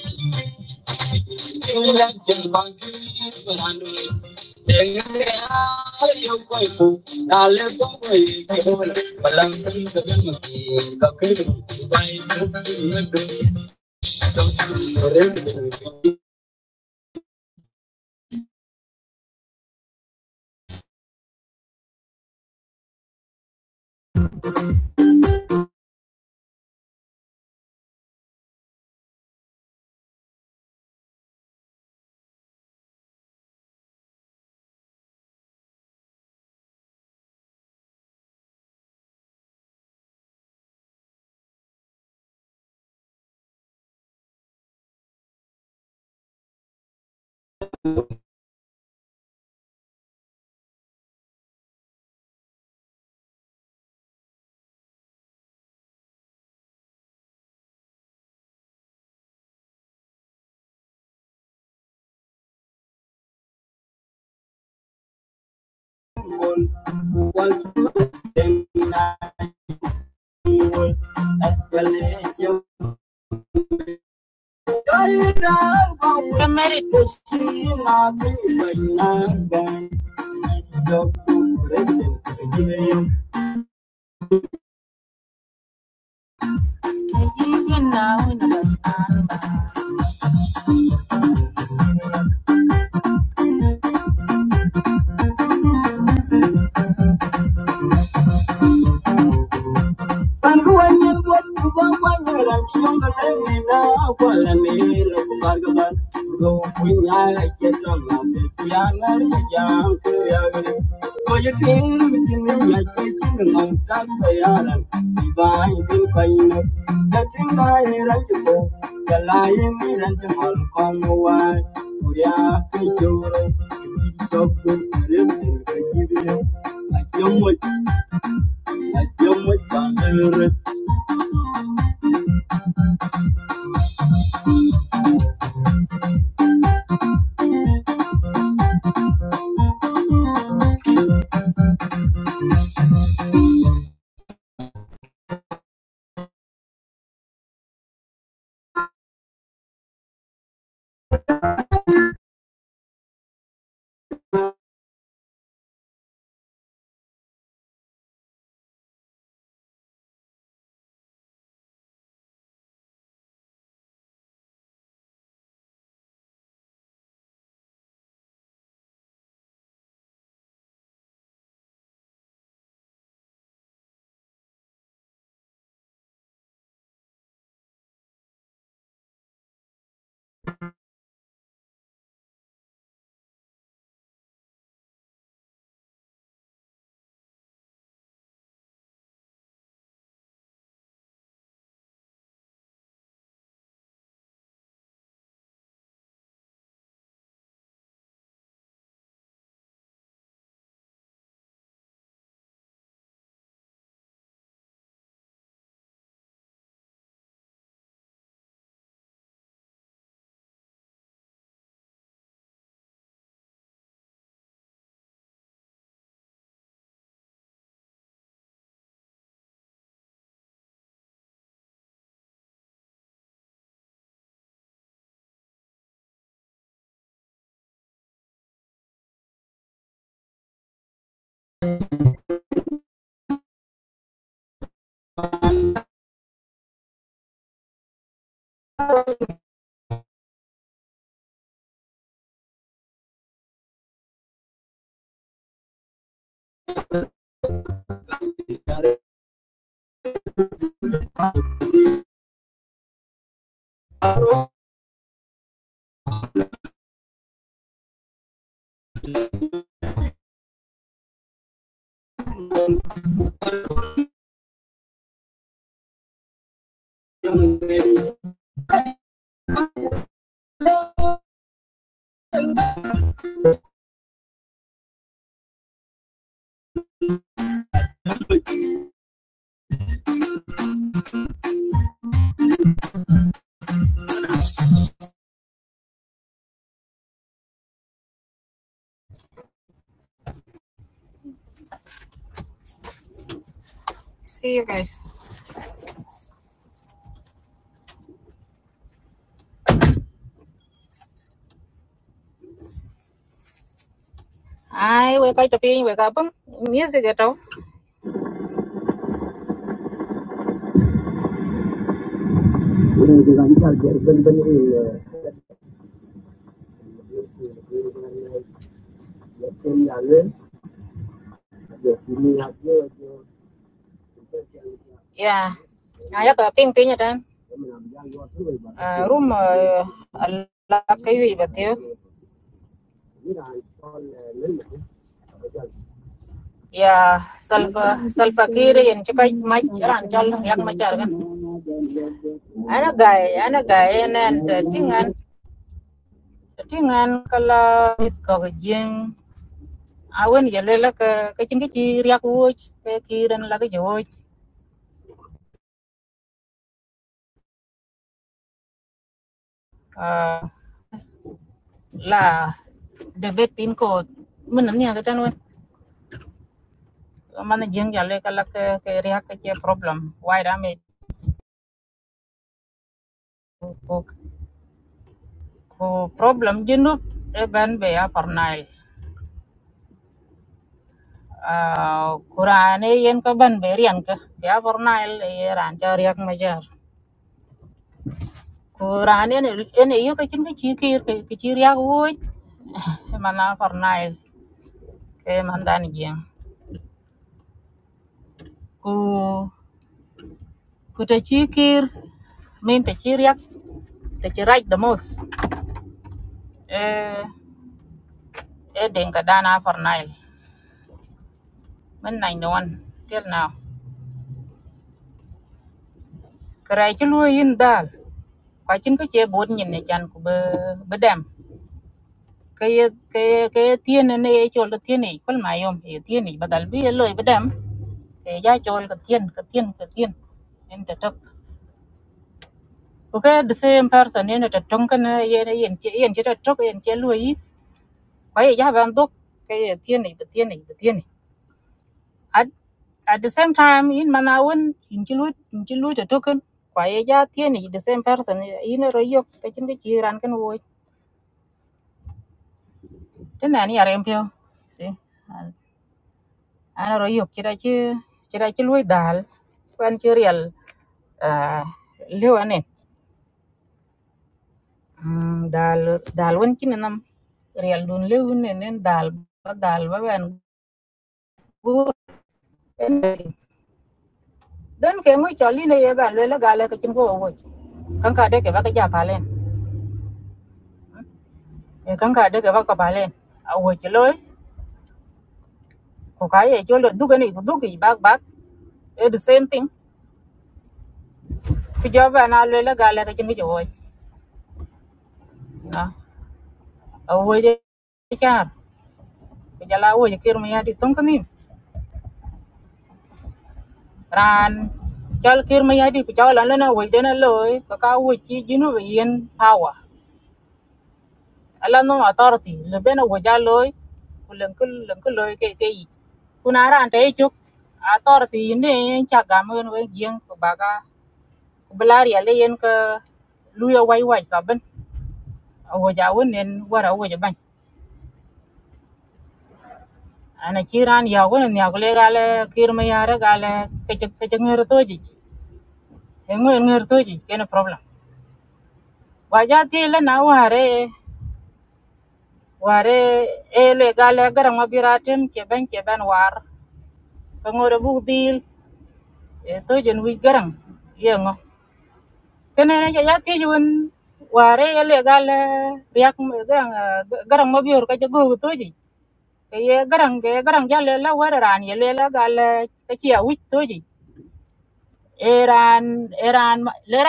A: you. Come Kamarit. Kamarit. Thank you. ai we kai to pin we ka pun music to ya aya ka pin pin tan room la kai wi batio ya salfa salfa kire yen chakai mai ran chal yak ma char gan ana gai ana gai nen te tingan tingan kala mit ko jing awen yelela ka ka chingi chi riak wuoch kurane yen ka ban berian ka ya bornail ran cha riak ma ko rani ne ene yo ka chin ka chi ki ka chi ria ko mana farnai ke mandan gen ku ku ta chi kir min ta chi ria ta chi right the most eh e den ka dana farnai men nai no one till now krai chi lu yin dal ka chin ka che bod nyin ne chan ku be be dam ke ye ke ye ke ye tien ne ye chol ka tien ni kol ma yom ye tien ni badal bi ye loy be dam ke ya chol ka tien ka tien ka tien en Okay, the same person in at a tonkin, yen yen yen chit a truck and yellow yi. Why you have and look, kay a tierney, but tierney, but tierney. At at the same time, in Manawan, in Chilut, in Chilut a token, why a ya tierney, the same person in a royok, taking the cheer and can wait. Then any are impure. See, and a royok, chirachi, chirachi lui dal, quan chirial, uh, leuanin. Dal, dal, one chinanam, real dun leun and then dal, but dal, and dan ke mu choli ne ye ba le ga le ke chim ko wo kan ka de ke ba ka ja palen e kan ka de ke ba ka palen a wo chi loy ko ka ye chol du ke ni du ke ba ba e the same thing ku jo ba na le ga le ke chim ko wo na a wo je cha ke ja la wo je kir me ya di tong ni ran chol kir me ya di ku chol la na wo de na loy ka ka wo chi jinu yen power ala no authority le beno go ja loy ku len ku len ku loy ke ke yi kuna ran te chuk authority ne en cha ga mo no yen ko baga ku blari ale yen ka luya wai wai ka ben go ja won nen wara go ja ban ana chi ran ya go nen ya go le ga le kir me ya re ga le ke chuk ke chuk ngur to ji en ngur ngur to ji ke problem wa ja ti le na ware ware e atil to ji garang yengo kenen le riak m- garang ah, ga- garang ma bior ka jago toji ke ye garang ke garang jale la weraran ye le la gal ka chi a wit toji eran eran ma- le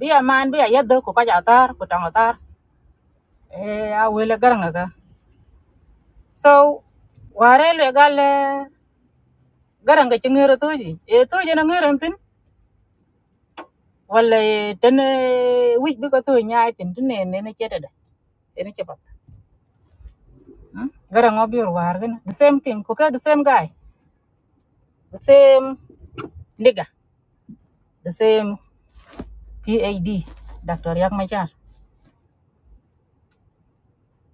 A: bi ya do ko ka ja tar ko tang tar e a we le garang ka so ware le gal garang ka chingero toji e toji na ngero tin wala ten e, wit bi ko to nyaay tin tin ne ne ne chede de ne chepat garang ma bior war gan the same thing ko ka the same guy the same nigga the same PhD Dr. Yak Machar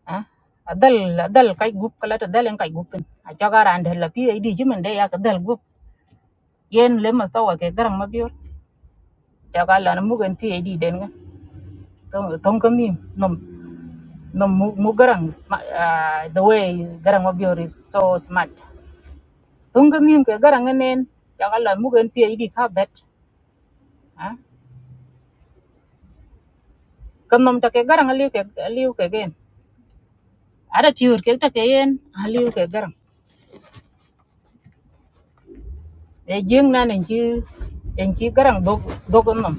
A: ah adal adal kai gup kala to adal, dalen kai gupin a chaga ran da la PhD jimin dai ya adal group, gup yen le mas tawa ke garang mabiyor chaga la mu gan PhD den ga tong tong kan nim nom nom mu garang sma- ah, the way garang mabiyor is so smart tong kan nim ke garang nen chaga la mu gan PhD ka bet ah kan nom ta ke garang liu ke liu ke gen ada tiur ke ta ke yen liu ke garang e jing na nen chi en chi đốt dog dog nam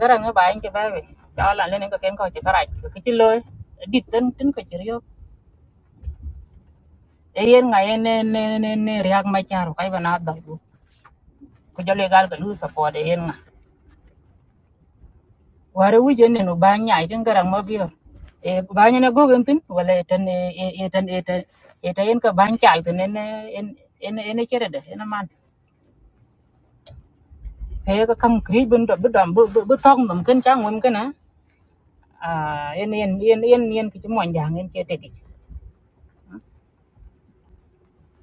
A: garang ba en ke ba be ta la le ne ko ken ko che karaj ko ke chi loy dit ten tin ko chi ryo e yen ko jale ba ke na che te ti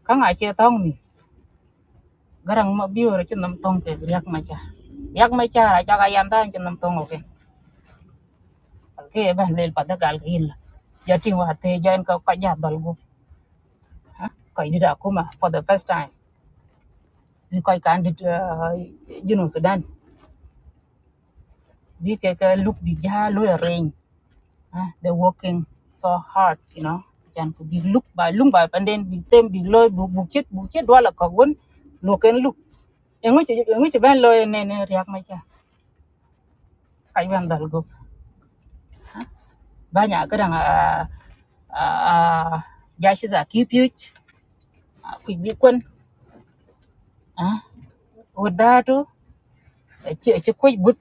A: ka nga che tong ni garang ma bi rồi chi nam tong cái yak ma cha yak ma cha ra cha ga yan ta chi nam tong o cái ke ba le pa da gal ke yin la ja ting wa te ja cái ko ka ja dal gu ko di da kuma for the first time ni cái kan dit jinu sudan bi cái ke luk bi ja lo uh, they're working so hard, you know. Chan could be look by look by and then be them be loy bu bu chết bu chết đó là có vốn nó cái lúc em ngồi chơi em ngồi chơi bên loy nè nè riak mai cha phải bên đó go ba nhà cái đang à à à giá sẽ giả cứu cứu quỷ bị quân ở đó đó chơi chơi quay bút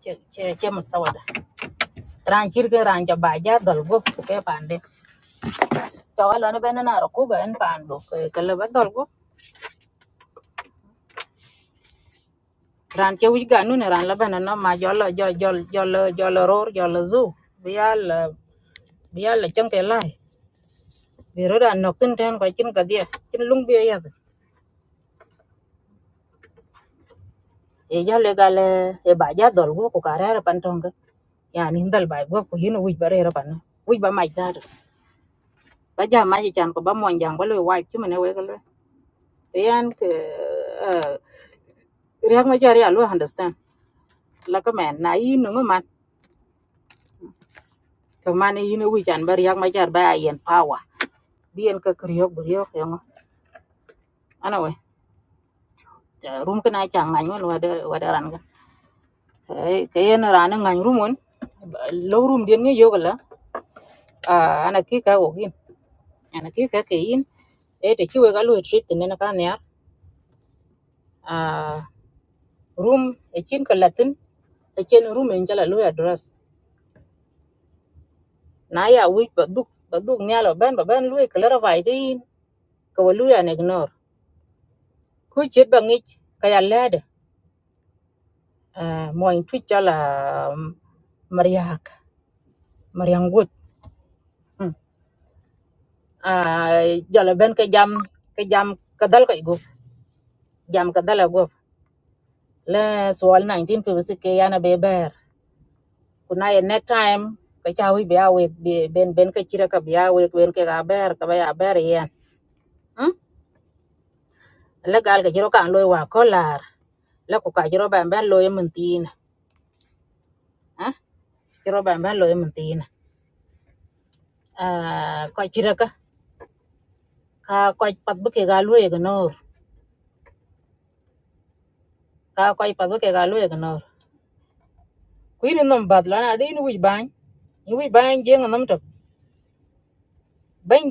A: chơi chơi chơi mà sao đó rằng chỉ cái rằng cho bà giá đó go cái đấy cho là nó bên nó nào cũng bên bàn đó cái là bên đó ran ke wich ga nune ran laban no ma jolo jol jol jol jol ror jol zu bial bial chang te lai bi ro dan no kin ten ko chin ka dia chin lung bi ya kin ko mane yin wi chan bar yak ma jar ba yen power dien ka kriyo bu ana we kin a chang ngan ke yen ran ngan rumon lo rum dien nge yogala ki ka ke yin ki we ga lo trip ten na ka ne rum e chin ka latin e chin rum en jala lo address wi ko chet mo in twit jala mariak mariang gut a jala ben ka ja ke jam ka dal kai go le sual 1956 ke yana be ber kuna next time ka chawi be awe be ben ben ka chira ka be awe ben ke ga ber ka ba ya ber yen hm le gal ka jiro kan loy wa kolar la ku ka jiro ban ban loy mentin, tin jiro ban ban loy mentin, tin a ko chira ka ka ko pat bu ke ga loy ga nor ka bu ke ga ku ri nom bad la na di wi ban je ngom to ban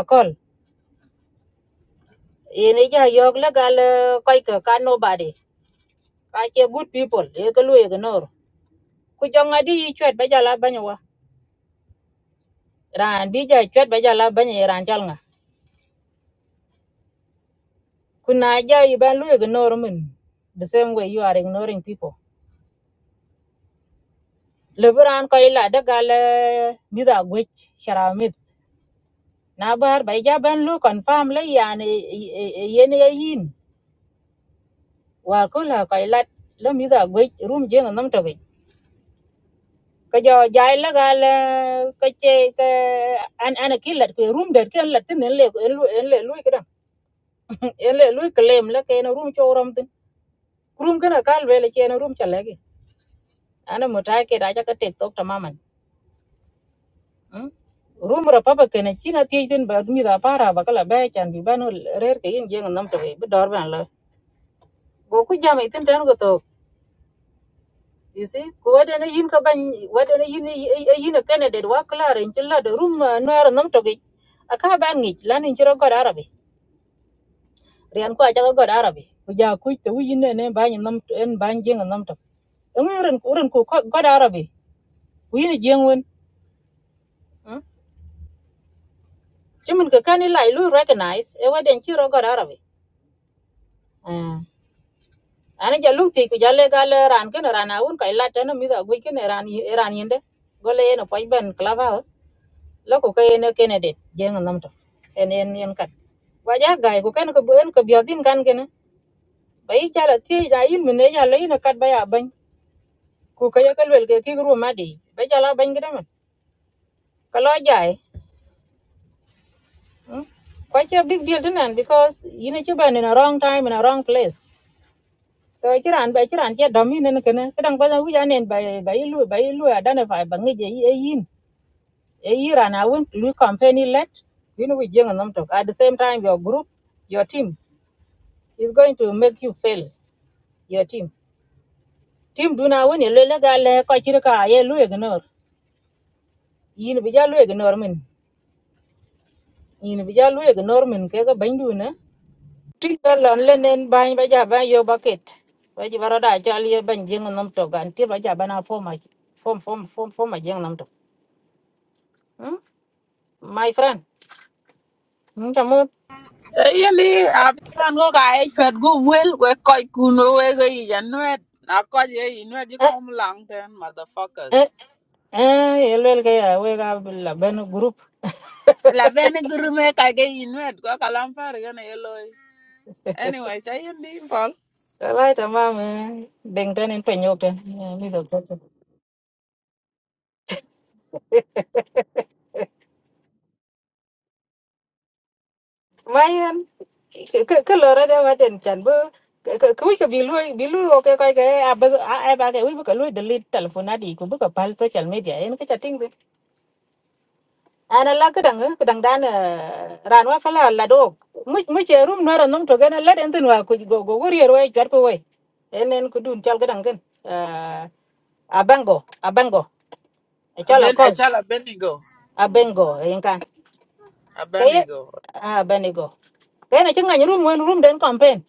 A: akol ene ja yok la gal ko ka ka nobody ka che good people e ka loy ga nor ku jonga di yi chwet ba jala banya wa ran bi ja chwet ba jala banya yi ran chal nga ku na ja yi ban lu ignore mun the same way you are ignoring people le buran ko ila da gal eh, mida gwech sharamit na bar ba ja ban lu confirm le yani yen ye yin wa ko la ko ila le mida gwech rum je ngam to be ka jo jai la gal ka che ka an an kilat ko rum der ken la tin le en lu en le lu kidan en le lu claim la ken rum cho ram room kana kal vele chene room chalegi ana mutai ke raja ka tek tok tamaman mm? room ra papa kana china tiye den ba mi da para ba kala ba chan bi banu rer ke yin jeng nam to be dor ban la go ku jam itin tan go to you see ko wada na yin ka ban wada na yin e, e, e yin kana de wa kala ren chilla de room no ra nam to ge aka ban ngi lan in chiro god arabi rian ko aja ko god arabi ku ja ku te wi ne ne ba ni nam en ban jeng nam to ngi ren ku ren ku god arabi ku yin e jeng won cumin ka kani lai lu recognize e waden ci rogo arabi ah ana ja lu ti ku jalle gal ran ken ran awun kai la tan mi da gwi ken ran yi- ran yende gole eno poj ben clubhouse loko ka eno kenede jeng nam to en en en kat waja gai ku ken ko en ko biodin kan ken ba yi jala ti ja yin mi ne jala yin kat ba ya ban ku ka ya kalwel ke ki ru ma di ba jala ban gidan ka lo jai quite a big deal to nan because you know you've been in a wrong time in a wrong place so ci ran ba ci ran ci dom yin ne kene kadang ba wi ya nen ba ba yi lu ba yi lu identify ba ngi je yi e ấy e yi ran a win lu company let you know we jeng nam tok at the same time your group your team is going to make you fail your team team do na win le le ga le ko ci ka ye lu ignore yin bây giờ lu ignore min yin bây giờ lu ignore min cái cái ban du nữa ti ga lon le nen ba ba ja ba yo bucket ba ji baro da ja le ban jeng nam tok an ti ba ja ba na form a- form form form riêng nằm jeng Mm, my friend chamot
J: Eyeli abiyan ko ka echwet ku wel we koc kun we weke yic anuet na koc ye inuet ci kom lang ten
A: eh
J: motherfuckers
A: eh elwel ke ya we ga la ben group
J: la bene gurume kake inuet ko kalam par kene ye loi anyway ca yen di pol
A: right tamam eh deng ten en penyok ten Eh, mi do toto mayen ke ke lore de wa den chan bo ku ke bilu bilu o ke kai ke a ba a ba ke wi bu ke lu delete telephone adi ku bu ke pal social media en ke chatting de ana la ke dang ke dang dan ran wa fala la do mu mu che room no ran nom to gena la den tin wa ku go go go rier we chat ko we en en ku dun chal ke dang ken abengo abengo echala
J: aben
A: kor
J: acal abenigo
A: abengo yinkan kay
J: abenigo
A: abenigo kay na chinga room wen room den campaign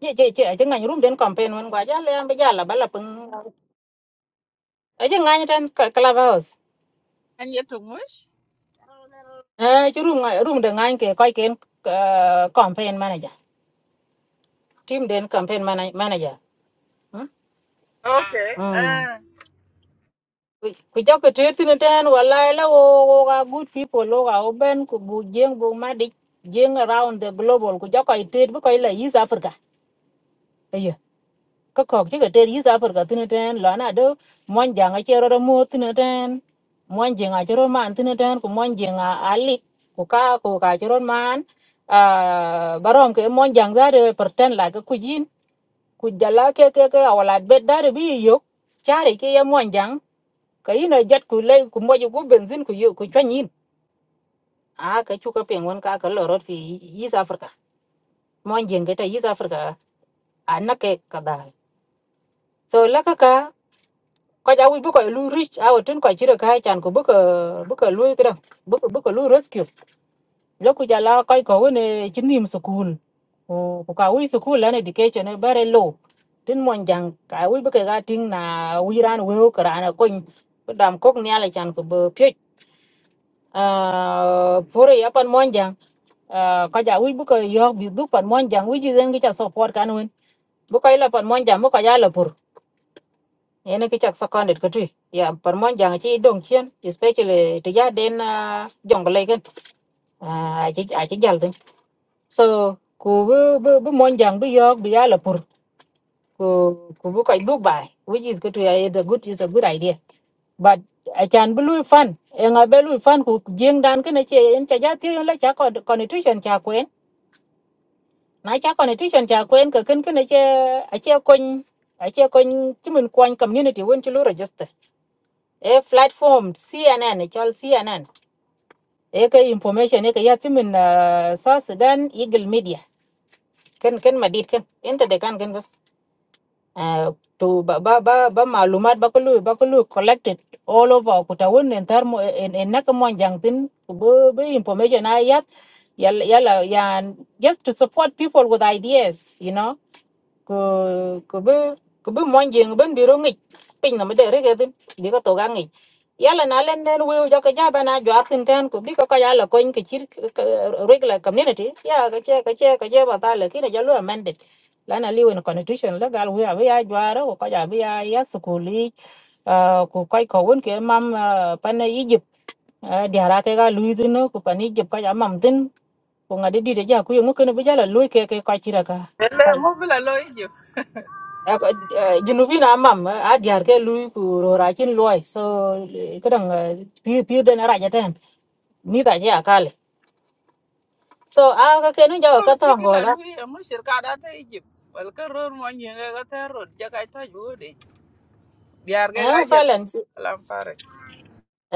A: chị chị chị chứ ngành room đến campaign wen quá giá lên bây giờ là bắt là pưng ấy chứ ngành trên close
J: an ye tumuc
A: ấy chứ room ngành room được ngành kì coi kiến ờ, campaign manager team đến campaign giờ
J: ok
A: ừ
J: ah.
A: cứ cho cái trade tin trên walai là ô ô, good people lô ga open ku bu jeng bu ma jeng around the global ku cho coi trade bu coi là East Africa ka kok ci ka ter yis afrika tini ten lo na do mon janga ci ro mo tini ten mon jenga ci ro man tini ten ku mon jenga ali ku ka ku ka ci ro man ah, barom ke mon jang za de per ten la ka ku jin ku jala ke ke ke awala bet da de bi yo chari ke ye mon jang ka ina jet ku le ku mo ju ku benzin ku yo ku twanyin a ka chu ka pengon ka ka lo rot fi yis afrika mon jenga ta yis afrika anake ka a na ke ka da so la ka ka ko ja wi bu ko lu rich awo tun ko jiro ka chan ko bu ko bu ko lu kida bu ko bu ko lu rescue lo ku ja la ko ko woni chinim school ko ko ka wi school an education e bare low tin mon jang ka wi bu ka ga ting na wi ran we ko ran ko dam kok ni ala chan ko bu pye a pore ya pan mon jang ko ja wi bu ko yo bi du pan mon jang wi ji den gi cha support kan wen bu ko ila pan mon jang bu ko ya la ene ki chak seconded ko tui ya par mon jang chi dong chen especially to ya den ah, jong le ken a chi a chi jal tin so ku bu bu bu mon jang bu yok bu ya la pur ku ku bu kai bu bai which is good to is a good is a good idea but a chan bu lui fan e nga be lui fan ku jeng dan ken che en cha ja ti la cha con constitution cha kwen na cha constitution cha kwen ka ken ken che a che kon a che kon chi mun kwan community won chi lu register e platform CNN chol CNN e ka information e ka ya timin uh, South Sudan Eagle Media kan kan madid kan inta de kan kan bas Ah, to ba ba ba, ba malumat ba kulu ba kulu collected all over ko ta won en tar mo en en nak mo jangtin be be information a yat yalla yalla yan just to support people with ideas you know ko ko be ko be mo jeng ben biro ngi pin na me de re ga din bi ko to ga ngi yala na len den wiu jo ka jaba na jo atin ten ku bi ko ka yala ko in ke chir regular community ya ka che ka che ka je ba ta le kina jalo amended la na liwen constitution la gal wiu ya jo ara ko ja bi ya ya sukuli ku kai ko won ke mam pan egypt di hara ke ga lui din ku pan egypt ka ja mam din ku ngade di de ja ku yo ngukene bi jala lui ke ke ka chira ka
J: ele
A: Right.
J: ŋo bila lo ijip
A: Ờ, có- ờ, Junubin amam adiar ke lui ku rorakin loy so kadang pir pir den araja mi ta je akale so aga kenu jawa
J: ror
A: ka
J: ci ki
A: tongo
J: la
A: la
J: lui ŋo shirkat ate ijip wel ke ror mo nyiŋe ko ter rot jakac toc wodi diar ke
A: eh
J: kajel
A: falen
J: kalam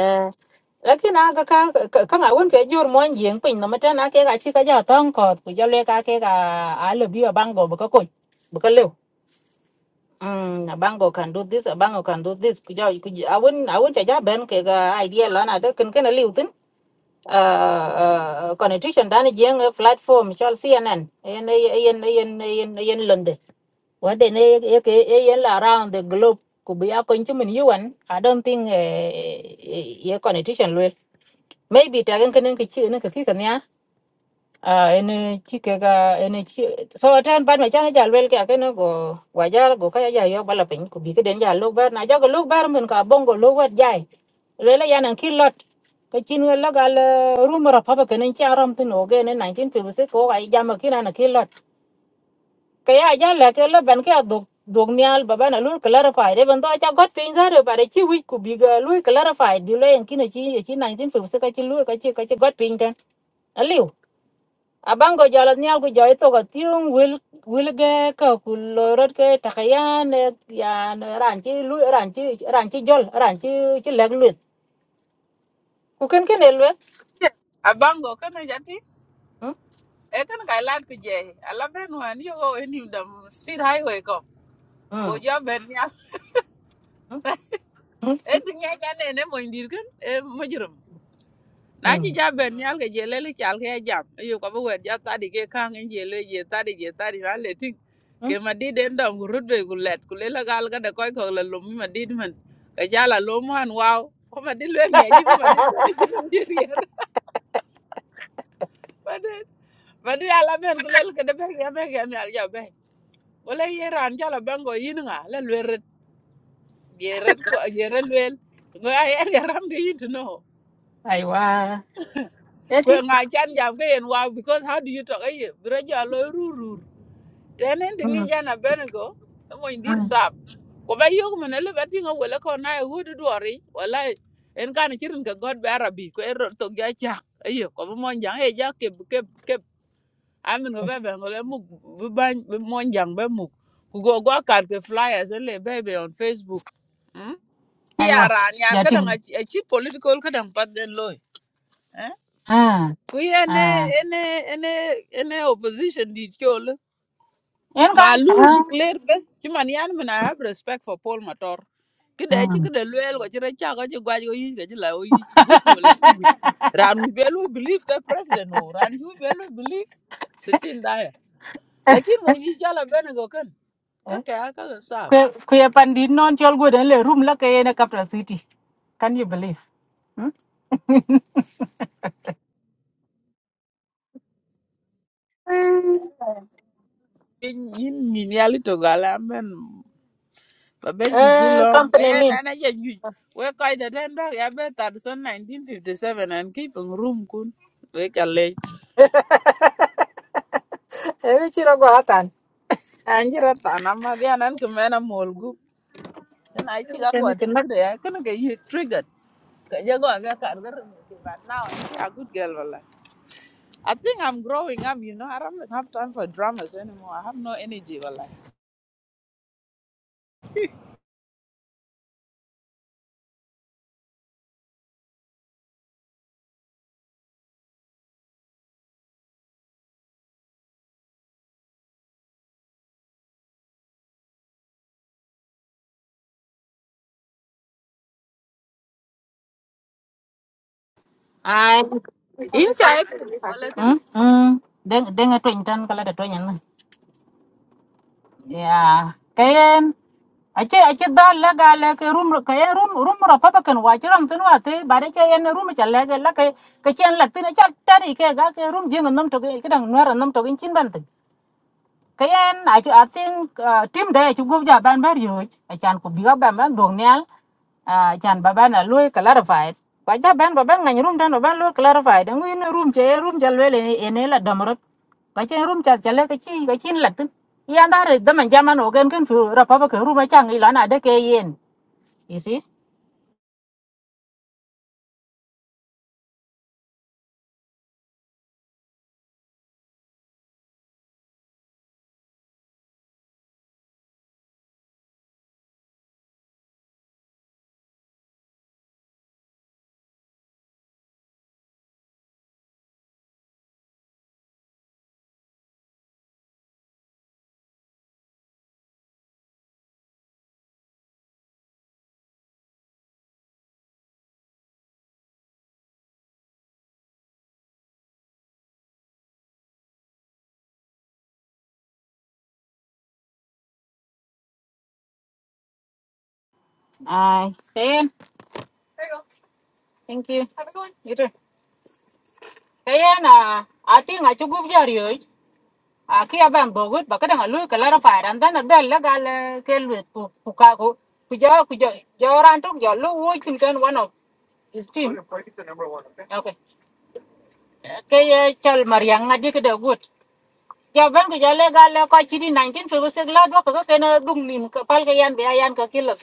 A: eh lakini aga ka ka ka won ke jur mon jing pin no mata na ke ga chi ka ja tong ko ku jo le ka ke ga a le bi bango bu ka ko bu ka le mm a bango can do this a bango can do this ku ja ku a won a won ja ja ben ke ga idea la na de ken ken le utin uh uh constitution dan jing eh, platform chal cnn en Chang ja lwel ka ke akene go wajal go kaya ja yo bala pin ku bi ke den ja lok bar na ja go lok bar men ka bongo lok wat jai lele ya nan kin lot kin wel ga le cha rom tin o ge ne 1956 ko ga ja ma kin an kin lot ke ya ja le ke le ban ke dog dog nyal baba na lu clarify de ban to cha got pin za re bare chi wi ku bi ga lu clarify di le en kin chi chi 1956 ka chi lu ka chi ka chi got pin ten ali abango jala nyal ku joy to ga tiung wil wil ge ka ku lorot ke takayan ya ran chi lu ran chi ran chi jol ran chi chi leg luet ku ken ken el luet
J: Abango kana jati.
A: hm
J: E kana kai lad ku je. Ala ben wan yo go en him dam speed highway ko.
A: hm
J: Go ja ben nyal. E tinga ka ne ne mo indir kan e mo jirum. Na
A: hm
J: ji ja ben nyal ke je lele chal ke jam. E Yo ko wer ja tadi ke kang en je le je tadi je tadi na le ting. Ke ma di den dam rut be ku let ku le la gal ga de koy ko la lum ma di man. Ke ja la lum han wow. Ko ma di le nge ji ma di ben ji dam ji rier. Ma di ma di ala ben ku le ke de be ya be ya wala yeran jala bango yin nga la lweret yeret ko yeret lwel ngo ay er yaram ga yin no ko nga chan jam ga yen wow because how do you talk ay bro ja lo rurur tenen de ngi jana bengo mo indir sap ko ba yog men le bati ngo wala ko na wudu dori wala en kan chirin ka god be arabi ko er to ga cha ay ko mo mon jang e ja ke ke ke amin ko be bengo le mu ban mon jang be mu ku go go kar ke flyers le bebe on facebook Hmm? Ki a
A: aiwa
J: ran yan ka
A: jating
J: dang a chi political ka dang pat den loy. Eh?
A: à
J: Ku
A: à,
J: ene ene ene ene opposition di chol.
A: en
J: Ma
A: kan
J: lui declare best. Chi man yan man I have respect for Paul Mator. Ki de chi
A: hm
J: ki de luel ko chi ra cha ko chi gwa ko yi ko chi la o yi. Wich ko le chi wich. Ran wi be lui believe ka president o. Ran wi be lui believe sitin da ya. Lakin mo yi jala bene go kan. Ka ka ka sa.
A: ku ku ya pandit non chol go den le room la ke na capital city can you believe hm
J: Yin yin yin yali to gala men ba be juji
A: eh
J: lom ga
A: company
J: ya
A: me
J: na na ya juj we koi da den dog ya be tar son 1957 and ki pung rum kun we ka le
A: Ê, chị Anh.
J: an jira ta na ma dia nan ku me na mol gu na ai chi ga go tu de ya kan ga you triggered ka je go ga kar ga But now, ba now yeah good girl wala I think I'm growing up, you know. I don't have time for dramas anymore. I have no energy, wala.
A: ai
J: In cha epi, wala kidi.
A: hm hm den den twin tan kala de twin ya kayen ace ace dal la ga la ke rum ka en rum rum ro papa kan wa chiram tin wa te ba de ke en rum e cha la ga la ke ke chen la tin e cha ta ni ke ga ke rum jing nam to ke dang nuar nam to kin chin ban tin cái kayen i i think uh, team day chu gup ja ban ber yuj achan ku biga ban ban dong nyal achan ba ban là lui cả là phải kwa ja ban ba ban ngày room dan ba ban loy clarified ngui ne room che room ja lele ene la damrot kwa che room cha cha le ka chi ka chin la tin ya dar da man jaman ogen kan fu ra pa ba ka room cha ngi là na de ke yen you see ai kayen thank you have a good one you too kayen uh, i think i chu gup ja yuj à khi bạn a ki aban bogut ba kada ngalu ka lara fa ran dan da la gal ke lu ku ku ka ku ku jo ku jo jo ran tok jo lu wo kin kan one of his team okay ke ye chal mariang ngadi ke da gut ja ban ku jo le gal ko chi di 1956 la do ka ke na dung nim ka pal ke yan be yan ka kilo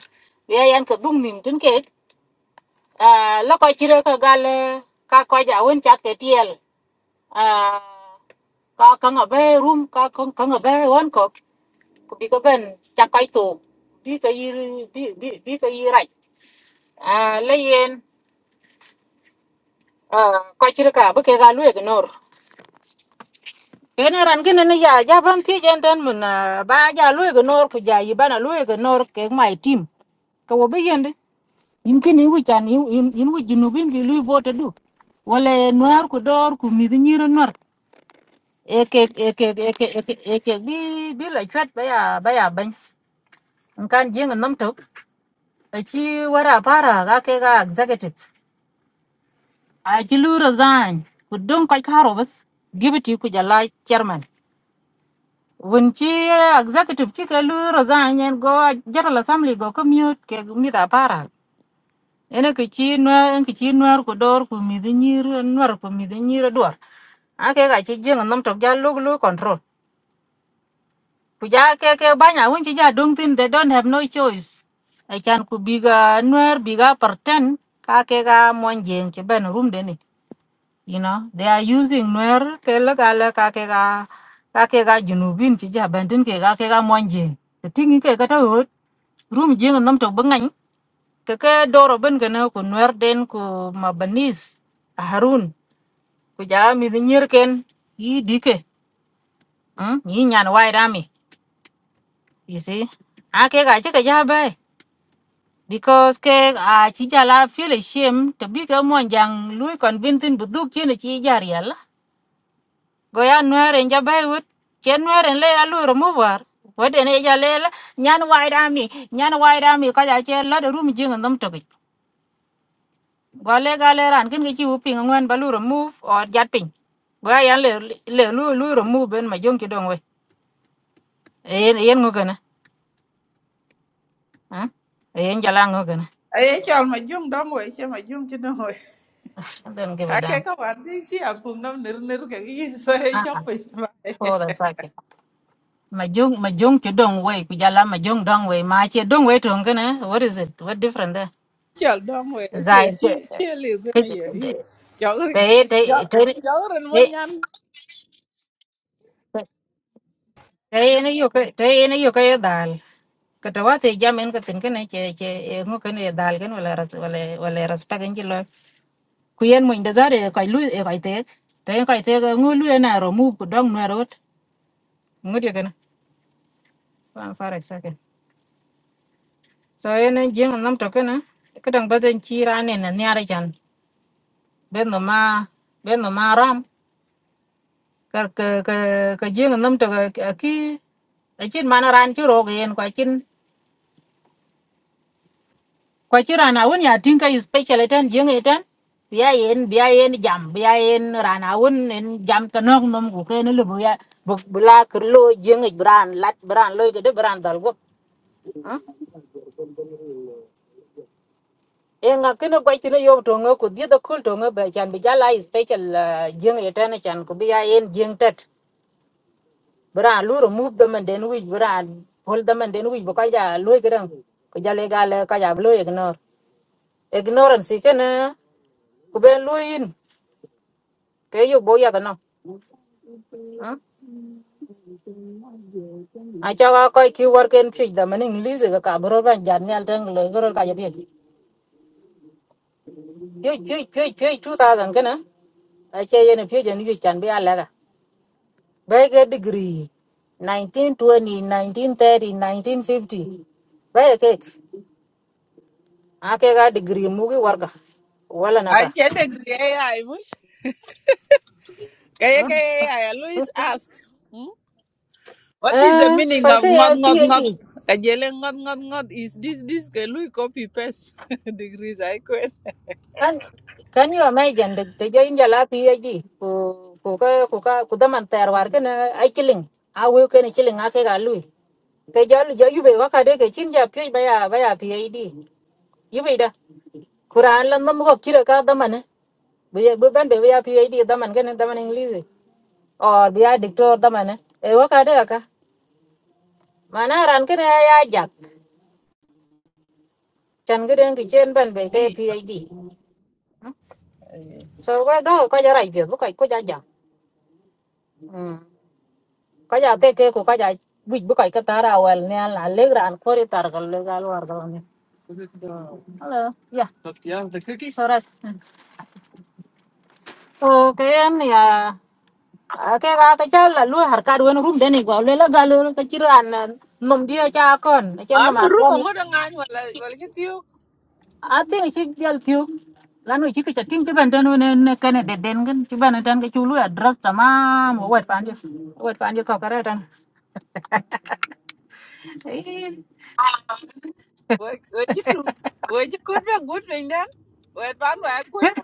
A: be yan ka dung nim tin ke a la ko chi re ka gal ka cái ja won chat ke tiel a ka ka ngabe room ka ka ngabe won ku bi ko ben ca koy to bi ka yiri bi bi bi ka yira a le yen a ko chir ka bu ke ga lu ignor ken ran ken ne ya ja ban ti jen tan mun ah, ba ja lu ignor ku ja yi bana lu ignor ke my team ka wo be yende in ken ni wi chan in in in wi jinu bin bi lu vote du wala noir ku dor ku mi ni ro nor e ke e ke e ke e ke e ke bi bi la chat ba ya ba ya ban kan jeng nam to Achi wara para ga ke ga executive. Achi lu resign. Kudung kai karo bas. Give it you kujala chairman. When chi executive chi ke lu resign and go general assembly go commute ke mida para. Ene ke chi no en ke chi no ko dor ko mi de nyir no ko mi de nyir dor. A ke ga chi jeng nom tok ja lu lu control. Kuja ke ke banya when chi ja dung tin they don't have no choice. Achan ku biga nuer biga perten ka ke ga mon jeng che ben room de you know they are using nuer ke la ka la ka ke ga ka ke ga junubin chi ja bandin ke ga ke ga monje te tingi ke ka ta hot rum jing nam to bangan ke ke doro ben ke na ko nuer den ko mabanis ja mir ken mm, ni nyan wai rami you see a ke ga che ke ja bai because ke a chi ja la feel shame to bi ke monjang lui convince bu du chi ne chi ja go ya nuere nja bai wut ke nuere le ya lu remover wede ne ja le la- nyan wai dami nyan wai dami ko ja che la de rum jing ndom to gi go le ga le ran kin gi chi wu ping ngwen ba lu remove o jat ping go ya yan le le lu lu remove ben ma jong ki dong we yen yen ngo gana ha yen jala ngo gana
J: Aye, chal ma jung dong we, che ma jung chi
A: don't give a damn
J: Ake ka wan ki chi a pung nam nir nir ka ki yin so e
A: ah
J: chop pe shma e.
A: for the sake ma jong ma jong ki dong we ku jala ma jong dong we ma che dong we to ngana what is it what different there
J: Chal dong we chi
A: zai
J: chi chi li zin a yer yin. Chal
A: te te
J: chal rin mo nyan.
A: ne yo ke te ne yo ke dal ka tawa te jam en ka tin ke ne che che ngo ke ne dal ken wala ras wala wala ras pa ken jilo ku yen mo inda zare ka lu e ka te te ka te ngo lu na ro mu ku dong na ro ngo de ken pa fa ra sa ken so yen jing nam to ken ka dang ba den chi ra ne na ne ara jan ben no ma ben no ma ram ka ka ka jing nam to ki a chin mana ran chu ro ken ka kwa ci rana wun ya tinka yi special eten jeng eten biya yen biya yen jam biya yen rana wun en jam ta nok nom ku ke ne lubu ya bu bula ke lo jeng ik bran lat bran lo ke de bran dal go e nga ke ne kwa ci ne yo to nga ku di da kul to nga ba chan bi jala yi special ah, jeng eten chan ku biya yen jeng tet bran lu remove them and then we bran hold them and then we ba ka ja lo ke dang ku jale ga le ka ja lo ignore ignorance ke ne ku ben lo yin ke yo bo ya da no Okay.
J: I said agree AI mush. Kaya kaya AI I always ask. Hmm? What is the
A: Ah,
J: meaning of
A: palka
J: ngot
A: ya
J: ngot ngot?
A: PhD.
J: Kajele ngot ngot ngot is this this ke lui copy paste degrees I quit.
A: Kan kan you imagine the the jain jala PhD ko ko ka ko ka ko daman tayar war ka na ai kiling. A wo ka na kiling a ke ga lui. Ka jalu ja yube ka ka de ka chin ja PhD baya baya PhD. Yube da. Quran lan nam ko kira ka daman. Be be ban be ya PhD
J: Hey,
A: doras. So ka yan ya a ke ga ka jal la lui har ka wen rum de ne gwa le la galu ka chiran nom dia cha kon. Chen
J: I'm a
A: ma
J: room
A: kon.
J: ngot ngan wala wala kitiyo
A: I think ci jal tiyo lanu ci ka tin ci ban tan ne ne kane de den gan ci ban tan ga ci lu address tamam wat pan ji wat pan ji ko kare tan
J: Wai wai gitu. Wai ji kut ba gut pin den. Wai ban wai kut ba.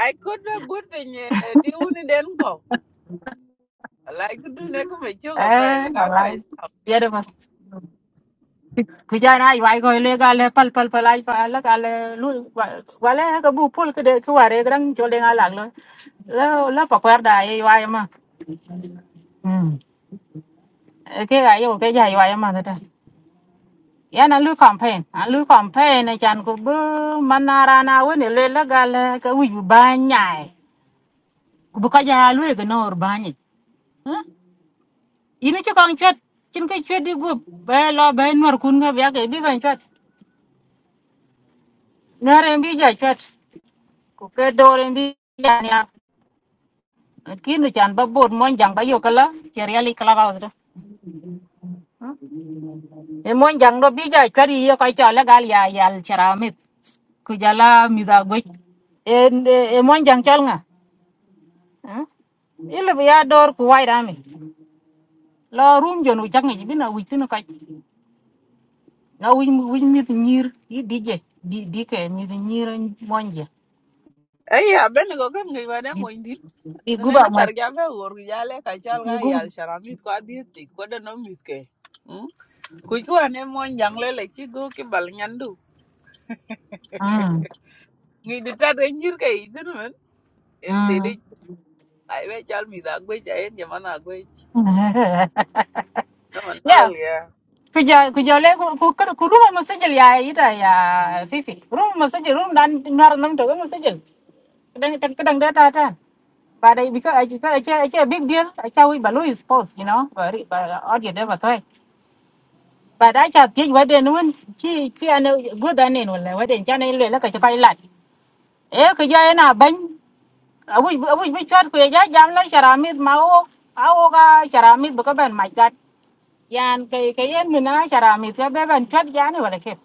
J: Ai kut ba gut pin ti uni den ko. Lai ku du ne ku me chu ko fa
A: eh
J: wai ka ko is.
A: ada mas ku jana này way ko le ga le pal pal pal ay le lu wa wa bu pol ke de ku ware gran ci le ga lag lo so la pa kwar da ay way ma ay way ma ya na lu campaign a lu campaign na chan ko bu manara na woni le la cái le ka wi ba nyaai ku bu ka ja lu ga nor ba ni ini ci kon chwet cin ka chwet đi gup bay lo bay nor chwat nere mbi ja chwat ke dore mbi ja nya da mi da go na wi wi mir di dije di di ke mi di nyiro monje
J: Ai ya ben ko kan ngi ba na mo indi. Ne ne tar ga ba wor ga le ka chal ga
A: mi go
J: yal sharamit ko adi ti ko da no mit ke. Ku ku ane mo jang le le chi go ki bal nyandu.
A: mm
J: Ngi di ta de nyir ke idin men. En ti
A: mm
J: di ai ba chal mi da gwe ja en jamana gwe. No man malal
A: ya
J: ya.
A: kuja kuja le ku ku ku ku ruma masajil ya ita ya fifi ruma masajil ruma dan nar nam to masajil kadang kadang data ta but I, because I, because I, I, I, a big deal. I tell we balloon is sports, you know, but, but uh, audio never thought. và But I chat teach what then when she she and good than là one what cho nên là cái chụp lại. Ê cái giờ na bánh à vui à vui chót cái giờ jam nó charamit mà ô à ô ga charamit bữa bên mạch gắt. Yan cái cái yên mình na charamit cái bên bên chót giờ này vậy kịp.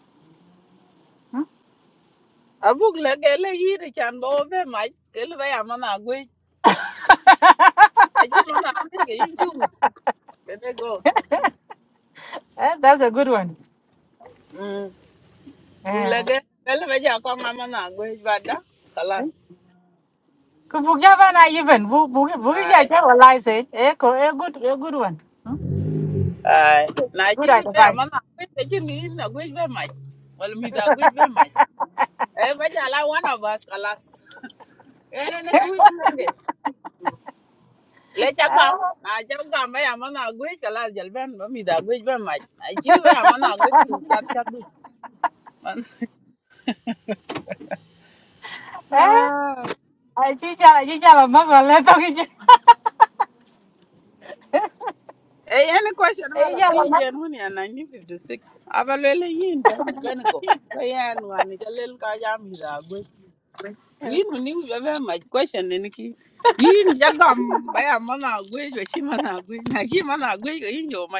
J: abuk la gele yiri chan bo be ma gele ba amana mana gwe aji mana gwe ge yin ju wi gele go
A: Ê that's a good one.
J: mm
A: Ê
J: buk la gele gele ba ja ko ma mana gwe ba da kalas
A: cái vụ giờ bên này even vụ vụ vụ giờ
J: ai
A: chắc là lại sẽ ê có ê good ê good one. Hmm?
J: ai na chi
A: Good
J: wi ba amana
A: advice.
J: mana gwe te ji ni na gwe be ma wal mi da gwe be ma e ba ja la one of us kalas e na na ku wi be la ge le cha gam na cha gam ba amana mana gwe kalas jal ben ba mi da gwe be ma na chi wi ba ya mana gwe chat chat du man
A: Talking
J: Eh, any question about a PJ and money and 1956. Abalele yin bany benego. Bayan wan ni jalel ka jam hira gwe. Yin ni u jabe my question ni ki. Yin jagam baya mana gwe jo shi mana gwe. Na shi mana gwe jo yin jo ma.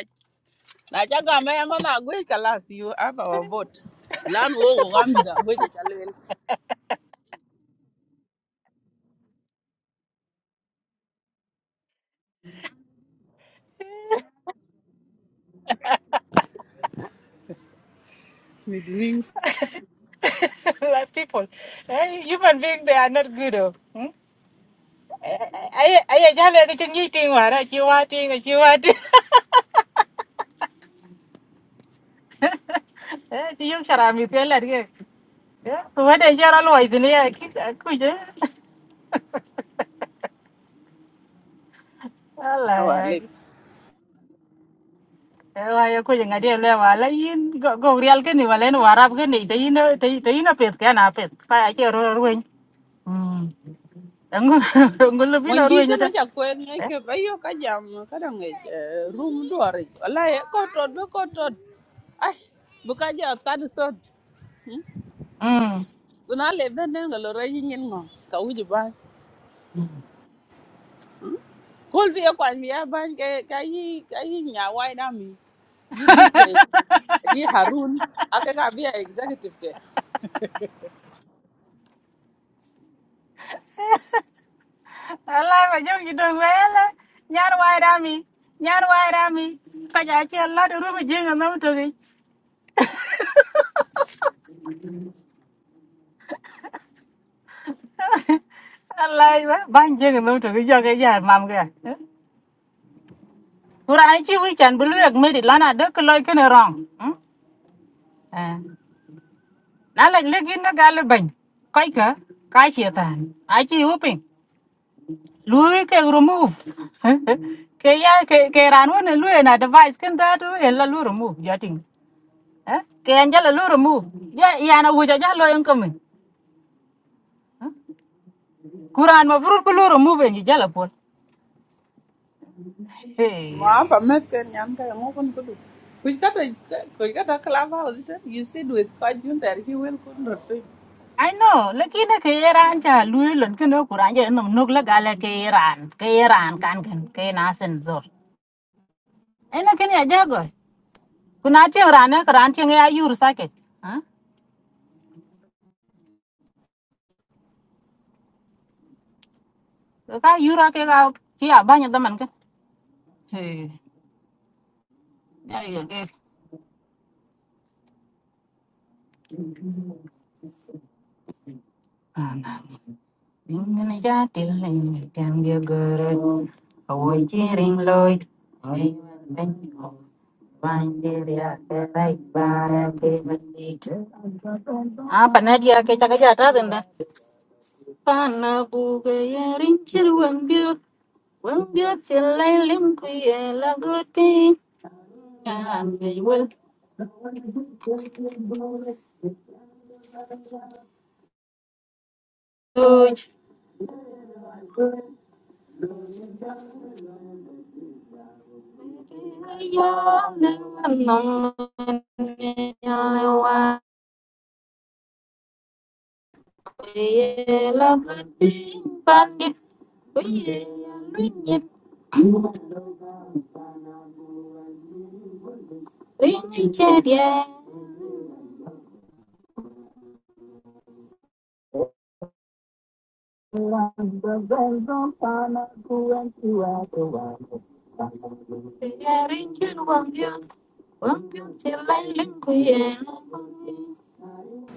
J: Na jagam baya mana gwe kalas you have our vote. Lan wo wo gam hira gwe jo jalel. Midlings.
A: to people. Eh, human being they are not good. Oh. ấy ấy giờ là cái chân như tiền mà đó chiêu qua tiền rồi chưa qua tiền chỉ dùng sara mi tiền là cái tôi đây giờ nó lôi cái này thấy nó thấy mệt phải chơi rồi rồi không có lừa
J: Mon jin kana
A: đó
J: ja kwen ngai ke bayo ka jam kada ngai room duare. Wallahi ko to do ko to. Ai buka ja sad so. Una le benen ngalo ra yin yin ngom ka uji ba. Kol bi kwa mi ya ban ke ka yi ka yi nya wai da mi. Yi dike yi Harun aka ka bi executive ke.
A: Lại mà dùng cái đường về là nhà hoài ra mi nhà hoài ra mi cái giờ chơi là được rồi mà chơi ngon lắm rồi Lại mà bán chơi ngon lắm rồi giờ cái giờ mam cái Quran chỉ với chân bự lực mới lăn à, đó cái lôi cái này rong. à nó là lấy cái nó gal bệnh cái cả cái chuyện tàn ai chơi chịu upin lui ke remove ke ya ke ke ran won lui na device ken ta tu e la lui remove ya ting eh ke an jala lui remove ya ya na wuja ja lo en kamen kuran ma furut ko lui remove ni jala pol hey
J: Ma pa meten nyam ka mo kon kudu. Kuj kata kuj kata club house you sit with Kajun there he will kun rot.
A: i know lakini ke ran ja lui lon ken no kuran ja nom nok la gala ke ran ke ran kan ken ke na sen zor ena ken ya jago kuna ting ran ne ran ting ya yur saket ha ka yura ke ka ki abanya daman ken hey ya ya ke Ringana jati lai cambio guru Awoi chiring loi Ayuan benyo Bandiria kerai bara ke bandit Apa nadia ke caka jata tenda Pana buga ya rinchir wang biok Wang biok silai lim kuye lagot pi Ngambil wel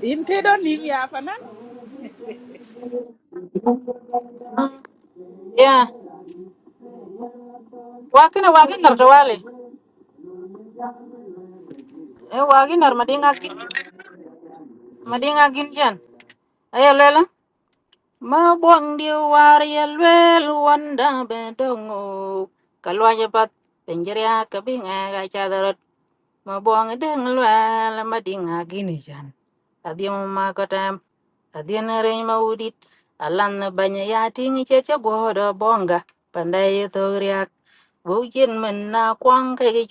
J: In kedo ni ya fanan.
A: Ya, wakina wagin nartawali Eh wagin jan Ayo lela Manda bedo Pinjiriya kabi nga ga chadarot mo ngwa la madinga gini jan. Adi makotam adi udit alanga pandayak bujen men na kwang kegi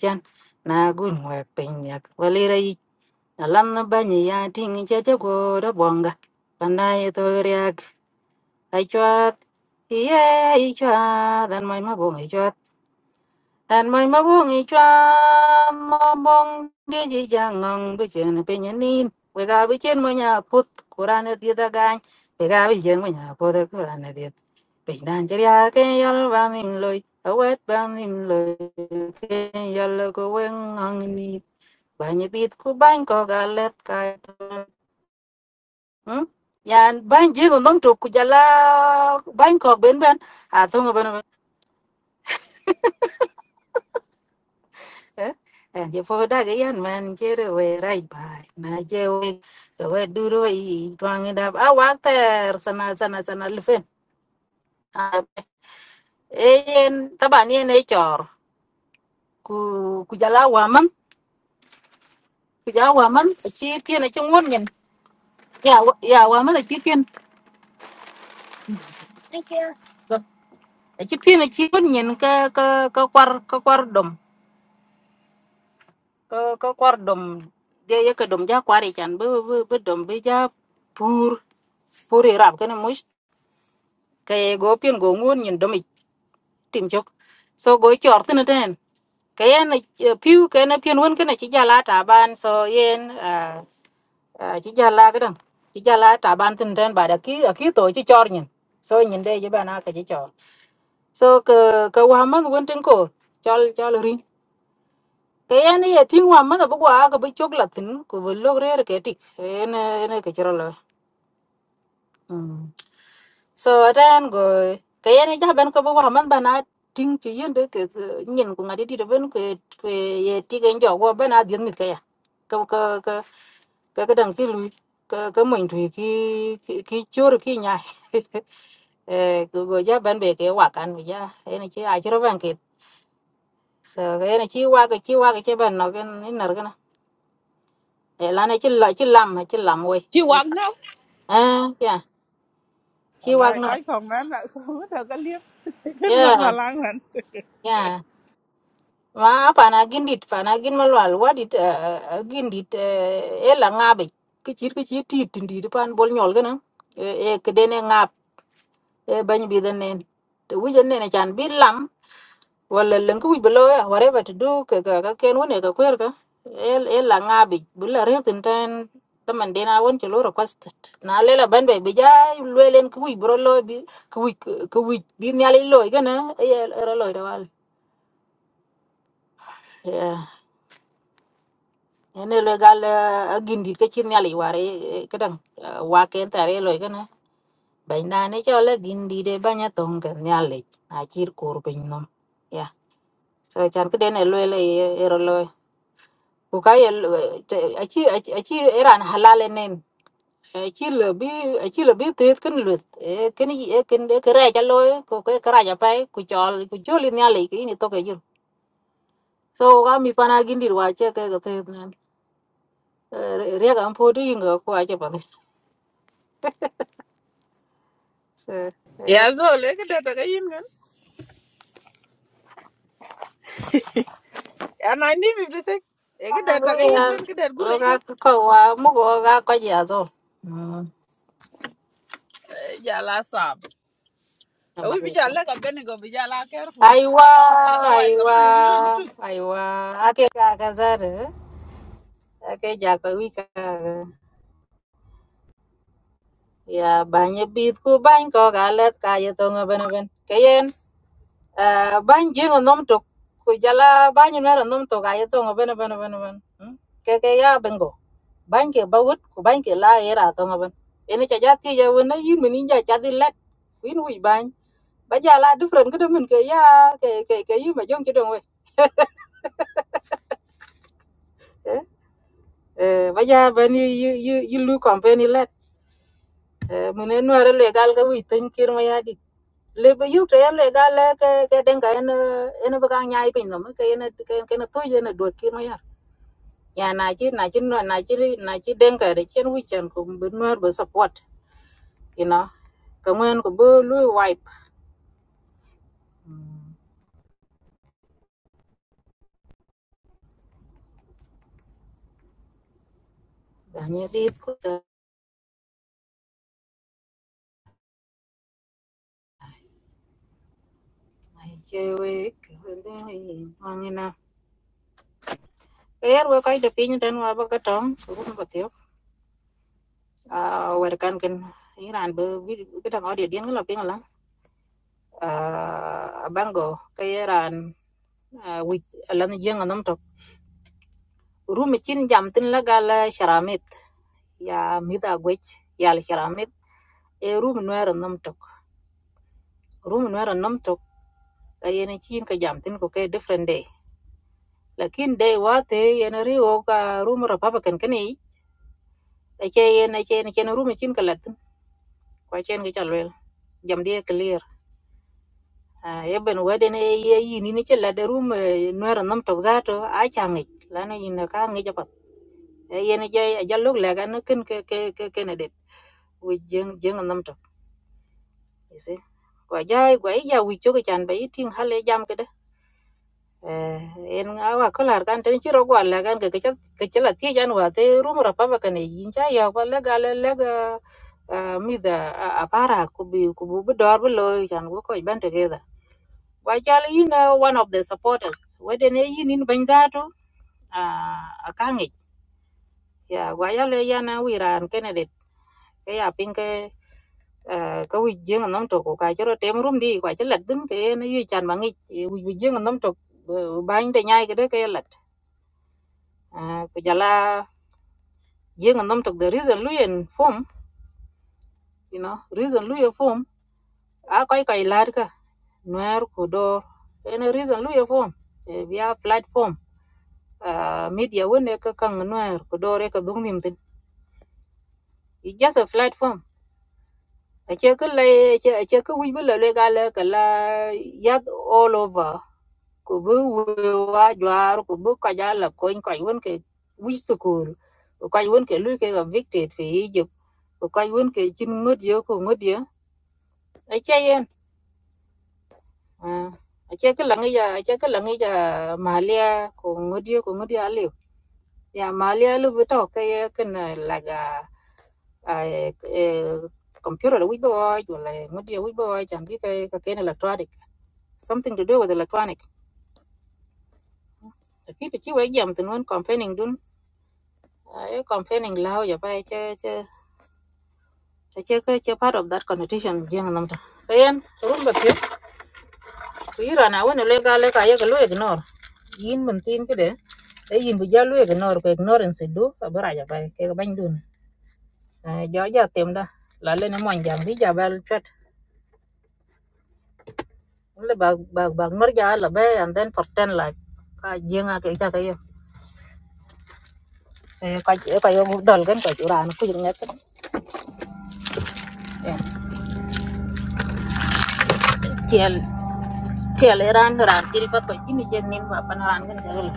A: jan na gwa pinyak walira yi alam na banyi ya tingi chacha koda bonga. Pandaya togriyak aichwat Iya ichwa dan mai ma bong ichwa dan mai ma bong ichwa mo bong di ji jang weng ai yan ban ji ko nom tuk ben a thong ban ban ji ai bai na je Tuang ida a wakter sana sana sana lifen. Eyen taban yen e chor ku ku jala waman ku jala waman chi tien e chungun nyen ya ya waman e chi tien e chi tien e chi gun nyen ka ka ka kwar ka kwar dom ka ka kwar dom je ye ka dom ja kwar e chan bu bu bu dom bu ja pur pur i rap kana mush ka ye go pien go ngun nyen dom i tim chok so go e chor tin e ten kayen piu kena pian wen kena ci jala taban so yên à à, ci jala cái đằng ci jala trả ban tin ten ba da ki ki to ci nhìn nyin nhìn đây với je nào cái ci cho so ke ke wa man won tin ko chol chol ri ke en ye tin wa man bu wa ka bu chok la tin ko bu log re cái ti en en cái chro lo so atan go kayane ja ben ko bo man bana ting ti yende ke ke- nyin ko ngadi ti do ben ko ko ye ti gen jo go bana dien mi kaya ko ko ko ko ko dang ti lu ko ko mo ndu ki ki ki chor ki nya eh go go ja ben be ke wa kan mi ja ene chi a chro ban ke so ene chi wa ke chi wa ke che ben no gen ni nar gana e la ne chi la chi lam chi lam we
J: She walk now.
A: eh ya chi wa
J: wallahi
A: no
J: koy ko mem na ko muta ko liep ken ngon ma
A: yeah
J: langan
A: yeah ma pana gindit pana gin malwal wadit uh, gindit uh, elang kichir kichir tit ndit pan bol nyol gana nen wija nene chan bi lam lela ben be bija len kuwi kuwi bi nyali loy gana ene le gal uh, gindit kichir nyali ware eh, kadang uh, waken tare loy gana bay nane chola gindit e banya tong kan nyali na chir kor pin nom ya so chan kden e loy le eh, ero loy ukay achi achi achi eran halal enen ci lo bi ci lo bi te cái lut cái ken cái e ken e lôi ja cái ko ke kra ja pai cho chol cho lên nhà ale cái này to ke jur so cái mi pana gindir wa che ke cái cái nan re ga po tu inga ko a che pa cái cái
J: Ya zo le ke data ka yin gan. Ya 1956. E ke
A: cái
J: data ka
A: we
J: yin
A: ya
J: gan ke dat gure gan.
A: cái cái wa mu go ga ko ja zo
J: Ja la sab. E wi bi ja la ka bene go bi ja la careful.
A: aiwa
J: Otherwise ka bi
A: aiwa
J: lo ni
A: aiwa cái zare cái ja cái wi ka ya ba nye bit ku ban ko ga let ka ye to ngaben ben Ah, ban jing nom tok ku jala ban ni mer nom tok ay to ga yeto ben ben ben ben ke ke ya bengo ban ke bawut ku ban ke la era to ben ene cha jati ya wona yin mini ja cha di let kuin wi ban ba jala different ke men ke ya ke ke ke yi ma jong chidong we eh Eh, ba ja ben yu yu yu lu company let Eh, mene no are legal ga wi tin kir ma ya di le ba yu ke le ga le ke ke den ga en en ba ga nyai pin no ke en ke ke na to ye na do kir ma ya ya na chi na chi no na chi li- na chi den ka de chen wi chen ko bo lu wipe ya ni di ko ta mai che we ke de mang na er we kai de ma ba ka tong ken ke da ngodi dien la ping la ke ran dan jeng nam to ru mi chin jam tin la ga la sharamit ya mi da gwech ya la sharamit e ru mi no er nam to ru mi no er nam to ka ye ni chin ka jam tin ko ke different day lakin day wa te ye na ri o ka ru mi ra pa ba ken ken ni chen chen chen ru mi chin ka la tin kwa chen ke chal we jam dia clear Ah, yeben weden e ye yin ni che la de room nuer nam tok za to a cha ngi la no yin ka ngi ja pat e yen je ja lok la ga no ken ke ke ke ke ne det wi jeng jeng nam tok you see kwa jai kwa ija wi cho ke chan bai ting hale jam ke de Eh, en awa kolar kan ten chiro kwa la kan ke ke ke che la ti jan wa te room ra pa ba kan e yin cha ya kwa la ga la la ga eh, mi da a para ku bi ku bu dor bu lo chan ko ko ban te ge Wajal in uh, one of the supporters. Weden e yin in Benjato, uh, a kangi. Ya, wajal e yana wiran candidate. Kaya pinke uh, ka wij jeng nom tok ko ka chero tem rum di kwa chelat din ke na yu chan mangi wij wij jeng nom tok bang de nyai kede ke lat. Uh, kujala jeng nom tok the reason luyen form, you know, reason luyen form. A koi koi lar ka. Nuer kudor. Ene reason luyen form. Eh, via platform. Uh, media wene ka kang nuer kudor e ka dung nim It's just a platform. Ache ka lai ache ache ka wij bula le gala kala yat all over. Ko bu wi- wa jwar ko bu ka jala ko ko won ke wij sukul. Ko ka won ke lu ke evicted fi Egypt. Ko ka won ke chin ngot yo ko ngot yo. Ache yen. Ah. Ache ka langi ya ache ka langi ya malia ko ngot yo ko ngot yo aliu. Ya malia lu bu ta ah, kom ta che ka che pa nam ta rum ba che ta le ka ye ka lu ignore ran ran til pa ko jini jen nin ba pan ran gan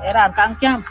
A: Era canquian